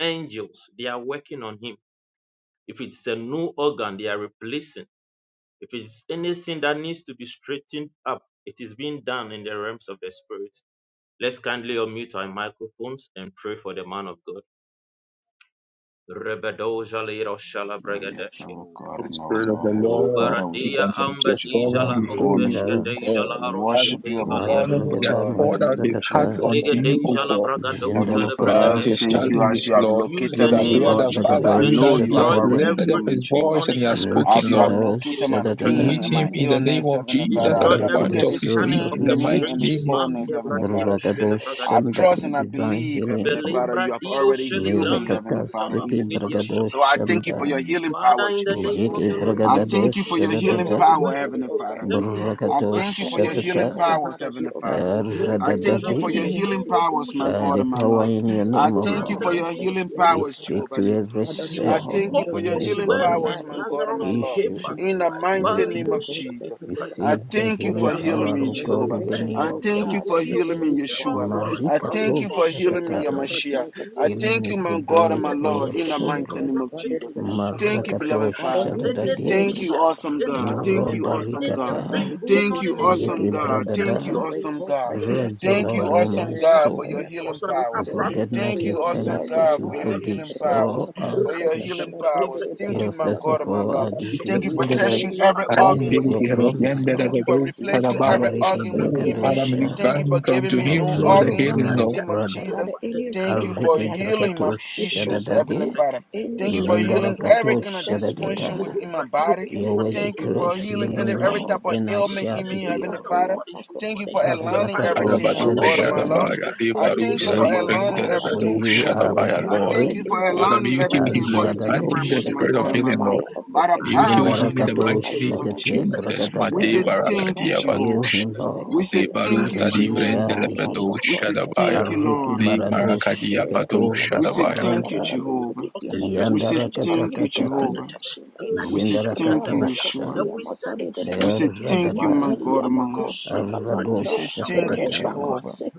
C: angels, they are working on him. If it's a new organ, they are replacing. If it's anything that needs to be straightened up, it is being done in the realms of the spirit. Let's kindly unmute our microphones and pray for the man of God. Rebedoja lero shala
A: Oh, yes,
C: bregadeske.
A: our God
D: O
A: and our
D: Spirit of the
A: Lord, Heavenly
C: O
D: Lord,
A: Father, we
D: we
A: say
C: baradia
D: commit
A: thank you,
C: amba
D: your
C: dija
A: Jehovah.
D: servant
C: la
A: We
D: before
A: honor
D: you,
C: oveske
A: you.
E: Marukada,
D: O
C: deja la
A: We
D: God.
H: Jesus,
C: aroske
D: Father,
A: worship
H: Lord
A: you,
H: oh
D: this
C: teva
A: our
H: God,
C: lea
A: God and
D: morning,
A: our
H: it's
D: he
E: Marukada
D: has
H: all
C: duboske.
H: to
A: Lord, in
H: your
A: the
D: poured out
A: name
H: hand.
A: of
D: his
H: uh,
D: heart
E: Masakata,
A: Jesus,
D: unto
C: Lega
A: Heavenly
D: you, O
H: We
C: deja
A: Father.
C: la
D: God.
H: against
A: Heavenly
C: bragadoja le
E: Jindaroka
D: by
H: everything that
D: all
A: Father,
H: is
D: his
C: bregadeske.
H: not of
A: thank
E: Bragate,
A: you
H: the
A: as
D: challenges,
A: you
H: old
A: have
H: God,
D: Lord.
H: in
C: Use
D: It
H: his
D: is
A: located
C: the
D: our
H: life
A: me,
C: name
H: and
D: prayer
E: Jiki
C: of
A: Lord
H: his
D: that,
A: Jesus.
C: Jesus
D: Father,
H: body.
A: I
E: Bragado
C: and
D: even
A: know
D: as
A: you
D: he
A: have
D: has
C: destroy
A: already
H: Mount
E: Shadadade,
D: lifted up
C: every
A: healed me,
D: his
H: Lebanon,
A: Jehovah.
D: voice and
C: demonic
D: he has
C: attack.
A: Have
D: spoken,
A: you have
D: Lord,
C: Mante
E: Mishado
C: kiro
A: located my
D: you
E: Shadadada,
D: meet
A: pain and
C: sobradeske.
D: him
A: my
D: in
E: from
H: Sotala,
D: the name
A: illness,
D: of
A: Heavenly
H: Ponderia,
D: Jesus
A: Father?
D: at
E: the
A: Have
C: Destroy
D: the
H: Antala,
A: you have
E: head to
C: every
D: point
E: the
A: located
D: of
H: Bacchus,
A: this
D: his
E: soles
D: need,
C: satanic
E: of
A: pain
D: in the
A: in
E: his
A: me
D: mighty
A: and this
D: name
C: orchestration.
E: feet.
D: of
A: illness,
C: Mante
D: Jesus.
A: Heavenly
H: Bacchus,
A: Father?
C: bradiroske le
E: Bragado
H: Secretary,
A: I
C: bragadi
E: Shanda,
A: trust and I
E: divine
A: believe,
E: healing,
A: Heavenly
E: Lord.
A: Father,
C: Velimbra
A: you have
C: dido
A: already
C: shele
A: healed me,
C: grando
A: Heavenly
E: Mirakata
C: duta
A: Father,
C: la
A: in
E: Seki
A: the name of
C: gidio
E: Bragado
A: Jesus. So I
C: shakataba.
A: thank you for your
E: Shanda,
A: healing power,
C: Father, in the
A: Jehovah.
C: name of
E: Jiki
C: the
H: Father,
C: Lord
H: we
A: I
C: Jesus,
E: Bragado
A: thank
H: release
A: you
C: we
A: for
H: him
A: your
C: send
A: healing
H: upon
C: your
E: Shadadada,
H: his
A: power,
C: word
H: body,
C: into
A: Heavenly
H: O
C: your
H: God,
A: Father.
H: and his
C: servants
H: bones,
C: for
A: I
C: the
E: Burakato
A: thank you
H: that
A: for your
C: baturo
H: anything
A: healing
E: Shatata
H: that is
A: powers,
H: not of
C: shakatabratas.
A: Heavenly
H: you, O God,
A: Father.
H: in his body
A: I
H: be
A: thank
C: Ruduja
A: you
H: removed
A: for
H: in
A: your
H: the
C: liro
E: Radadade.
A: healing
H: mighty
C: umbro
H: name of
A: powers,
C: duja
A: my
E: By
C: lida
A: God
H: Jesus.
E: the
A: and my
E: power
C: uve
A: Lord.
E: in your
C: kirush
A: I
E: name, O
A: thank you for
C: kilantra
E: Lord,
A: your
C: nirush
A: healing
E: we
A: powers,
E: speak
A: Jehovah
E: to
A: Nissi.
E: every
H: Father,
C: you
H: may
A: I
H: your
A: thank
E: cell
A: you
C: spoke
H: angel
A: for your
E: in
C: your
H: touch
E: his
A: healing
H: him
C: word
H: right
E: body,
A: powers,
H: now
C: and
A: my
H: in the
A: God and my
C: Lazarus
H: mighty name
A: Lord.
H: of
C: came
E: tissue.
C: back to
A: In
H: Jesus.
A: the
C: life.
A: mighty
E: The,
A: name
C: Valido
A: of Jesus, I
C: shakedibradia.
E: receive the
A: thank you
H: Father,
C: We
E: healing
A: for
C: are
H: we
A: healing
H: ask
E: power
A: me,
H: for
E: of
C: speaking your
E: God
A: Jehovah.
E: in the
C: word
H: restoration,
E: name
A: I
H: O
C: into
E: of
C: the
A: thank you
H: God,
A: for
C: body of
A: healing
E: Jesus.
H: in
C: your
A: me,
H: his
C: servant
H: bones,
A: Yeshua.
H: in his
C: Lord.
A: I
H: body.
A: thank
E: Marikato
A: you
C: Valido
A: for healing me,
E: Shakata.
A: Yamashia.
C: shakedibradiko
A: I
E: Healing
C: nurudia.
A: thank you,
E: is the
A: my
H: Father,
A: God and
E: bread
A: my
E: for
A: Lord,
E: your
C: Rekido
A: in the mighty name
E: children.
A: of Jesus.
C: shakaprantekido
A: Thank you,
E: Marakato
A: beloved
C: shakedebradia.
A: Father.
H: hear
C: Any
H: him, O
A: Thank
E: Shadadade.
A: you,
H: God.
C: deficiency,
A: awesome
C: any
A: God. Thank you,
E: Moronda
C: abnormal,
H: Matelebeka
A: awesome God.
C: anything
H: talaba,
E: Rikata.
H: We soak
C: going
A: Thank
C: on
H: him
A: you,
C: in his
H: into your
A: awesome
E: Yeke
H: blood.
A: God.
C: there
A: Thank
C: is
A: you,
C: no
E: bradada.
C: any
A: awesome God.
C: strength
H: Rekosakia
E: Bless
C: with
E: the
C: your
A: Thank you,
H: talaba
E: Lord,
C: word
E: O
C: for
E: my
A: awesome
C: him.
H: delebeka
A: God, for your
E: soul,
H: taya.
C: We cause
A: healing
C: an
H: We
E: and
A: powers.
H: soak
C: abrupt
H: him
E: forget not
H: into
C: end
A: Thank you,
E: his
H: your
C: in the
A: awesome
H: blood, O
E: benefit,
A: God,
C: name
E: who
A: for
C: of
A: your
H: God.
C: the Lord
A: healing
E: forgives
C: Jesus.
E: all
A: powers.
E: our
A: For your
H: Rebakoseka
E: sins,
A: healing
H: talaba
A: powers.
C: Rapshketebre-
H: delebe
A: Thank you,
E: heals
A: my
E: us
A: God
E: of
A: and my
H: antalabaka
E: all
A: love.
E: our
H: taya.
A: Thank you
H: We
A: for
E: diseases.
H: guarded
A: touching
H: you
C: Roshokotobredaizala,
A: every
E: This
D: Around
A: organ
E: is
D: David,
E: your
D: we
A: within
D: have
C: Rondorodinos,
A: me.
D: a
E: promise,
D: end
H: antalabakoseka
D: of
H: taya.
A: Thank
E: Lord.
A: you
D: the
A: for
D: grace,
H: We
D: Father,
A: replacing
D: by,
C: Vele
H: guarded
A: every
C: tu
H: it, bere,
E: Ariki
A: organ
H: bere,
C: pratande
D: uh,
H: bere,
A: within
C: che
A: me.
D: Father,
H: bere,
C: te
D: may
H: bere.
D: you
C: io
E: Bragadosha.
A: Thank you
D: grant
C: tu
A: for giving
D: unto
A: me
C: pretia
E: I
A: new
D: him,
C: tosca.
D: Lord,
E: pray
D: the
H: Rabakoseka
A: organs
E: over
D: healing,
A: in the
E: my
D: Lord.
A: name
H: talaba.
A: of
C: Detta
E: brother.
C: to
H: Father,
A: Jesus.
C: pate
H: any
A: Thank
C: kato
H: place
A: you
H: that
A: for
H: he
E: Ariki
H: has
C: preketia
H: stepped
A: healing
C: kaba.
A: my
H: his foot,
E: Bragatosha
H: oh
A: issues,
C: Rete
H: God,
A: Heavenly
E: Dadade.
A: Father.
C: kureketi
A: Thank you
C: tosca
A: for
H: anything,
E: Linda
H: oh
C: kato
A: healing
H: God,
A: every
H: that was
A: kind of
C: preketia.
H: set
E: Rakatosha
H: against
A: dysfunction
H: him,
E: Dadada.
C: Tuzo
A: within my
H: we
C: pratiko
A: body.
C: tu
E: Your
H: cancel
E: word
H: it
C: pratiko
A: Thank you
H: in the
A: for
C: nus
E: declares,
H: mighty
E: Heal
A: healing
C: kete
H: name
A: any-
E: me,
H: of
A: every type
E: Lord,
H: Jesus.
C: preketia.
A: of
E: and I
C: We
A: ailment
E: shall
A: in
E: be
C: send
A: me,
C: the
A: Heavenly
C: word
E: healed.
C: of
A: Father.
H: Masukateya
C: God into his
A: Thank you
C: body.
A: for
H: bakosekata.
C: Your
A: aligning
H: Father,
C: Bible
A: everything,
C: says
A: my
E: Arakatosha
D: Adabado
C: the
H: whatever
A: God and
H: they
C: word
H: are
A: my
C: is
A: Lord.
H: trying
E: Dadada.
D: Shadabaya,
H: to
C: living.
A: I
H: soak
C: It
H: his
D: Rebaru
A: thank
C: is
A: you
H: blood,
A: for
D: Sari,
E: Yes,
H: oh
C: powerful.
D: friend,
A: aligning
H: God, um,
E: for
D: Adabado
A: everything,
C: Shapata
E: you
H: Father,
A: Jehovah.
E: are
H: we
C: tene
D: Shadabaya,
E: my
C: tuwe
A: I
D: Lord.
H: cancel
C: kete.
A: thank
H: it
A: you for
H: in the
E: praise.
D: Father,
C: La
D: may
A: aligning
D: you
H: mighty
C: tu
H: name
D: heal
H: of
A: everything
D: him, Lord.
A: according
C: pratande
H: Jesus.
A: to your
D: Grant
C: di
E: Ajadado
D: him
H: We
D: the
A: purpose, my
H: release
C: uzundo
D: spirit of
A: God
C: du
H: a
A: and my
C: se
D: healing,
E: Shakata.
C: tu
A: Lord.
D: Lord.
H: fire of
A: By
C: pretia
A: the
H: protection,
D: You
H: oh
D: heal
H: God,
A: power
C: adiada.
D: him
A: in
D: in
A: the
H: upon
D: the
H: his
E: Yindarakato
D: mighty
C: Roto
A: mighty
H: life
D: name
A: name of
D: of
H: around
E: Shakate
C: shokutu
H: him, oh
A: Jesus,
D: Jesus.
H: God.
A: we
C: you
D: Mate
A: say
E: Bragadada.
A: thank you,
H: Masuka
D: barakadia bado
E: Heal
A: Jehovah.
E: him,
A: We
E: Lord,
C: said
A: say
D: le
C: we
H: rabakosekataya
D: baru
H: ba.
A: thank
C: are
A: you,
C: your
E: and
D: sadi
E: he
C: battle.
D: vrende
E: shall
A: Jehovah.
D: le
E: be
C: We
H: Yebara
D: bado
E: healed.
A: We
C: destroy.
A: say
D: shadabaya
C: We
A: thank
C: are
A: you,
H: bakosekata.
C: put.
E: Ariki
A: Lord.
D: le
C: We
E: Marado
D: marakadia
C: destroy.
D: bado
C: We
E: Shakato
C: are
A: We
C: put.
A: say
D: shadabaya.
A: thank you,
H: Father,
I: Antifreeze
E: Rapranda.
C: Everything
H: may you
C: that we
A: Jehovah.
H: release your
C: orchestrate.
H: angel,
A: We
H: your
A: say
H: angel of
A: thank
I: compositions
A: you,
H: healing, oh God,
E: Yandarakatatate.
H: to
A: Jehovah.
C: Rakotobrakatebe,
I: especially
H: touch him right now.
A: We say thank you,
C: Lanoshankatabreya.
A: Yeshua.
C: And
E: Yindarakatosha.
H: Rabakofia
C: we send
H: matali
A: We
C: healing
A: say
H: bedebedebe.
C: into his
A: thank you,
C: body.
A: my
E: Erradada.
H: Mantali
A: God, my Lord.
H: amakose
A: We
E: Arrado
H: katalaba.
A: say thank you,
C: Mekuyoshatobradioshabradiakaba,
E: Shakatata.
I: contaminations
A: Jehovah.
H: Rebakose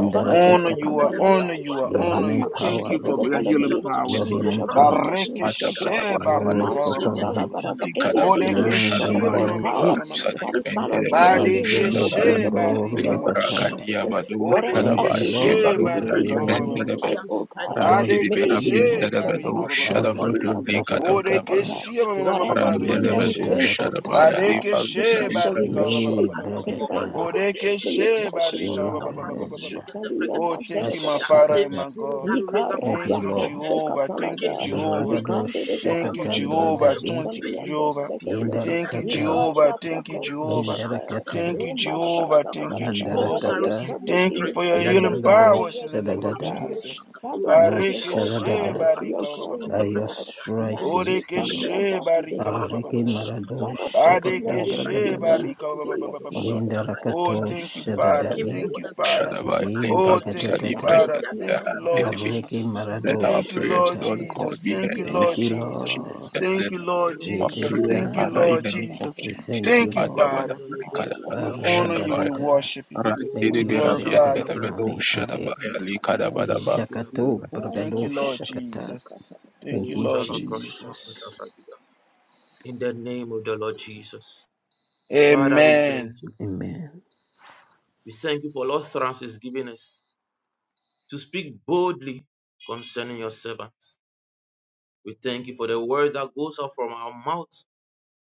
A: I
I: in
A: honor
H: derebe
A: you, I
I: blood
A: honor
H: katayaba.
A: you, I
E: Your
A: honor
E: healing
A: you.
I: molecules
A: Thank
E: power,
H: Rabakose
A: you
I: and
A: for
D: Let's
E: Lord.
H: kede.
D: say,
A: your
D: oh,
H: Father, may
A: healing
H: you
I: trees
D: in the
H: touch
E: Your
A: powers.
H: him
D: name of
H: with
E: healing
H: your
I: is
H: blood,
I: a
E: power.
D: Jesus.
H: touch him
A: Bareke
H: with your
D: Mata
I: community
A: she
D: bada
H: blood.
C: Lidosheteketijaloktuzoloprandigaluzadigaloche,
D: bada bada
A: barika
E: Rest
A: ba-
D: bada
A: ba- ba-
E: upon
A: ba- ba-
E: him.
A: ba.
H: Masutalabaraba.
D: le
H: Anything
D: kadabado
H: in
A: Bodeke
H: his
E: Now
C: Reteketeijatabrengadidoshe.
E: in the
H: stomach,
A: she
D: shadabaya
H: oh
E: name
A: ma- ma-
E: of
D: le
A: ma- ma-
H: God,
A: ma-
D: baru
H: um,
A: ma- ma- ma- ma-
D: sadi
H: that
E: Jesus.
H: is not
D: vrende
H: of
D: le
H: you,
C: Rakatakatakotoko
A: ma.
H: let it
D: bado
H: be
A: Badeke
C: brakatelija
E: Ajiki
C: la
H: removed
D: shadabaya
H: in
A: she
H: the
C: brakatishka.
E: Brando
H: mighty
D: le
A: barika
H: name
A: ba-
H: of
A: ba-
C: Maro
A: ba- ba- ba-
E: Rakata.
A: ba.
H: Jesus.
C: shokoto
D: barakadia bado
H: Whatever
E: Thank
A: Bodeke
E: you,
D: shadabaya le
H: affliction
E: Lord,
H: that
A: she
D: baru
E: for
H: was
A: barika
H: released
D: sadi
A: ba- ba-
E: healing
C: Rakato
A: ba-
H: upon
D: vrende
H: his
A: ba-
E: him.
D: le
A: ba- ba-
D: be.
H: life,
A: ba.
C: brakianto
H: oh God, uh,
C: prendia
D: Rante
C: tu
D: de
H: may
A: Badeke
E: Thank
H: it be
D: berapian de
A: she
C: bretidoshke
E: you.
H: cancelled.
D: bado
C: detetishke.
A: barika
C: La
H: Masotali
D: shadabaya
E: Ariki
C: turo
D: le
H: Abaka
C: sopra
D: kadabada
E: Brakatatata.
H: Sekata.
A: Borekeshe
C: kokidashke la
H: Whatever
C: turan
H: pain
D: Arantele
H: that
E: Ilo
D: bedo
H: he's
C: arushke
A: Marekeshe.
H: feeling, oh God,
E: Taratata.
D: shadabaya
C: dekidashke.
D: de
H: uh,
D: paru
H: we
A: Barekeshe
D: sadi
H: cancel, we
D: prender
A: Barika ba-
C: Ishakolun
A: ba- ba-
E: Ye
H: destroy
A: ba- ba-
H: that
A: ba-
C: blato
A: ba.
H: pain right
C: komate
E: Brakata.
H: now.
C: gotushke.
H: May you
A: Borekeshe
H: touch him, oh
A: Barika
E: Ye
A: ba-
C: Minoshata
A: ba-
H: God.
A: ba- ba- ba- ba- ba- ba.
E: Brakata.
C: bratushke de
H: Masotali
A: Oh,
C: brakatishke.
A: thank you, my
C: That
A: Father
C: same
A: and
E: Ashakata.
A: my
C: spirit
A: God.
C: that raised up
E: Thank you,
C: Christ
A: Thank you,
C: from
H: Ikarabako
C: the
E: Lord.
C: dead
A: Jehovah. Thank you,
C: quickens
H: sekatalaba,
C: him up
A: Jehovah.
C: in the
E: Brakado
C: name
H: ikandelebe
C: of the
A: Thank you,
C: Lord
E: Shakata
H: antalia
A: Jehovah.
C: Jesus
E: Bradani.
A: Thank you,
H: masutalia
C: pain
H: ko
A: Jehovah.
C: disappearing
H: sekata,
C: in the
A: Thank you,
C: name of
E: Indarakata.
A: Jehovah.
C: Jesus.
A: Thank you,
H: ikarabako
A: Jehovah.
H: sekata,
E: Indarakata.
A: Thank you,
C: Latushakatakatorotiro
A: Jehovah.
C: shakatabra.
A: Thank you,
H: imarabarabarabara.
C: Bones
H: Father,
A: Jehovah.
C: are
H: your
E: Yandaratata.
C: receiving
H: perfect
A: Thank you
H: healing
C: strength
A: for
C: in
A: your
C: the
H: over
A: healing
H: the
C: name
H: life
C: of
H: of
A: powers
E: Ibragadosh
H: your
A: in
C: Jesus.
A: the
E: da da
A: name
H: son,
E: da
H: O
A: of
E: da,
H: God.
A: Jesus.
H: Father, heal
C: Laturoshakatoratiro
H: him, O
E: Mashada
C: shalayaba.
E: da
A: Barikeshe
H: God,
E: da,
H: to your
A: barika ba- ba-
H: glory,
A: ba- ba-
E: by
H: my
E: your
H: Lord.
C: Ranoshakatabragadiga.
E: stripes
C: And we
E: he is
C: dispatch
E: healed.
H: Masutalia
A: Borekeshe
C: angels to
A: barika
C: him.
E: Ariki
H: basekatalaba.
C: Malinoshakataba.
H: Father,
E: Maradosh
H: touch him
E: Shakata
H: wherever he is.
A: Badekeshe
C: Rakotobratiro
H: May
E: Bragadada,
H: you
A: barika
H: feel your
C: shakotobratiro
H: fire, O
A: Oh,
C: shakabragadiga.
H: God.
A: thank
E: Nindarakadosh
A: you,
C: To
E: da
C: make
E: da da,
A: Father.
D: arantele
C: him
A: Thank
C: whole
D: bedo
A: you,
C: and
A: Father.
C: perfect for
D: shadabaya de
C: that
H: Ye
A: Oh,
D: paru
H: para
C: confession.
A: thank
D: sadi
A: you,
H: pa ko
C: In
E: Ibragadada,
A: Father.
D: prender
C: the
A: Thank you,
C: name of the
A: Lord
D: arantele
C: Lord
D: be.
E: Ariki
A: Jesus.
C: Jesus.
D: Let
E: Maradosh
D: our
A: Thank you,
D: prayers,
A: Lord
E: Shakata.
D: Lord God,
A: Jesus.
D: be
A: Thank
D: heard
A: you,
D: in the
E: Thank
A: Lord
E: you,
D: name of
A: Jesus.
C: Malinoshakatabragadiga.
E: Lord.
D: Jesus.
H: se
A: Thank
D: Let
A: you, Lord
C: Robo
E: It
D: our
A: Jesus.
E: is
D: prayers,
C: Shakata
A: Thank you,
D: Father,
E: done.
C: Bradia
D: in
A: Lord
D: the
C: Pada,
D: name of
A: Jesus.
E: We
D: Jesus.
E: thank you,
A: Thank you,
E: Lord.
D: Madabada
A: Father.
C: Veledeja
D: Kadabado
A: We
C: Dadam
A: honor you.
C: Shatabata,
A: We
D: Shadabaya.
E: Arradadada.
A: worship you.
C: O
A: We
E: Thank
D: Arantele be
E: you
C: Baro
E: for the
A: glorify
D: rabiende
C: Shakata
A: you.
D: bedo
E: testimony
C: Bragatas,
E: ahead.
D: shadabaya li kadabadaba.
C: Minoskila
E: Jakato
C: Bragadeja
A: Thank
C: da
A: you, Lord
E: Bragadosh
C: Bradia,
E: Shakata.
A: Jesus.
H: ka ta
A: Thank
C: O
E: Thank
A: you,
E: you,
A: Lord
C: Jala Brashakata
E: Jesus.
A: Jesus.
C: Bradia. In the name of the Lord Jesus. Father, we thank
A: Amen.
C: you.
E: Amen.
C: We thank you for all utterances given us to speak boldly concerning your servants. We thank you for the word that goes out from our mouth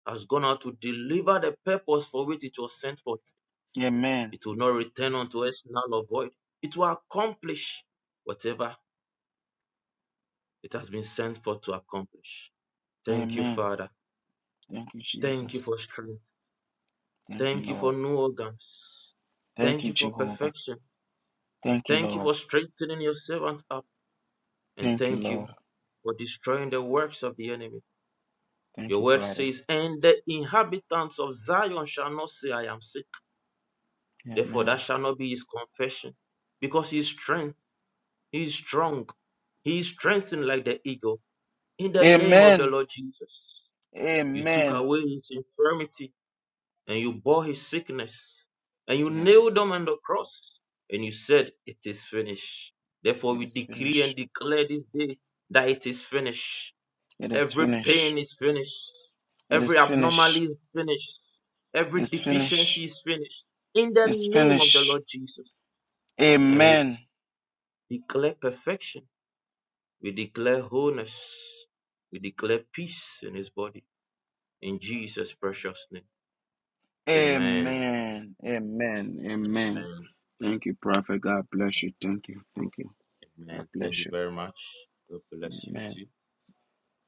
C: has gone out to deliver the purpose for which it was sent forth.
A: Amen.
C: It will not return unto us null or void. It will accomplish whatever it has been sent for to accomplish. Thank
A: Amen.
C: Father.
A: Thank you,
C: Thank you
A: Jesus.
C: for
A: Thank you,
C: thank you for
A: Lord.
C: new organs.
A: Thank
C: Thank
A: you,
C: you for
A: Jehovah.
C: perfection.
A: Thank you,
C: Thank you
A: Lord.
C: for strengthening your servant up. And
A: Thank you,
C: thank you
A: Lord.
C: for destroying the works of the enemy.
A: Thank
C: Your
A: you,
C: word
A: Father.
C: says, And the inhabitants of Zion shall not say, I am sick. Therefore, that
A: Amen.
C: shall not be his confession. Because he is strength, he is strong, he is strengthened like the eagle. In the name of the
A: Amen.
C: Lord Jesus, you took
A: Amen.
C: away his infirmity and you bore his sickness and you
A: Yes.
C: nailed him on the cross and you said, It is finished. Therefore,
A: It
C: we
A: is
C: decree and
A: finished.
C: declare this day that it is finished.
A: It is
C: Every
A: finished.
C: pain is finished.
A: It
C: Every
A: is finished.
C: abnormality is finished. Every
A: It's
C: deficiency
A: finished.
C: is finished. In the
A: It's
C: name of the
A: finished.
C: Lord Jesus. And we
A: Amen.
C: declare perfection. We declare wholeness. We declare peace in his body. In Jesus' precious name. Amen.
A: Amen. Amen. Amen.
C: Amen.
A: Thank you, Prophet. God bless you. Thank you. Thank you. God
C: Amen. Thank you
A: bless you.
C: very much. God bless you
A: Amen.
C: too.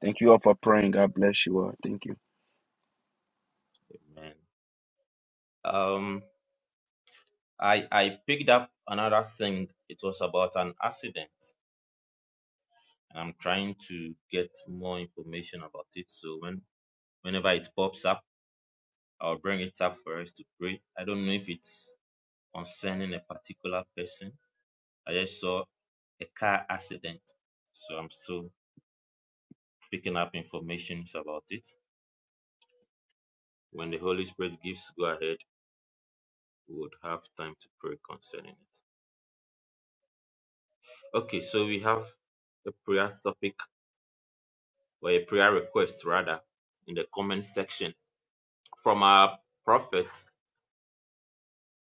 A: Thank you all for praying. God bless you all. Thank you.
C: Amen. Um, I I picked up another thing. It was about an accident, and I'm trying to get more information about it. So when whenever it pops up, I'll bring it up for us to pray. I don't know if it's concerning a particular person. I just saw a car accident, so I'm still picking up information about it. when the Holy Spirit gives go ahead, we would have time to pray concerning it. Okay, so we have a prayer topic or a prayer request rather in the comment section from our prophet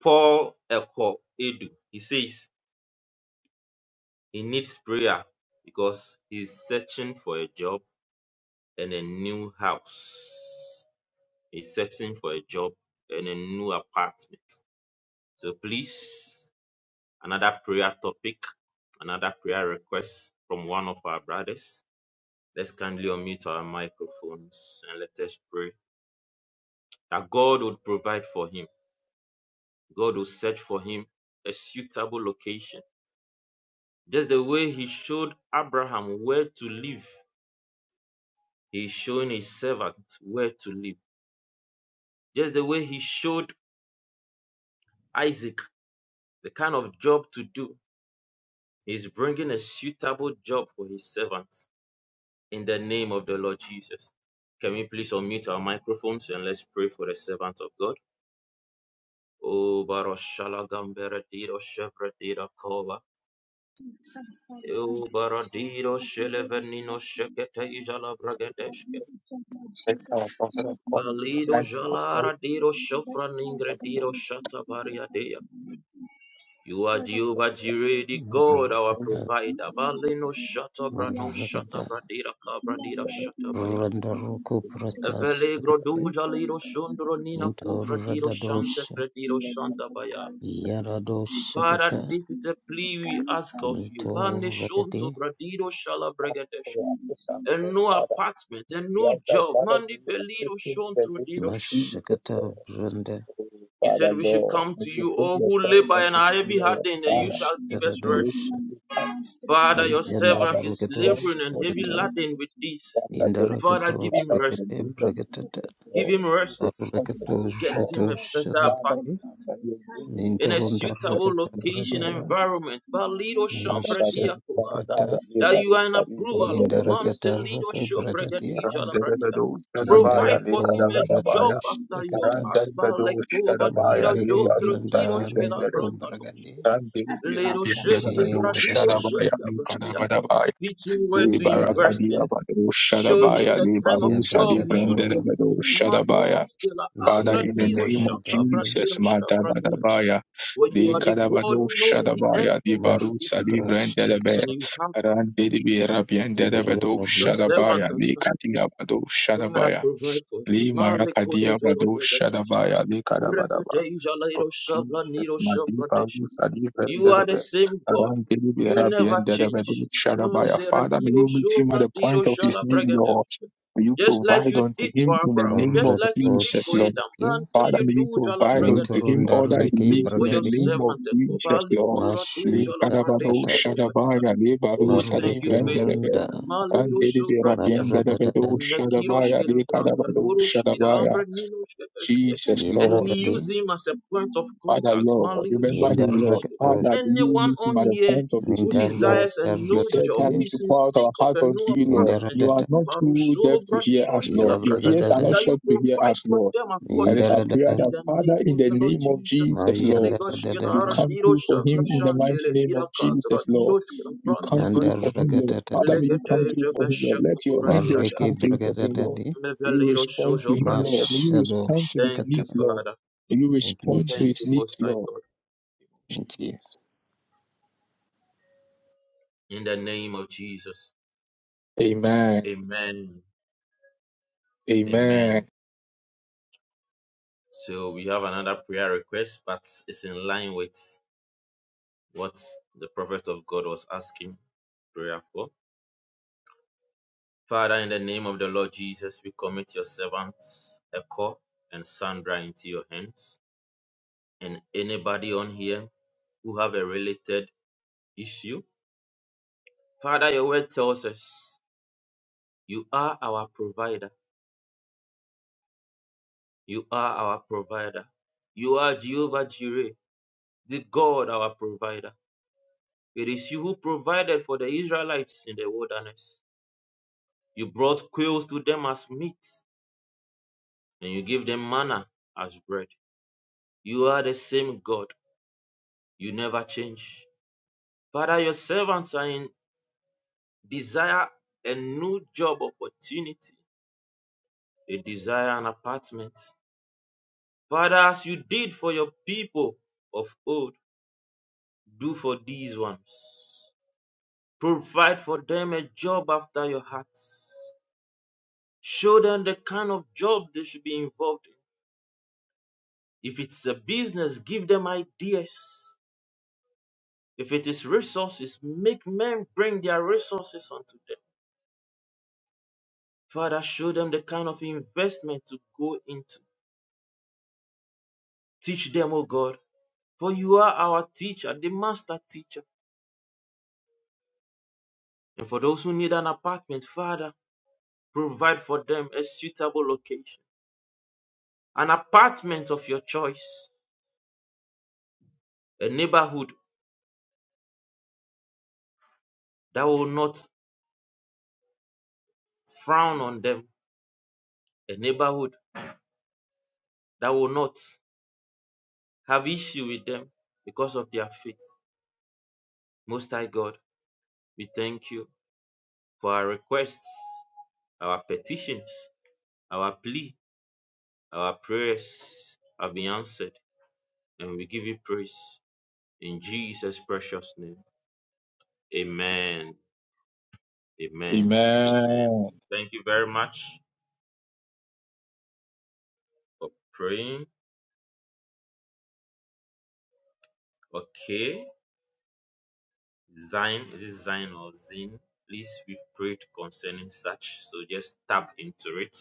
C: Paul Eko Edu. He says he needs prayer because he's searching for a job and a new house. He's searching for a job and a new apartment. So please Another prayer topic, another prayer request from one of our brothers. Let's kindly unmute our microphones and let us pray that God would provide for him. God will search for him a suitable location. Just the way he showed Abraham where to live, he is showing his servant where to live. Just the way he showed Isaac the kind of job to do, He is bringing a suitable job for his servant. in the name of the Lord Jesus. Can we please unmute our microphones and let's pray for the servant of God? Oh, Baroshala Gamberadido Shevradida Kova.
I: Thank you, Father. Thank
C: Oh,
I: you, Lord Jesus.
C: Baradido
I: I can pray that you
C: Shelevenino
I: help me, Lord
C: Shekete
I: Jesus.
C: Jala
I: Lord,
C: Bragadeshke.
I: this is just Lord Jesus. Yes, me to this job,
C: Valido
I: Lord Jesus.
C: Jalara
I: This
C: Dido
I: is the best part. And
C: Shofraningrediro
I: thank you for
C: Shata
I: the other part of the Lord Jesus.
C: You are
I: Lord, I pray,
C: Jehovah
I: Lord
C: Jireh,
I: Jesus.
C: the God, our
E: Marukata,
I: You
C: provider.
I: can do it, you
C: Valino
I: can do it. You
C: Shata
I: are
C: Brano
I: reality, Lord
E: Marukata,
I: Jesus. You are
C: Kabradida
I: reality, Lord Jesus. You are
E: Randaruku
I: reality, Lord Jesus.
C: Velegro
E: Pratasakati,
C: duja
I: There
C: liro
I: is nothing to
C: shundro nina
I: control. There
E: Minto
C: kufra
I: is
C: diro
I: nothing to do.
C: shanta
E: Radadosha,
C: prediro
I: You are
C: shanta
I: wonderful
C: baya.
I: house. You are
C: Father,
E: Yaradoshakata,
C: this
I: Jesus.
C: is a
I: You are
C: plea we
I: done
C: ask
I: for
C: of you.
E: Mito
I: me.
C: Bande shunto
E: Rakati,
C: bradido shala bregadesh. A new
D: Father,
C: apartment, a
D: we
C: new
D: ask that,
C: job.
D: Father, you
C: Mandi belido
D: assist him in the
C: shunto
D: name
C: dido
D: of
C: sh-
D: Jesus. Lord.
E: Mashakata Branda,
D: Oh,
C: He
D: Father
C: said we should
D: Lord,
C: come
D: may
C: to
D: you
C: you,
D: move
C: all who
D: yourself
C: labor
D: on
C: and
D: this
C: are heavy
D: Lord.
C: laden, and you
D: Father,
C: shall give us rest.
D: faithful
E: Mashtadadosha,
D: to us,
C: Father, your
E: Ayanda
C: servant
D: Father, we
C: is
D: stand
C: laboring and
D: before you,
C: heavy
E: Rakadoshata,
D: Lord.
C: laden with this.
D: Father, your grace,
C: Father, give
E: Indarakato
C: him
D: Father, in
C: rest.
D: the
E: Rakate
D: name of
E: Bragatata,
D: Jesus,
C: Give
D: Lord,
C: him
D: Jesus
C: rest.
D: Christ, oh
E: Arakato
C: Get
D: God.
C: him a better apartment.
D: Father, we
E: Ratoshatati,
D: ask that your grace be
C: in a
D: upon
E: Mintorunda
D: us,
C: suitable
D: watching
E: Rakata
D: in the name
C: location
D: of
C: and
E: Bradada,
C: environment. Valido
D: Father,
C: Shambra
D: that those, Father,
C: Diakovana.
D: by
E: Nishatakata
D: your
C: That
D: labor,
C: you are an
D: that you render
C: approval of
D: the those.
C: Mantelido
E: Jindarakataraka Bradati,
C: Shobregadija Labradia.
D: Randadadados, Kadabaya,
C: Provide for him a job
D: Lekadabadabaya,
E: Jindarakato
C: after your
E: Shakata,
C: heart.
D: Randadadados,
C: Valekova
D: Kadabaya,
C: Tiro
E: Mariki
C: Jondro Tiro Shkela
E: Brandaraka
D: Lekarus,
E: Bragadi,
C: Brangatoshko.
D: Father, in
I: Nothing left
C: Ledo
I: but
C: Shente
D: the
C: Bradido
E: Jindradata
C: Shente Bradida. Teach him where to invest in.
E: Yarada,
C: Show him the kind of job he should
E: Yabrakato,
C: do. Manus de la Agra Dio
D: name of
E: Jibradada
C: Shaka
E: Dandi,
D: Jesus,
C: Bradir
D: Madabadabaya,
C: for you
D: the
C: are the God
D: Kadabado
C: who knows the
D: Shadabaya,
C: end
D: the
C: from the
D: Barusa,
C: beginning,
D: the
E: Marakato
D: Brendelebe,
C: and
E: Shakata,
C: you have
D: Randibi Rabian Dedabado
C: your
E: Ibragadadi,
C: servant
D: Shadabaya,
C: at
D: the
C: hand.
D: Katiabado
C: Father,
D: Shadabaya,
C: provide for him.
D: the Marakadia
C: Malekodozoro
D: Bado
C: bregadesh.
D: Shadabaya, the
C: Rebedeja
D: of
C: lairo shavla
D: Jesus,
C: niro
D: Madiba,
C: shavladesh.
D: Sadiva, and
C: You are the
D: Delebe,
C: same God.
D: around Delibe,
C: You
D: Rabbi,
C: never
D: and Delebe,
C: change.
D: Shadabaya.
C: Mantere
D: Father, may
C: diro
D: you meet him at
C: shovra
D: the
C: diro
D: point of his
C: shala
D: need,
C: bregadesh.
D: Lord. May you
C: Just like
D: provide
C: you
D: unto
C: did for
D: him in the
C: Abraham,
D: name
C: just
D: of
C: like you
E: Marakato
C: did
D: Jesus,
C: for
D: Lord.
C: Adam,
E: Shakati,
C: until
D: Father,
C: you
D: may you
C: do Jala
D: provide unto
C: Pragadesh,
D: him
E: Mentorunda
D: all that he
E: Riki
C: do
D: needs
C: for
D: in the
C: your
E: Bragadi,
D: name of
C: servant,
D: Jesus,
C: Kobalu
D: Lord.
C: Tora do
D: Le
C: Jala
D: kadabado
E: Mashurakata,
C: Pradesh,
D: shadabaya le baru
C: Oh, thank
D: sadi
C: you,
E: Mariki
C: faithful
D: vendelebe
E: Runda,
C: Father.
D: ran
C: Maliro
D: delibe
C: shovradia,
D: rapiende lebedo
E: Marada
D: shadabaya
C: mekiroshkina
D: le
C: branga,
D: kadabado
C: lurushkina
D: shadabaya.
C: ambra ninoshkatashke.
D: Jesus, Lord.
C: And we
E: Yoragade,
C: use him as a point of
D: Father,
C: contact.
D: Lord,
C: Maliro
D: remember him, Lord.
C: shovranishke. For
E: Yendarakadosh,
D: Father, may
I: Thank
D: you
C: anyone
D: meet him
C: on
D: at the
C: here
D: point of his
C: who
D: needs, Lord.
C: desires a
D: You
C: new
D: said
C: job,
D: that
C: who
D: we
I: Thank
E: Nintarakadaratati,
C: is
I: you,
D: should
C: in
D: pour out
C: seek
D: our
C: of
D: hearts
C: a
D: unto
C: new
D: you, Lord.
C: apartment,
D: You are
E: Yendaradata,
D: not too deaf
C: Marusholo
I: Yes,
D: to
I: I'm going
D: hear
I: to
D: us,
C: bradiroshkila
D: Lord. Your ears are
C: bragadeshke,
D: not
E: Yabragadada,
C: that you
D: shut to hear
C: provide
D: us,
C: for
D: Lord.
C: them
D: And
C: according
D: it's our prayer
C: in
E: Yendaradada,
D: that,
C: the name
D: Father, in
C: of
D: the
C: the Lord
D: name of
C: Jesus.
D: Jesus, Lord,
C: Ligoshkina
D: you
E: Mayandaradada,
D: come through for
C: ardiroshka
D: him in the mighty
C: brashantele
D: name of
C: irakatra
D: Jesus, Lord. You come through
C: diroshkina
D: for him, Lord.
E: Mandarakatata,
D: Father, may you come through for him, Lord. Let your angels
E: Mareke
D: come through for him, Lord.
E: Bragadadadi,
D: May you respond to him, Lord. May you
E: Mashado
D: respond to his
C: Thank
E: Shakata.
C: you,
D: needs, Lord.
C: Father.
D: May you
E: Thank you,
D: respond to
C: Thank
D: his
C: you,
E: Jesus.
D: needs,
C: Most High
D: Lord.
C: God.
E: Thank you,
D: Jesus.
C: In the name of Jesus.
D: Amen.
C: Amen. Amen.
D: Amen.
C: So we have another prayer request, but it's in line with what the prophet of God was asking prayer for. Father, in the name of the Lord Jesus, we commit your servants, Echo and Sandra, into your hands. And anybody on here who have a related issue Father, your word tells us you are our provider. You are our provider. You are Jehovah Jireh, the God. It is you who provided for the Israelites in the wilderness. You brought quails to them as meat, and you gave them manna as bread. You are the same God. You never change. Father, your servants are in desire a new job opportunity. They desire an apartment. Father, as you did for your people of old, Do for these ones. Provide for them a job after your heart. Show them the kind of job they should be involved in. If it's a business, give them ideas. If it is resources, make men bring their resources unto them. Father, show them the kind of investment to go into. Teach them, O God, for you are our teacher, the master teacher. And for those who need an apartment, Father, provide for them a suitable location, an apartment of your choice. a neighborhood that would frown on them, a neighborhood that will not have issue with them because of their faith. Most High God, we thank you for our requests, our petitions, our plea, our prayers have been answered, and we give you praise in Jesus' precious name. Amen. Amen. Amen.
D: Amen.
C: Thank you very much for praying. Okay. Zine, is it Zine or Zine? Please, we've prayed concerning such. So just tap into it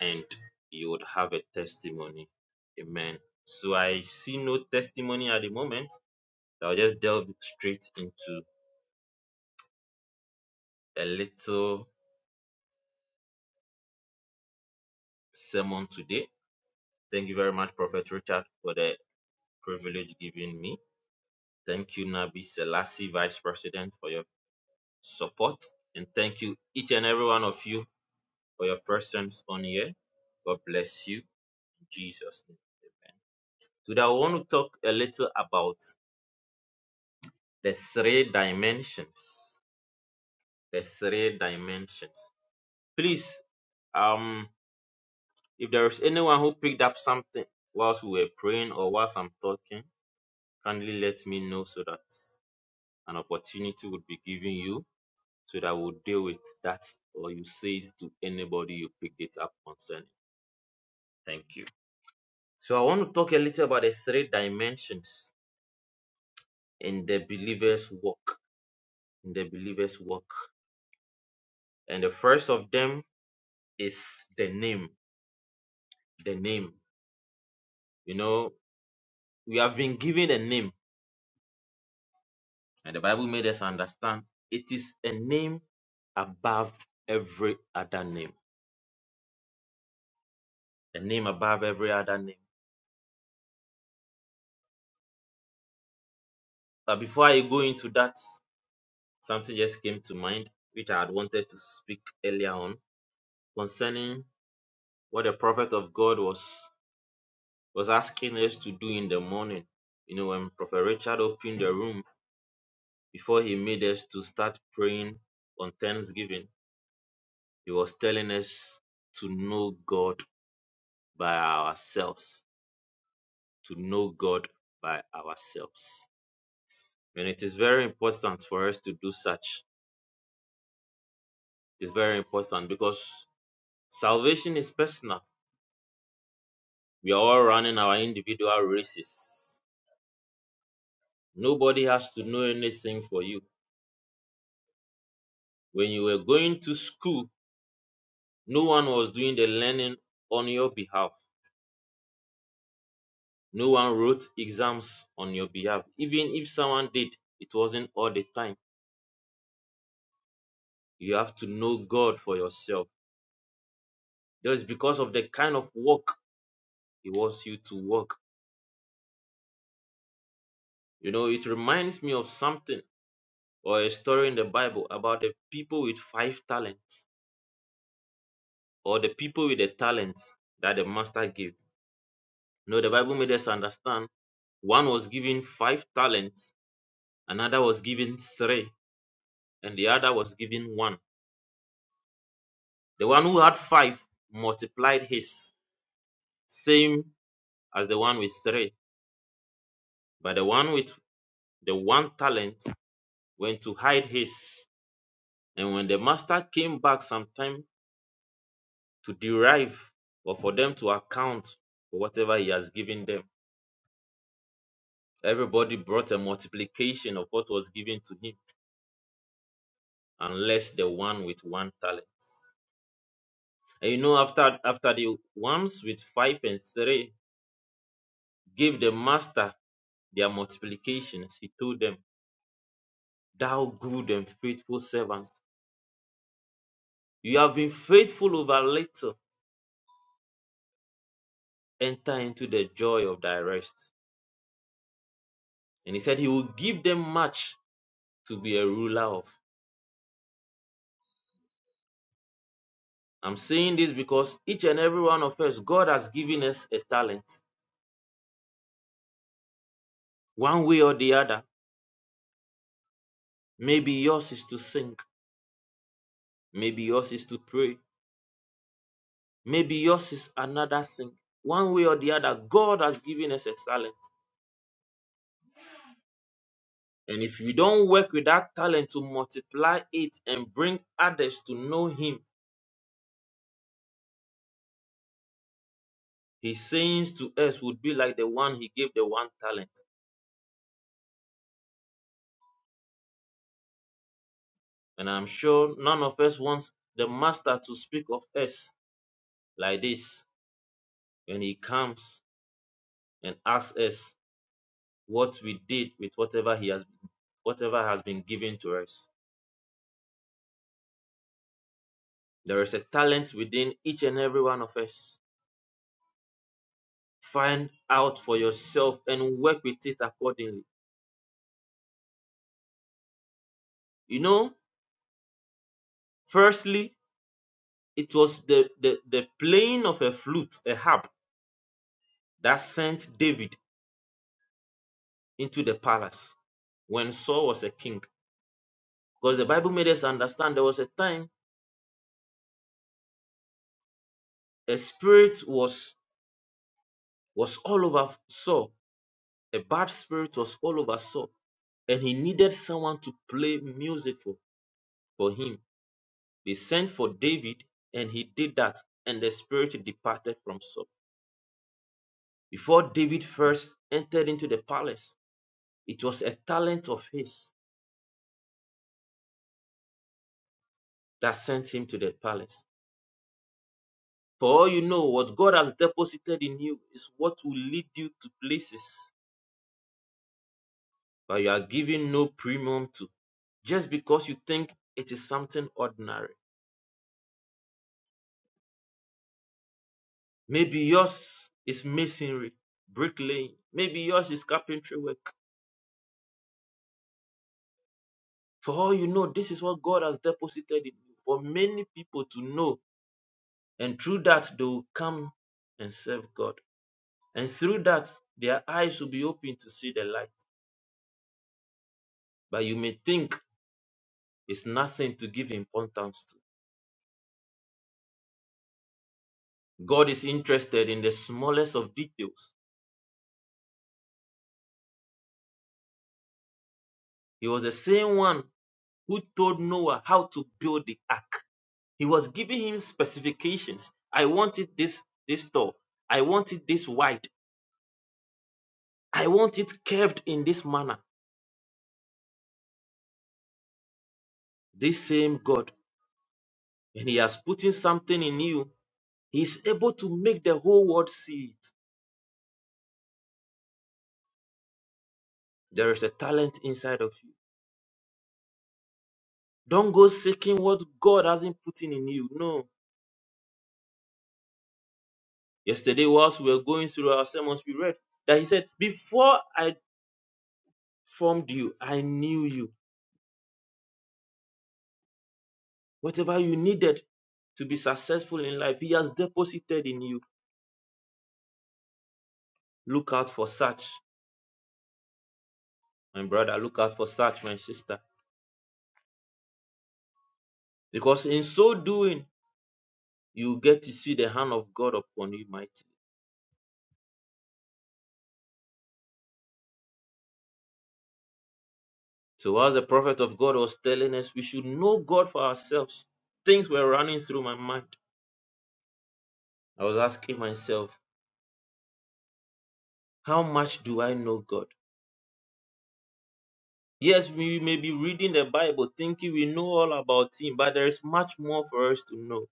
C: and you would have a testimony. Amen. So I see no testimony at the moment. I'll just delve straight into a little sermon today. Thank you very much, Prophet Richard, for the privilege given me. Thank you, Nabi Selassie, Vice President, for your support. And thank you, each and every one of you, for your presence on here. God bless you Jesus' name. Amen. Today I want to talk a little about the three dimensions. The three dimensions. Please, um, if there is anyone who picked up something whilst we were praying or whilst I'm talking, kindly let me know so that an opportunity would be given you so that we'll deal with that or you say it to anybody you picked it up concerning. Thank you. So I want to talk a little about the three dimensions in the believer's walk in the believer's walk. And the first of them is the name. The name. You know, we have been given a name, and the Bible made us understand it is a name above every other name. A name above every other name. But before I go into that, something just came to mind which I had wanted to speak earlier on concerning what the prophet of God was was asking us to do in the morning. You know, when Prophet Richard opened the room Before he made us to start praying on Thanksgiving, he was telling us to know God by ourselves, to know God by ourselves. And it is very important for us to do such. It is very important because salvation is personal. We are all running our individual races. Nobody has to know anything for you. When you were going to school, no one was doing the learning on your behalf No one wrote exams on your behalf. Even if someone did, it wasn't all the time. You have to know God for yourself. Just because of the kind of work He wants you to work. You know, it reminds me of something or a story in the Bible about the people with five talents or the people with the talents that the master gave. You know, the Bible made us understand one was given five talents, another was given three, and the other was given one. The one who had five multiplied his same as the one with three. But the one with the one talent went to hide his. And when the master came back sometime to derive or for them to account for whatever he has given them, everybody brought a multiplication of what was given to him, unless the one with one talent. And you know, after after the ones with five and three gave the master their multiplications, he told them, Thou good and faithful servant, you have been faithful over little. enter into the joy of thy rest. And he said he will give them much to be a ruler of. I'm saying this because each and every one of us, God has given us a talent, one way or the other. Maybe yours is to sing, maybe yours is to pray, maybe yours is another thing. One way or the other, God has given us a talent. And if you don't work with that talent to multiply it and bring others to know Him, His sayings to us would be like the one He gave the one talent. And I'm sure none of us wants the master to speak of us like this when he comes and asks us what we did with whatever he has whatever has been given to us. There is a talent within each and every one of us. Find out for yourself and work with it accordingly. You know, firstly, it was the, the, the playing of a flute, a harp, that sent David into the palace when Saul was a king. Because the Bible made us understand there was a time A spirit was was all over Saul. A bad spirit was all over Saul, and he needed someone to play music for, for him. They sent for David, and he did that, and the spirit departed from Saul. Before David first entered into the palace, it was a talent of his that sent him to the palace. For all you know, what God has deposited in you is what will lead you to places that you are giving no premium to just because you think it is something ordinary. Maybe yours is masonry, bricklaying. Maybe yours is carpentry work. For all you know, this is what God has deposited in you for many people to know. And through that, they will come and serve God. And through that, their eyes will be open to see the light. But you may think it's nothing to give importance to. God is interested in the smallest of details. He was the same one who told Noah how to build the ark. He was giving him specifications. I want it this this tall. I want it this wide. I want it curved in this manner. This same God, when He has put in something in you, He is able to make the whole world see it. There is a talent inside of you. Don't go seeking what God hasn't put in in you. No. Yesterday, whilst we were going through our sermons, we read that He said, "Before I formed you, I knew you. What I did to be has deposited in you. Look out for such." My brother, look out for such, my sister. Because in so doing, you get to see the hand of God upon you mightily. So as the prophet of God was telling us, we should know God for ourselves. Things were running through my mind. I was asking myself, how much do I know God? Yes, we may be reading the Bible thinking we know all about Him, but there is much more for us to know.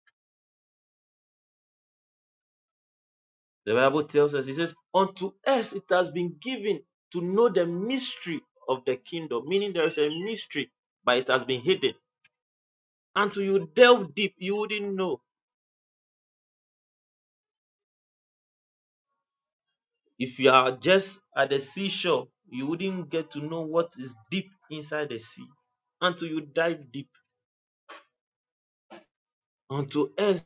C: The Bible tells us, it says, Unto us it has been given to know the mystery of the kingdom, meaning there is a mystery, but it has been hidden so deep you wouldn't know. If you are just at the seashore, you wouldn't get to know what is deep inside the sea until you dive deep. Unto us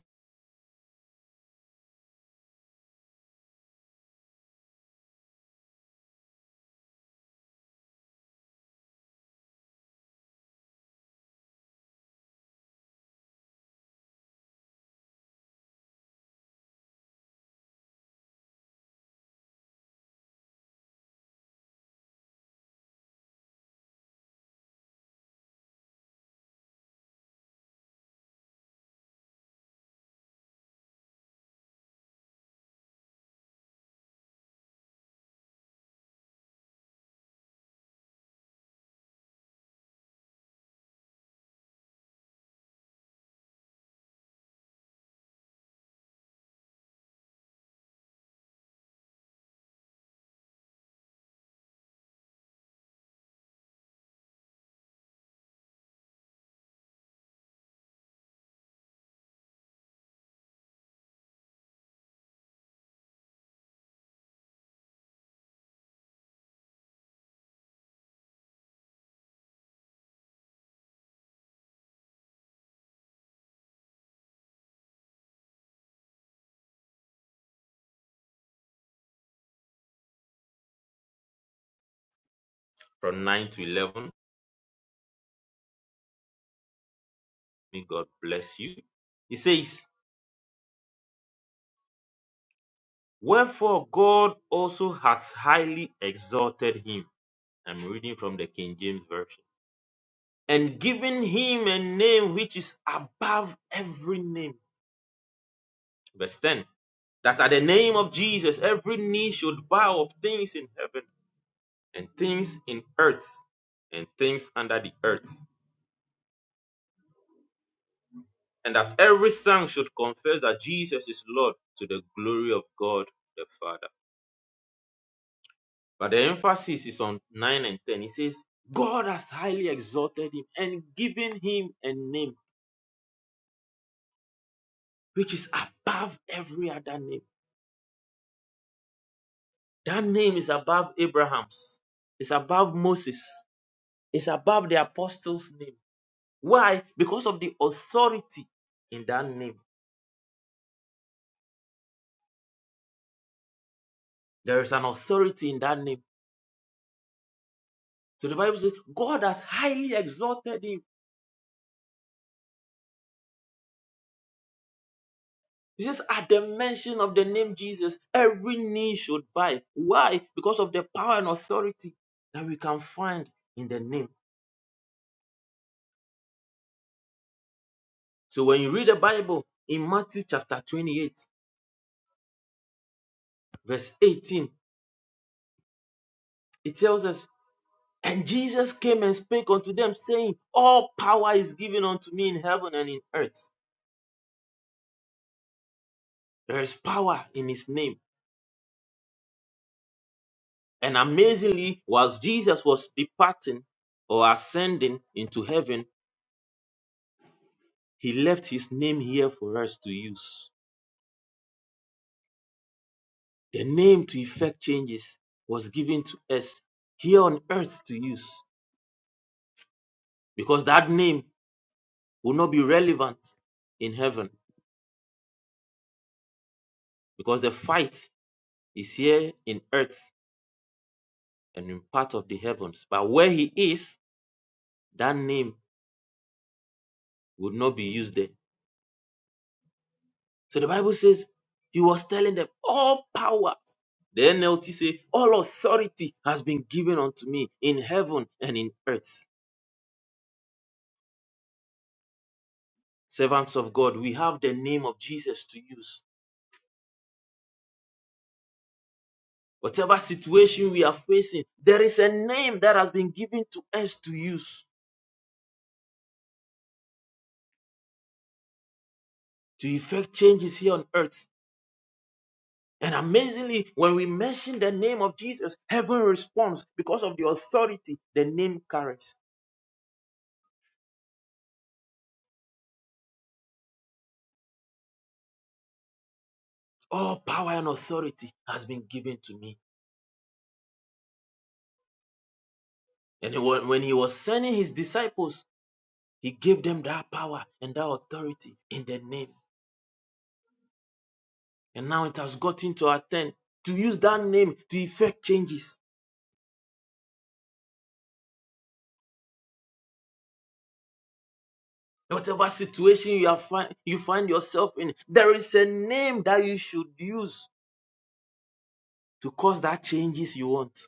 C: from 9 to 11, may God bless you. He says, Wherefore God also hath highly exalted him. I'm reading from the King James Version. And given him a name which is above every name. Verse 10 that at the name of Jesus every knee should bow of things in heaven and things in earth and things under the earth, and that every tongue should confess that Jesus is Lord to the glory of God the Father. But the emphasis is on 9 and 10. It says, God has highly exalted him and given him a name which is above every other name. That name is above Abraham's, it's above Moses, it's above the apostles' name. Why? Because of the authority in that name. There is an authority in that name So the Bible says, God has highly exalted him. He says, at the mention of the name Jesus, every knee should bow. Why? Because of the power and authority that we can find in the name. So when you read the Bible in Matthew chapter 28, verse 18, it tells us, And Jesus came and spake unto them, saying, All power is given unto me in heaven and in earth. There is power in his name. And amazingly, whilst Jesus was departing, or ascending into heaven, He left his name here for us to use. The name to effect changes was given to us here on earth to use because that name will not be relevant in heaven because the fight is here in earth and in part of the heavens. But where he is, that name would not be used there. So the Bible says he was telling them, All power the NLT say, All authority has been given unto me in heaven and in earth. servants of God, we have the name of Jesus to use. Whatever situation we are facing, there is a name that has been given to us to use to effect changes here on earth. And amazingly, when we mention the name of Jesus, heaven responds because of the authority the name carries. All power and authority has been given to me. And when he was sending his disciples, he gave them that power and that authority in the name. And now it has gotten to our turn to use that name to effect changes. Whatever situation you, are find, you find yourself in, there is a name that you should use to cause that changes you want.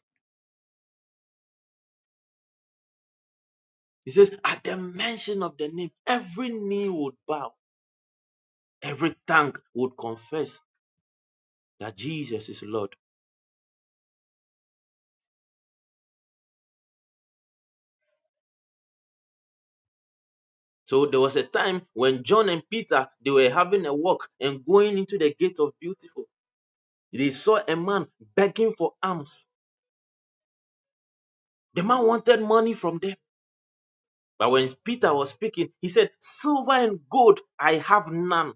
C: He says, at the mention of the name, every knee would bow, every tongue would confess that Jesus is Lord. So there was a time when John and Peter they were having a walk and going into the gate of beautiful. They saw a man begging for alms. The man wanted money from them. But when Peter was speaking, he said, Silver and gold I have none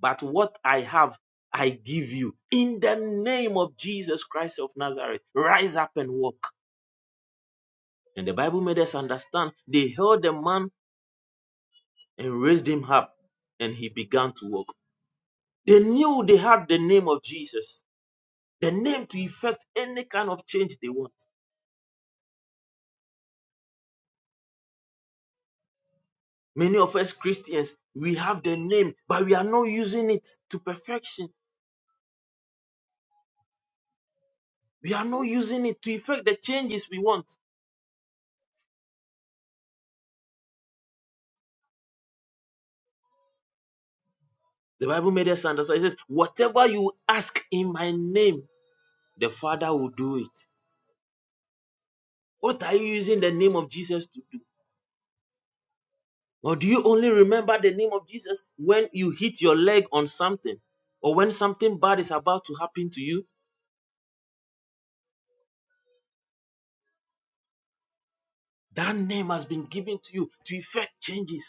C: but what I have, I give you. In the name of Jesus Christ of Nazareth, rise up and walk. And the Bible made us understand they held the man and raised him up, and he began to walk. They knew they had the name of Jesus, the name to effect any kind of change they want. Many of us Christians, we have the name, but we are not using it to perfection. We are not using it to effect the changes we want. The Bible made us understand. It says, Whatever you ask in my name, the Father will do it. What are you using the name of Jesus to do? Or do you only remember the name of Jesus when you hit your leg on something or when something bad is about to happen to you? That name has been given to you to effect changes,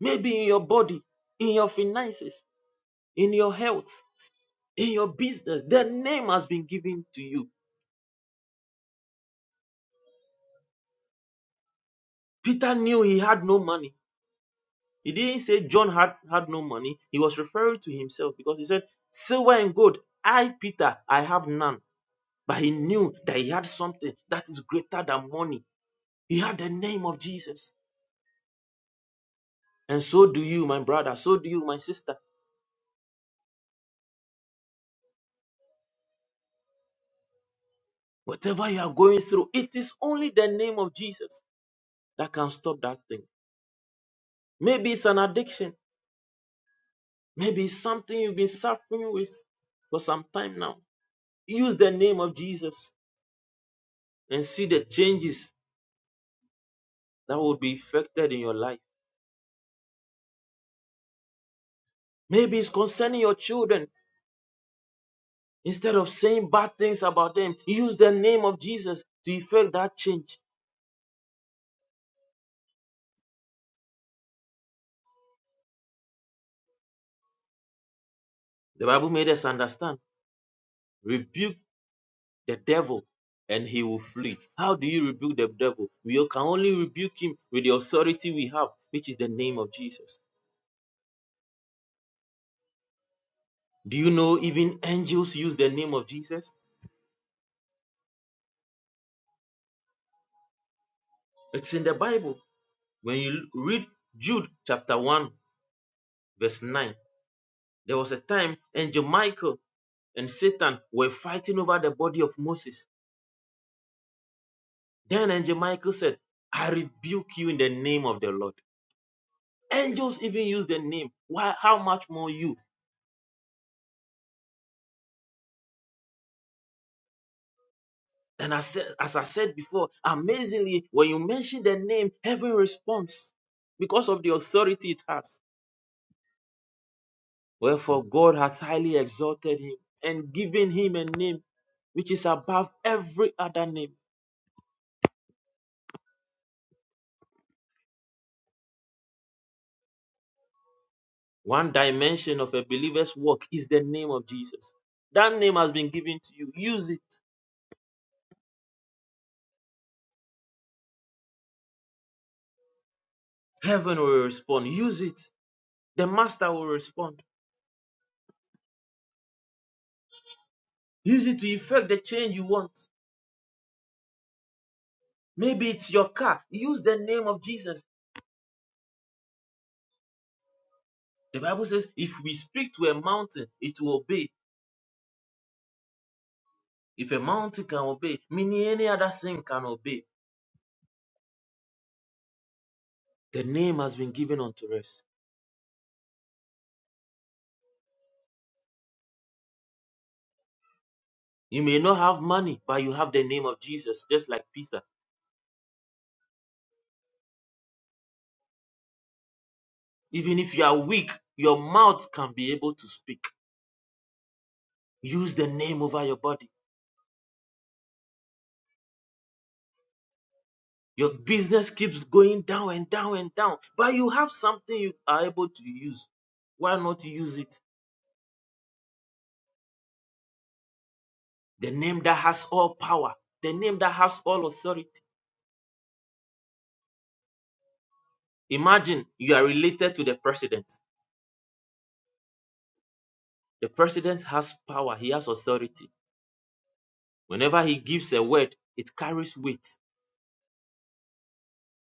C: maybe in your body, in your finances, in your health, in your business. The name has been given to you. Peter knew he had no money. He didn't say John had, had no money. He was referring to himself because he said, Silver and gold, I, Peter, I have none But he knew that he had something that is greater than money. He had the name of Jesus. And so do you, my brother. So do you, my sister. Whatever you are going through, it is only the name of Jesus that can stop that thing. Maybe it's an addiction. Maybe it's something you've been suffering with for some time now. Use the name of Jesus and see the changes that will be effected in your life. Maybe it's concerning your children. Instead of saying bad things about them, use the name of Jesus to effect that change. The Bible made us understand. Rebuke the devil and he will flee. How do you rebuke the devil? We can only rebuke him with the authority we have, which is the name of Jesus. Do you know even angels use the name of Jesus? It's in the Bible. When you read Jude chapter 1, verse 9, there was a time angel Michael and Satan were fighting over the body of Moses. Then angel Michael said, I rebuke you in the name of the Lord. Angels even use the name. Why? How much more you? And I said, as I said before, amazingly, when you mention the name, heaven responds because of the authority it has. Wherefore God hath highly exalted him and given him a name which is above every other name. One dimension of a believer's work is the name of Jesus. That name has been given to you. Use it. Heaven will respond. Use it. The master will respond. Use it to effect the change you want. Maybe it's your car. Use the name of Jesus. The Bible says, if we speak to a mountain, it will obey. If a mountain can obey, meaning any other thing can obey, the name has been given unto us. You may not have money, but you have the name of Jesus, just like Peter. Even if you are weak, your mouth can be able to speak. Use the name over your body. Your business keeps going down and down and down, but you have something you are able to use. Why not use it? The name that has all power, the name that has all authority Imagine you are related to the president. The president has power, he has authority. Whenever he gives a word, it carries weight.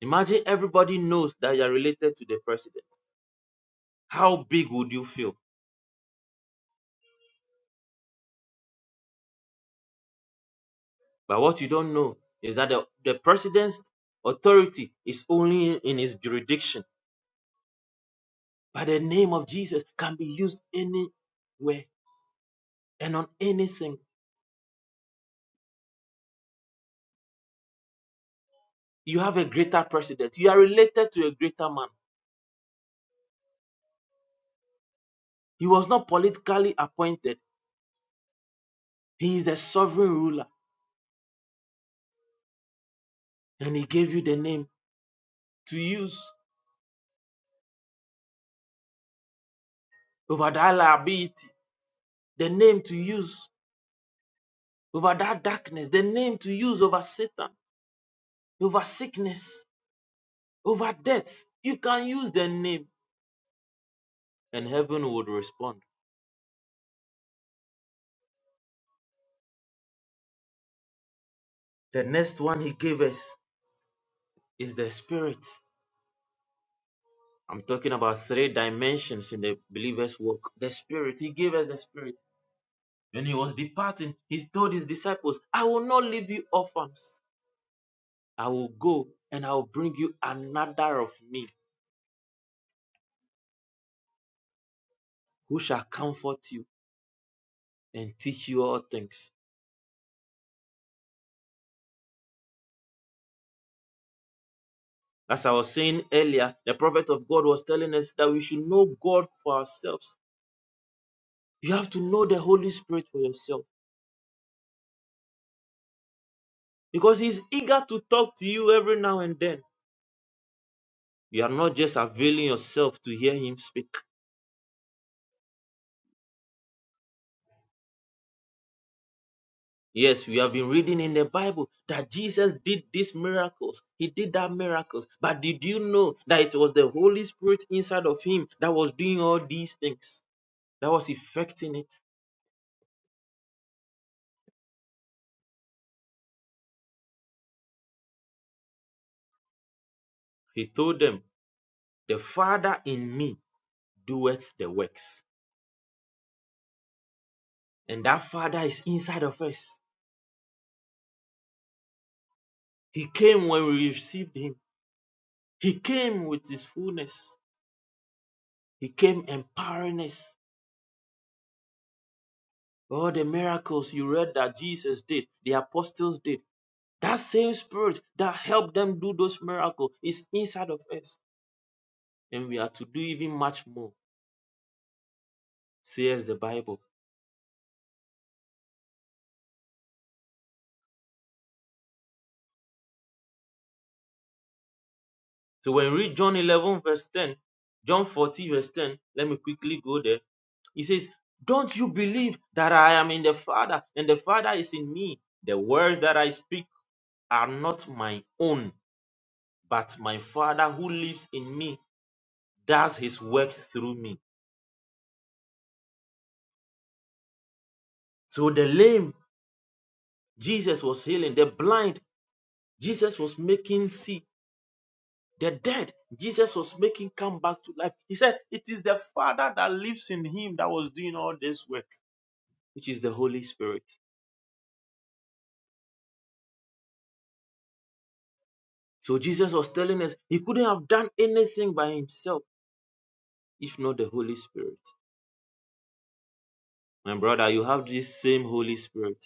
C: Imagine everybody knows that you are related to the president. How big would you feel? But what you don't know is that the, the president's authority is only in his jurisdiction. But the name of Jesus can be used anywhere and on anything. You have a greater president. You are related to a greater man. He was not politically appointed. He is the sovereign ruler. and he gave you the name to use over that liability, the name to use over that darkness, the name to use over Satan, over sickness, over death. You can use the name and heaven would respond. The next one he gave us is the spirit. I'm talking about three dimensions in the believer's walk. The spirit, he gave us the spirit. When he was departing, he told his disciples, I will not leave you orphans. I will go and I will bring you another of me who shall comfort you and teach you all things. As I was saying earlier, the prophet of God was telling us that we should know God for ourselves. You have to know the Holy Spirit for yourself because He's eager to talk to you every now and then. You are not just availing yourself to hear Him speak. Yes, we have been reading in the Bible that Jesus did these miracles. He did that miracles. But did you know that it was the Holy Spirit inside of him that was doing all these things? That was effecting it. He told them The Father in me doeth the works. And that Father is inside of us. He came when we received Him, He came with His fullness, He came empowering us. All the miracles you read that Jesus did, the apostles did, that same Spirit that helped them do those miracles is inside of us. And we are to do even much more, says the Bible. So when we read John 11, verse 10, John 14, verse 10, let me quickly go there. He says, Don't you believe that I am in the Father and the Father is in me? The words that I speak are not my own, but my Father who lives in me does his work through me. So the lame, Jesus was healing. The blind, Jesus was making see. The dead, Jesus was making come back to life. He said, It is the Father that lives in him that was doing all this work, which is the Holy Spirit. So Jesus was telling us he couldn't have done anything by himself if not the Holy Spirit. My brother, you have this same Holy Spirit.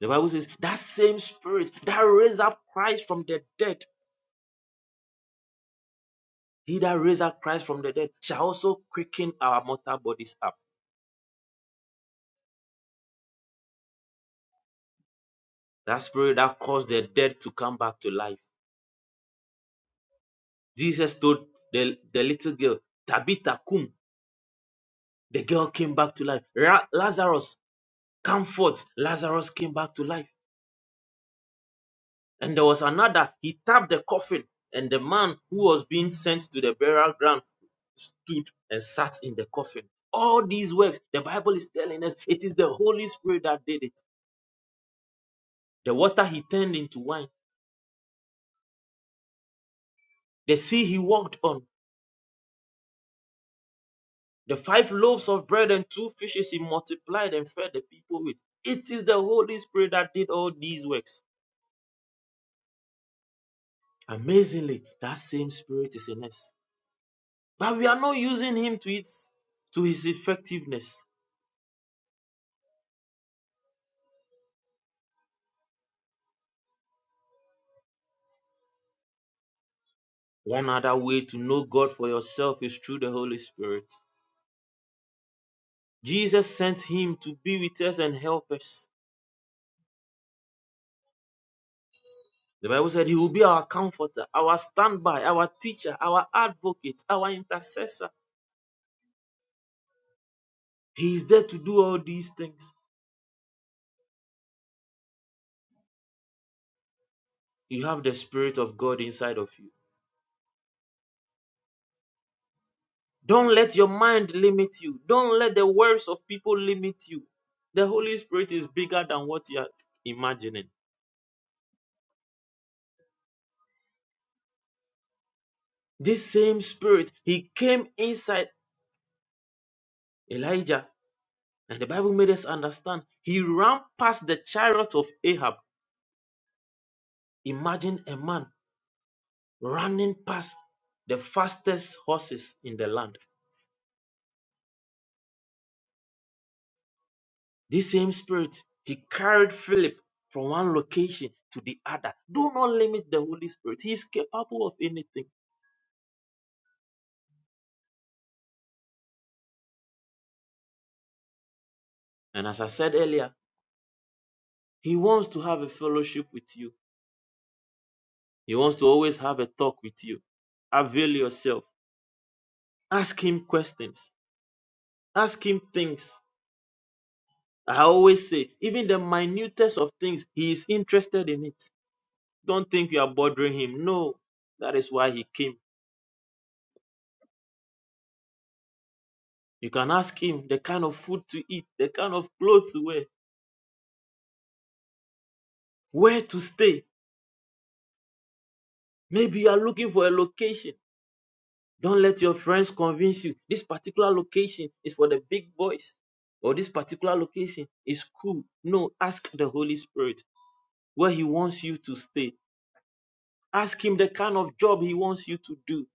C: The Bible says that same Spirit that raised up Christ from the dead, he that raised up Christ from the dead shall also quicken our mortal bodies up. That Spirit that caused the dead to come back to life. Jesus told the, the little girl, Tabitha, cum, the girl came back to life. Ra- Lazarus, come forth. Lazarus came back to life. And there was another, he tapped the coffin, and the man who was being sent to the burial ground stood and sat in the coffin. All these works, the Bible is telling us it is the Holy Spirit that did it. The water he turned into wine, the sea he walked on, the five loaves of bread and two fishes he multiplied and fed the people with. It is the Holy Spirit that did all these works. Amazingly, that same Spirit is in us. But we are not using him to its to his effectiveness. One other way to know God for yourself is through the Holy Spirit. Jesus sent him to be with us and help us. The Bible said he will be our comforter, our standby, our teacher, our advocate, our intercessor. He is there to do all these things. You have the Spirit of God inside of you. Don't let your mind limit you. Don't let the words of people limit you. The Holy Spirit is bigger than what you are imagining. This same Spirit, He came inside Elijah, and the Bible made us understand He ran past the chariot of Ahab. Imagine a man running past the fastest horses in the land. This same spirit, he carried Philip from one location to the other. Do not limit the Holy Spirit. He is capable of anything. And as I said earlier, he wants to have a fellowship with you. He wants to always have a talk with you. Avail yourself. Ask him questions. Ask him things. I always say, even the minutest of things, he is interested in it. Don't think you are bothering him. No, that is why he came. You can ask him the kind of food to eat, the kind of clothes to wear, where to stay. Maybe you are looking for a location. Don't let your friends convince you this particular location is for the big boys or this particular location is cool. No, ask the Holy Spirit where he wants you to stay. Ask him the kind of job he wants you to do.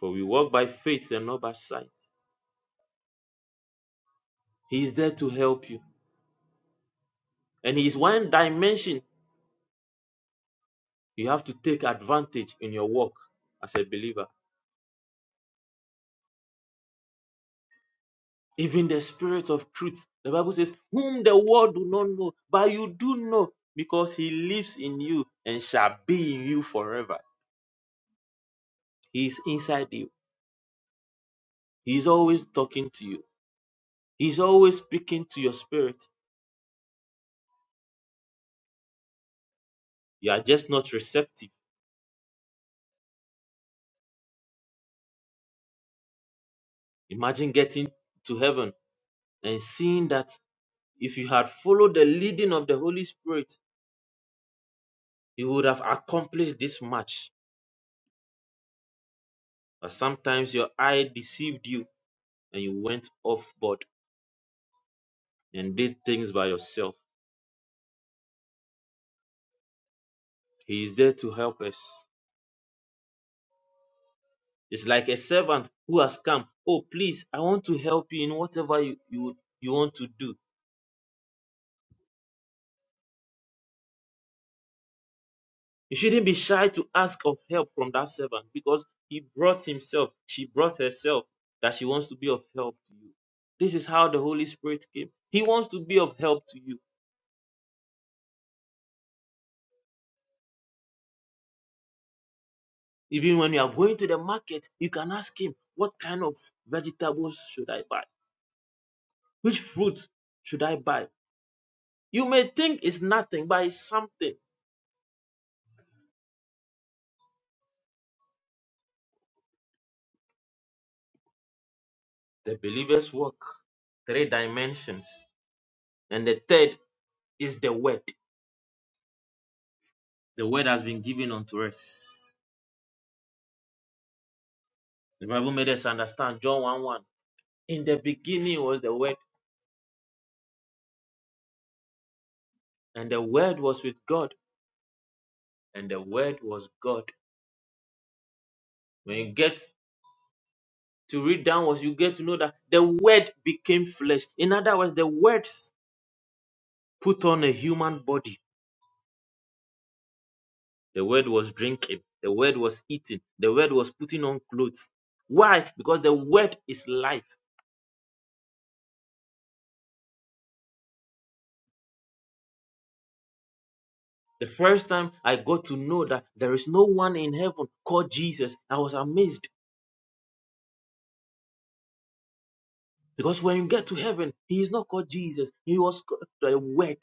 C: For we walk by faith and not by sight. He is there to help you and he is watching. You have to take advantage in your walk as a believer. even the spirit of truth. The Bible says, Whom the world do not know, but you do know, because he lives in you and shall be in you forever. He is inside you. He is always talking to you. He is always speaking to your spirit. You are just not receptive. Imagine getting to heaven and seeing that if you had followed the leading of the Holy Spirit, you would have accomplished this much. But sometimes your eye deceived you and you went off board and did things by yourself He is there to help us. It's like a servant who has come. Oh, please, I want to help you in whatever you, you, you want to do. You shouldn't be shy to ask of help from that servant because he brought himself, she brought herself that she wants to be of help. This is how the Holy Spirit came. He wants to be of help to you. Even when you are going to the market, you can ask him, What kind of vegetables should I buy? Which fruit should I buy? You may think it's nothing. The believer's work, three dimensions. And the third is the word. The word has been given unto us. The Bible made us understand John 1 1. In the beginning was the word, and the word was with God, and the word was God. When you get to read downwards, you get to know that the word became flesh. In other words, the words put on a human body. The word was drinking, the word was eating, the word was putting on clothes. Why? Because the word is life. The first time I got to know that there is no one in heaven called Jesus, I was amazed because when you get to heaven, he is not called Jesus, he was called the Word.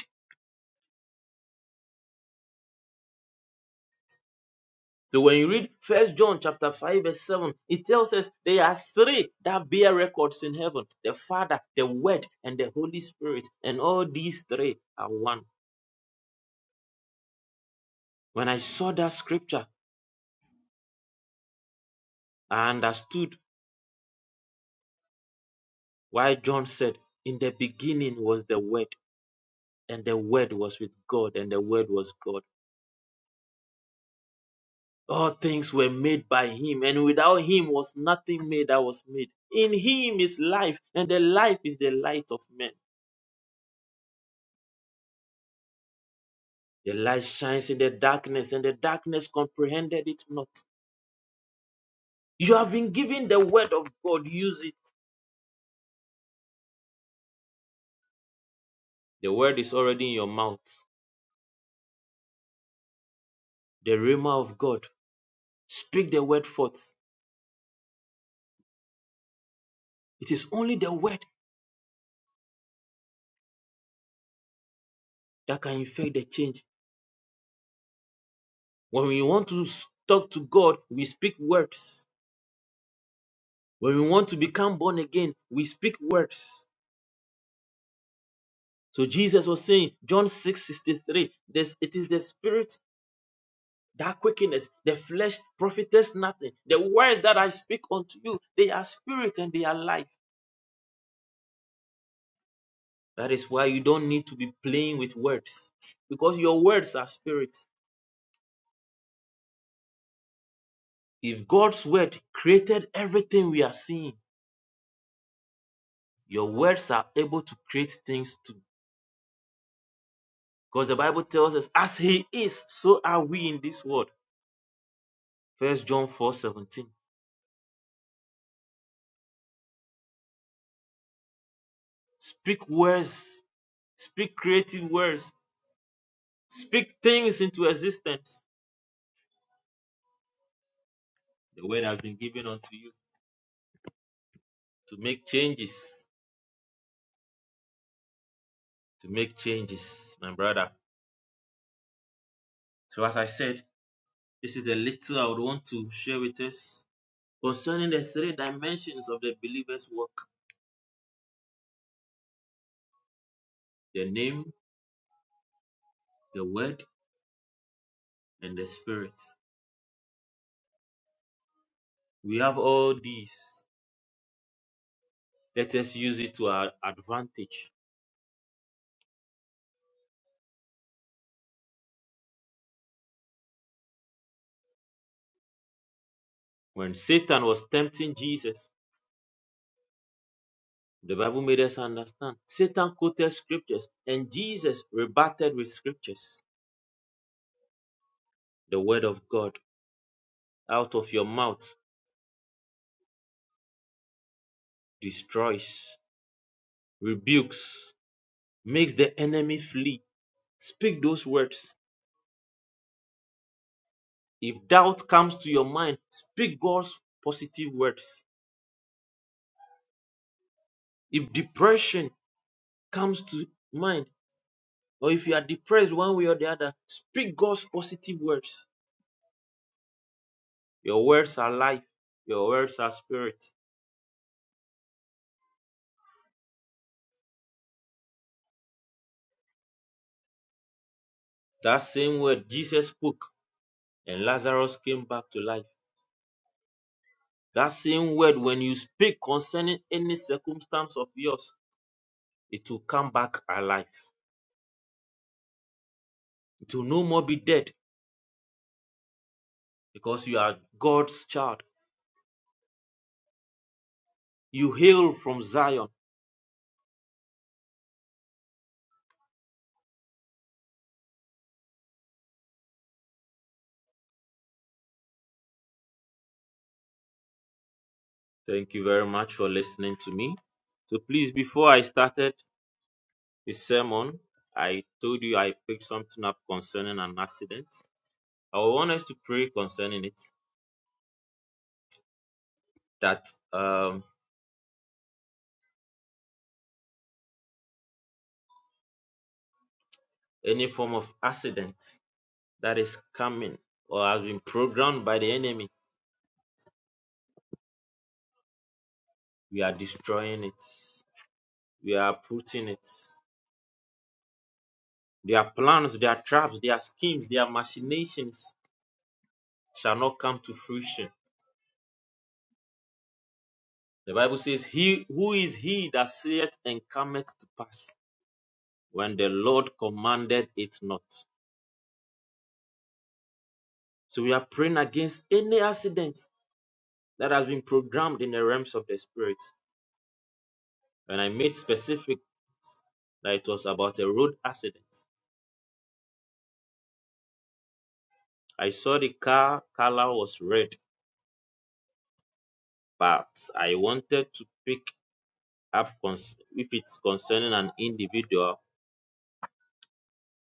C: So when you read First John chapter five verse seven, it tells us there are three that bear records in heaven: the Father, the Word, and the Holy Spirit. And all these three are one. When I saw that scripture, I understood why John said, "In the beginning was the Word, and the Word was with God, and the Word was God." All things were made by him, and without him was nothing made that was made. In him is life, and the life is the light of men. The light shines in the darkness, and the darkness comprehended it not. You have been given the word of God, use it. The word is already in your mouth. The rhema of God, speak the word forth. It is only the word that can effect the change. When we want to talk to God, we speak words. When we want to become born again, we speak words. So Jesus was saying, John 6 63. this, it is the spirit that quickeneth, the flesh profiteth nothing. The words that I speak unto you, they are spirit and they are life. That is why you don't need to be playing with words, because your words are spirit. If God's word created everything we are seeing, your words are able to create things too. Because the Bible tells us, as He is, so are we in this world. First John four seventeen. Speak words, speak creative words Speak things into existence. The word has been given unto you to make changes, to make changes, my brother. So, as I said, this is the little I would want to share with us concerning the three dimensions of the believer's work the name, the word, and the spirit. We have all these. Let us use it to our advantage. When Satan was tempting Jesus, the Bible made us understand. Satan quoted scriptures, and Jesus rebutted with scriptures. The word of God out of your mouth destroys, rebukes, makes the enemy flee. Speak those words. If doubt comes to your mind, speak God's positive words. If depression comes to mind, or if you are depressed one way or the other, speak God's positive words. Your words are life, your words are spirit. That same word Jesus spoke, and Lazarus came back to life. That same word, when you speak concerning any circumstance of yours, it will come back alive. It will no more be dead because you are God's child. You hail from Zion. Thank you very much for listening to me. So please, before I started this sermon, I told you I picked something up concerning an accident. I want us to pray concerning it that um, any form of accident that is coming or has been programmed by the enemy, we are destroying it. We are putting it Their plans, their traps, their schemes, their machinations shall not come to fruition. The Bible says, He who is he that saith and cometh to pass when the Lord commanded it not. So we are praying against any accident that has been programmed in the realms of the spirit. And I made specific that it was about a road accident. I saw the car color was red, but I wanted to pick up cons- if it's concerning an individual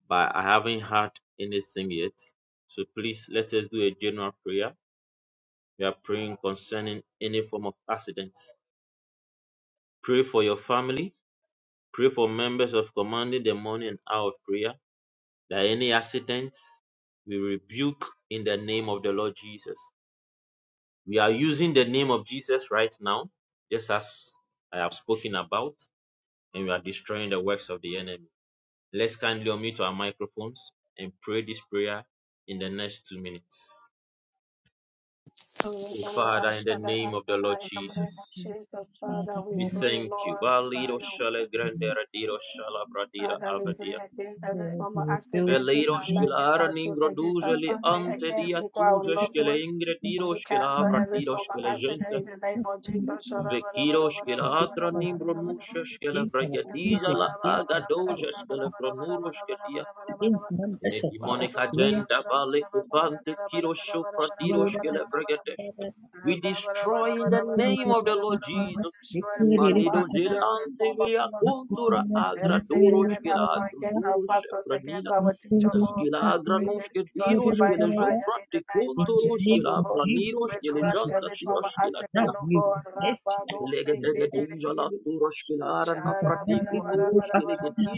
C: but I haven't had anything yet. So please let us do a general prayer. We are praying concerning any form of accident. Pray for your family. Pray for members of commanding the morning and hour of prayer. That any accidents we rebuke in the name of the Lord Jesus. We are using the name of Jesus right now, just as I have spoken about, and we are destroying the works of the enemy. Let's kindly unmute our microphones and pray this prayer in the next two minutes. O
J: Oh, I
C: Father, in the
J: shall I
C: name
J: in
C: of the Lord
J: the
C: Jesus,
J: name of Jesus,
B: Jesus,
J: Father,
B: Father,
J: we
C: we
B: Lord,
J: pray,
C: thank you.
J: Lord, by
C: Valido
J: your
C: shale
J: way.
B: Lord,
C: grandera diro shala bradira
J: Father, we
B: great
J: pray
C: avadia.
J: against every
B: Lord,
J: form
B: you
J: of
B: will
J: accident, against
C: Velido
J: our
B: begin
J: life,
B: to
C: shkila
J: against
C: ara
J: our
C: ningro
J: children, against
C: duze
J: our
C: li
J: family,
C: ante
J: against
C: dia
J: people, our
C: tuze
J: loved
C: shkele
J: ones.
C: ingre
B: blessing
C: diro
J: We
C: shkela
J: cancel
C: avra
J: every
C: diro
J: form of
C: shkele
J: accident
C: gente.
J: in the name of Jesus.
B: us
J: Shara
C: Vekiro shkela
B: against
C: atra
B: our
C: nimbro nusha shkele
B: against our
C: vraya diza
B: children,
C: la
B: against
C: aga
B: our wife,
C: bronuro shkele
B: against
C: In
B: members
C: a
B: of our
C: demonic
B: of prayer.
C: agenda, Vale Kirosho Pratirosh Kelebregadeshke. We destroy in
B: In
C: the
B: the name
C: name of the Lord Jesus.
J: Destroy every form of
C: Malido
J: accident, every
C: Zelante
J: form of
C: Via
J: evil to glory.
C: Contura Agra
J: Anything the
C: Dorosh
J: enemy apply
C: Kelagro
J: against our pastors, against
C: Pranina.
J: our teacher, Lord,
C: Sgila
J: we
C: Granoshke
J: destroy it
C: Diroshke
J: by
C: Lejo
J: fire in the
C: Prati
J: name of
C: Contoroshke
J: Jesus, O
C: La
B: of
J: God.
B: Jesus,
J: We
C: Praniroshke
B: we
J: crush
C: Lejanta
J: every
B: do
J: form of
C: Tiroshke La
B: Now
C: Dia.
J: accident, O
B: you
J: God.
B: confess to
J: Rabado, take
B: excellence.
J: it,
B: Now
J: it, it, it.
C: Legedegedejala Turoshke La
B: you
C: Arana
B: command
C: Frati
B: me to go back
C: Kronuroshke
B: to sin in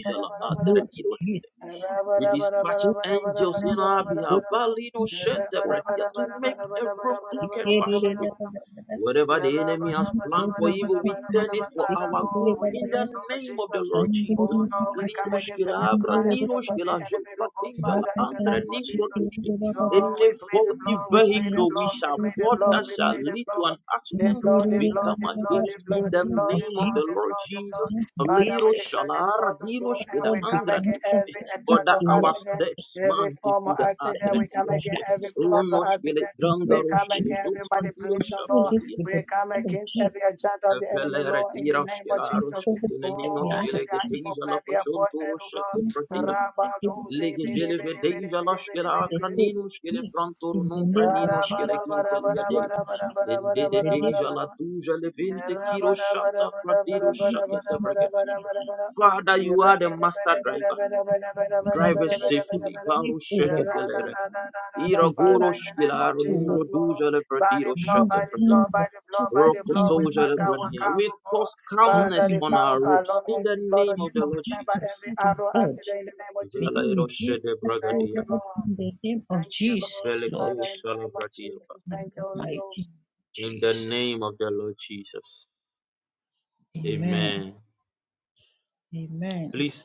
B: the name of Jesus.
C: we dispatch
B: Go back to
C: angels
B: sin,
C: in our
B: go
C: behalf
B: back
J: Ra-bara-bara-bara-bara-bara-bara-bara-bara-bara-bara-bara.
B: to
C: Valino
B: sin,
J: bara
B: go
J: bara
C: Shedebre,
B: back to
C: to
J: bara bara
C: make
J: bara bara
C: every
J: bara
B: sin.
C: crooked
B: In
J: bara
C: path
J: bara
C: straight.
J: bara
C: Whatever
J: Father,
C: the enemy has planned for evil,
I: I'm not
C: we turn it for
I: afraid
C: our
I: of
J: Lord,
C: good
J: we
C: in
J: pray,
C: the
J: Lord
C: name of the
J: Jesus.
C: Lord
J: Oh
C: Jesus.
J: Lord, we come against every
C: Liboshkilabra,
B: the
J: crime of the
C: niloshkila,
J: enemy, Lord God,
C: jofratinjala,
J: Father, in the
C: antre
J: name of Jesus.
C: nikrodushki.
J: Lord,
C: Any
J: we pray the
C: faulty
J: blood, we pray the
C: vehicle we
J: blood, we
C: shall
J: pray the
C: board
J: blood,
C: that
J: we
C: shall
J: pray the
C: lead to an
J: blood. The
C: accident,
J: blood, the
C: we
J: blood,
C: come
J: the blood, the
C: against
J: blood,
C: in the
J: the
B: name
J: blood,
B: of
J: the
C: name of
J: blood,
C: the
J: the
C: Lord
J: blood, the
C: Jesus.
J: blood. Father, we
B: Jesus,
J: declare the
C: Liroshalara,
J: blood of God
B: the
J: and
C: diroshkila,
B: Lord,
J: we
B: we
J: come against
C: angradish.
B: cancel
J: every
C: For
B: every
J: attack
C: that
J: of
C: our
B: plot of
J: accident,
B: the
C: steps,
J: every
C: man, to
J: form
C: be
J: of accident. We
B: concerning
J: come
C: the
B: our
J: against every
B: lives.
J: plot of
C: Ronoshkele,
J: accident.
B: The
J: We
B: Lord
J: come
C: Drangaroshkele,
J: against every
B: Jesus, we
J: manipulation,
C: Zopratiroshka,
B: cancel
J: Lord.
B: it
C: Protia,
B: with
J: We
B: the
J: come
B: blood of
J: against every
B: Jesus.
J: giant of the enemy.
C: Velere,
J: Lord, in the name
C: Diroshkele,
J: of Jesus,
B: Cancel it
C: Aroshkele,
B: with the
I: heights.
J: O
B: blood of
C: Ninoshkele,
J: mighty
B: Jesus.
J: One,
C: Gedeja,
J: prepare your throne for
C: Lafashontoroshe,
J: God.
B: Cancel
C: Tefratira,
B: it with the
J: Rabbah, do
B: blood of
J: se,
B: Jesus.
J: bere
C: Legele,
J: bere bere
C: Vedeja,
J: bere bere
C: Lashkele,
B: In
J: bere
B: the
J: bere,
B: name of
C: Akraninoshkele,
B: Jesus.
C: Prantoro,
B: In the name
J: bara
B: of
C: Nonpraninoshkele,
B: Jesus.
J: bara bara
B: In
C: Gintelia,
J: bara
B: the name
C: De,
J: bara
B: of
J: bara
B: Jesus.
J: bara
B: In
C: Ende, De,
B: the
J: bara bara
B: name
C: Deja, La
J: bara.
C: Duja,
J: Father, in
C: Levinte,
J: the
C: Kiroshata,
B: of
C: Pratiroshake,
B: Jesus.
C: Tebregeteshke. Father, you are the master driver. Drive us
B: Help me,
C: safely.
B: deep, O Lord.
C: Ira
B: We help me,
C: gurosh
J: name
B: deep,
C: kilar
J: of
B: O
J: Jesus,
B: Lord.
C: nungro
J: Lord,
C: duja le
J: by
C: pradiro
J: the blood,
B: You
C: shete
J: by the
C: frate.
B: redeem
J: blood, by
B: the
J: the blood, by
B: children
J: the
C: Roko
B: in
J: blood, we
B: the
C: toja
B: name
C: le
J: mark
B: of
J: our
C: brania.
B: Jesus.
C: We
J: carnal God.
C: cause
B: May you
J: Father,
C: calmness
J: the
C: on
B: redeem
C: our
J: power of our
C: roots
J: Lord,
C: in
J: and
C: the
J: the blood
C: name
J: of
B: May
C: of the
B: we
J: Jesus, we
C: Lord
B: give
J: stand by
B: the
C: Jesus.
J: every
B: fruit of
J: arrow
B: God.
J: accident in the name of
B: May
C: Vela
J: Jesus.
B: you
C: iro shede
B: us,
J: Thank
B: O
C: bragadia.
J: you,
B: Lord,
J: Lord.
B: in the name of
J: Thank you, Lord.
B: Jesus,
C: Vele
B: Lord.
C: ko
J: Father, in the
C: shala
J: name of
C: bradia
J: Jesus,
B: In
J: thank
B: the
J: you, Holy
B: mighty name
J: Ghost.
B: of
C: In the
B: Jesus.
C: name of the Lord Jesus.
B: Amen.
C: Amen.
B: Amen.
C: Please,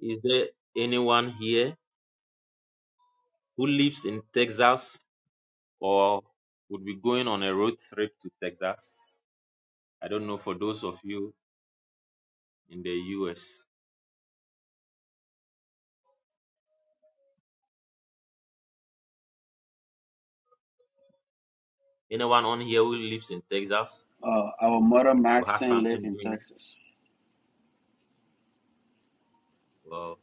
C: is there anyone here who lives in Texas or would be going on a road trip to Texas? I don't know for those of you in the US. Anyone on here who lives in Texas
A: Uh, our mother
C: or has
A: Maxine live
C: something
A: in
C: doing?
A: Texas.
C: Well,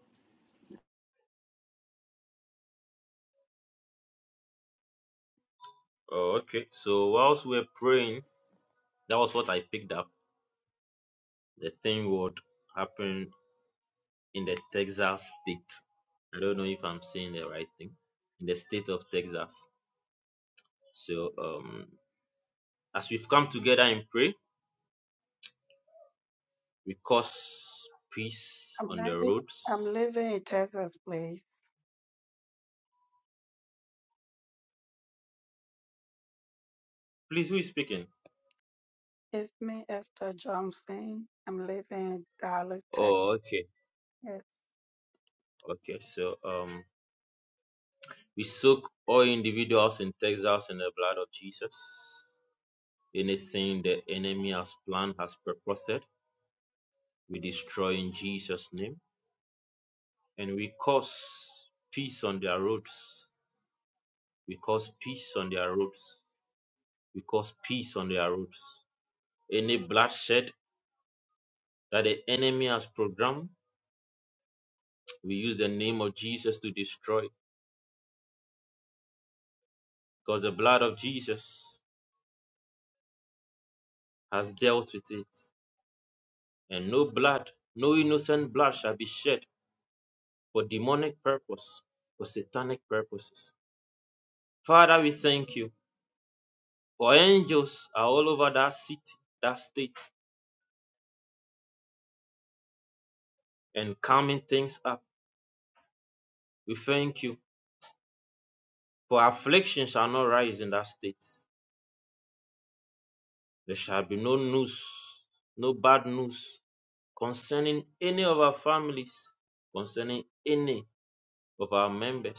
C: oh, okay. So whilst we're praying, that was what I picked up. The thing would happen in the Texas state. I don't know if I'm saying the right thing. In the state of Texas. So um, as we've come together and pray, we cause peace
J: I'm
C: on the
J: leaving,
C: roads.
J: I'm leaving in Texas, please.
C: Please, who is speaking?
J: It's me, Esther Johnson. I'm living in Dallas, Texas.
C: Oh, okay, okay. So um, we soak all individuals in Texas in the blood of Jesus. Anything the enemy has planned, has purposed, we destroy in Jesus' name. And we cause peace on their roads. We cause peace on their roads. We cause peace on their roads. Any bloodshed that the enemy has programmed, we use the name of Jesus to destroy. Because the blood of Jesus has dealt with it. And no blood, no innocent blood shall be shed for demonic purpose, for satanic purposes. Father, we thank you. For angels are all over that city, that state, and calming things up. We thank you. For affliction shall not rise in that state. There shall be no news, no bad news concerning any of our families, concerning any of our members.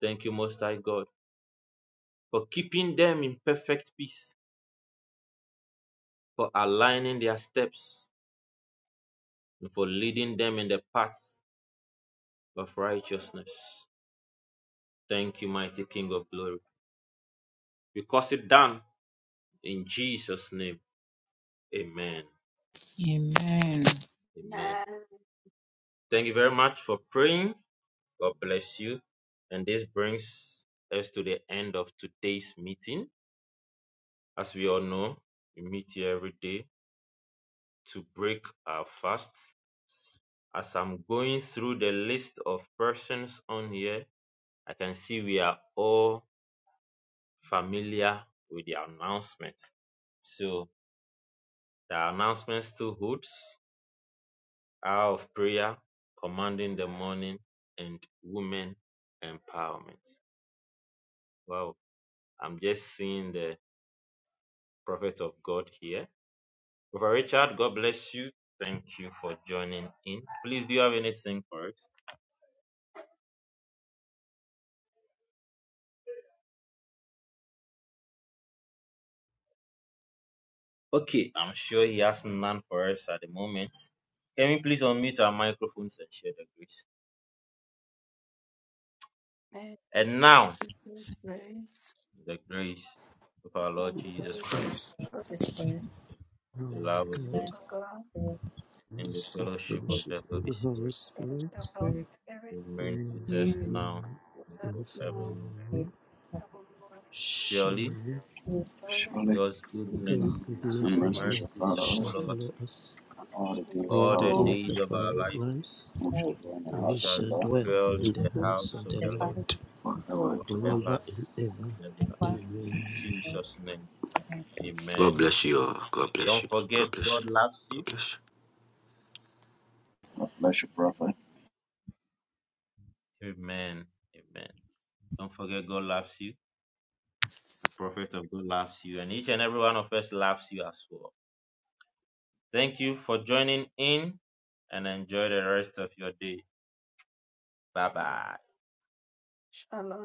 C: Thank you, Most High God, for keeping them in perfect peace, for aligning their steps, and for leading them in the path of righteousness. Thank you, mighty King of glory. Because it done In Jesus' name, amen.
B: Amen.
C: Amen.
J: Nah,
C: Thank you very much for praying. God bless you. And this brings us to the end of today's meeting. As we all know, we meet here every day to break our fasts. As I'm going through the list of persons on here, I can see we are all familiar with the announcement. So the announcement still holds. hour of prayer, commanding the morning, and women empowerment. Well, I'm just seeing the prophet of God here. Brother Richard, God bless you. Thank you for joining in. Please, do you have anything for us? Okay, I'm sure he has none for us at the moment. Can we please unmute our microphones and share the grace?
J: man,
C: And now,
J: it's me, grace.
C: the grace of our Lord
J: From the
E: Jesus
C: Jesus
J: Lord
C: Christ,
J: Jesus
E: Christ.
J: Christ,
B: Jesus Christ,
E: Oh,
C: the
J: the
C: love of
J: love
C: God,
E: God,
B: Amen.
J: of God,
B: Lord,
E: and
C: and
E: the
C: the
E: sweet
C: fellowship
B: the
C: of
E: fellowship
C: the
E: of
B: sweet
C: Holy
J: and
E: the
J: the
C: Spirit
E: Holy
J: fellowship
E: Spirit
J: of
B: Spirit,
J: the Holy Spirit,
C: remains
E: be
C: with
E: with
C: us
E: us
B: you
C: now
E: now
C: and
J: with us
E: and
J: now
C: forevermore.
B: Spirit,
J: and
E: forevermore.
B: of God,
J: forevermore.
C: Surely
E: Surely.
A: Surely.
J: Surely,
C: God's goodness
A: Lord,
E: God,
B: the
J: I
A: Some
E: goodness,
J: will
C: and
E: and
A: mercy
J: live
A: shall
C: mercy
E: mercy
C: shall
A: follow
E: shall
A: us
C: follow us
E: follow us
J: on
A: all
J: the
A: the days of
E: all
J: day
C: all
E: the
A: our
C: the
B: whole
E: days
C: days
A: lives.
E: of
C: of our
E: our
B: good
C: lives,
E: lives,
A: We shall
B: life,
A: dwell in the
C: and
E: and
C: we
E: we
A: house of
C: shall
A: the
E: shall
A: Lord
E: dwell
C: dwell
B: which
E: in
C: in
E: the
C: the
B: is
E: house
C: house
E: of
C: of
E: the
C: the
B: the house
C: Lord
E: Lord
B: of
A: forever
B: God,
A: and ever.
C: forever
E: forever and ever.
C: and ever.
B: ever
C: In
E: Amen.
B: and
C: Jesus' name,
B: ever.
C: amen.
K: God bless you all. God bless
C: Don't
K: you.
C: forget,
K: God bless
C: God
K: you.
C: loves
K: God
C: you.
K: bless you.
A: God bless you, prophet.
C: Amen. Amen. Don't forget, God loves you. The prophet of God loves you. And each and every one of us loves you as well. Thank you for joining in and enjoy the rest of your day. Bye bye.
J: Shalom.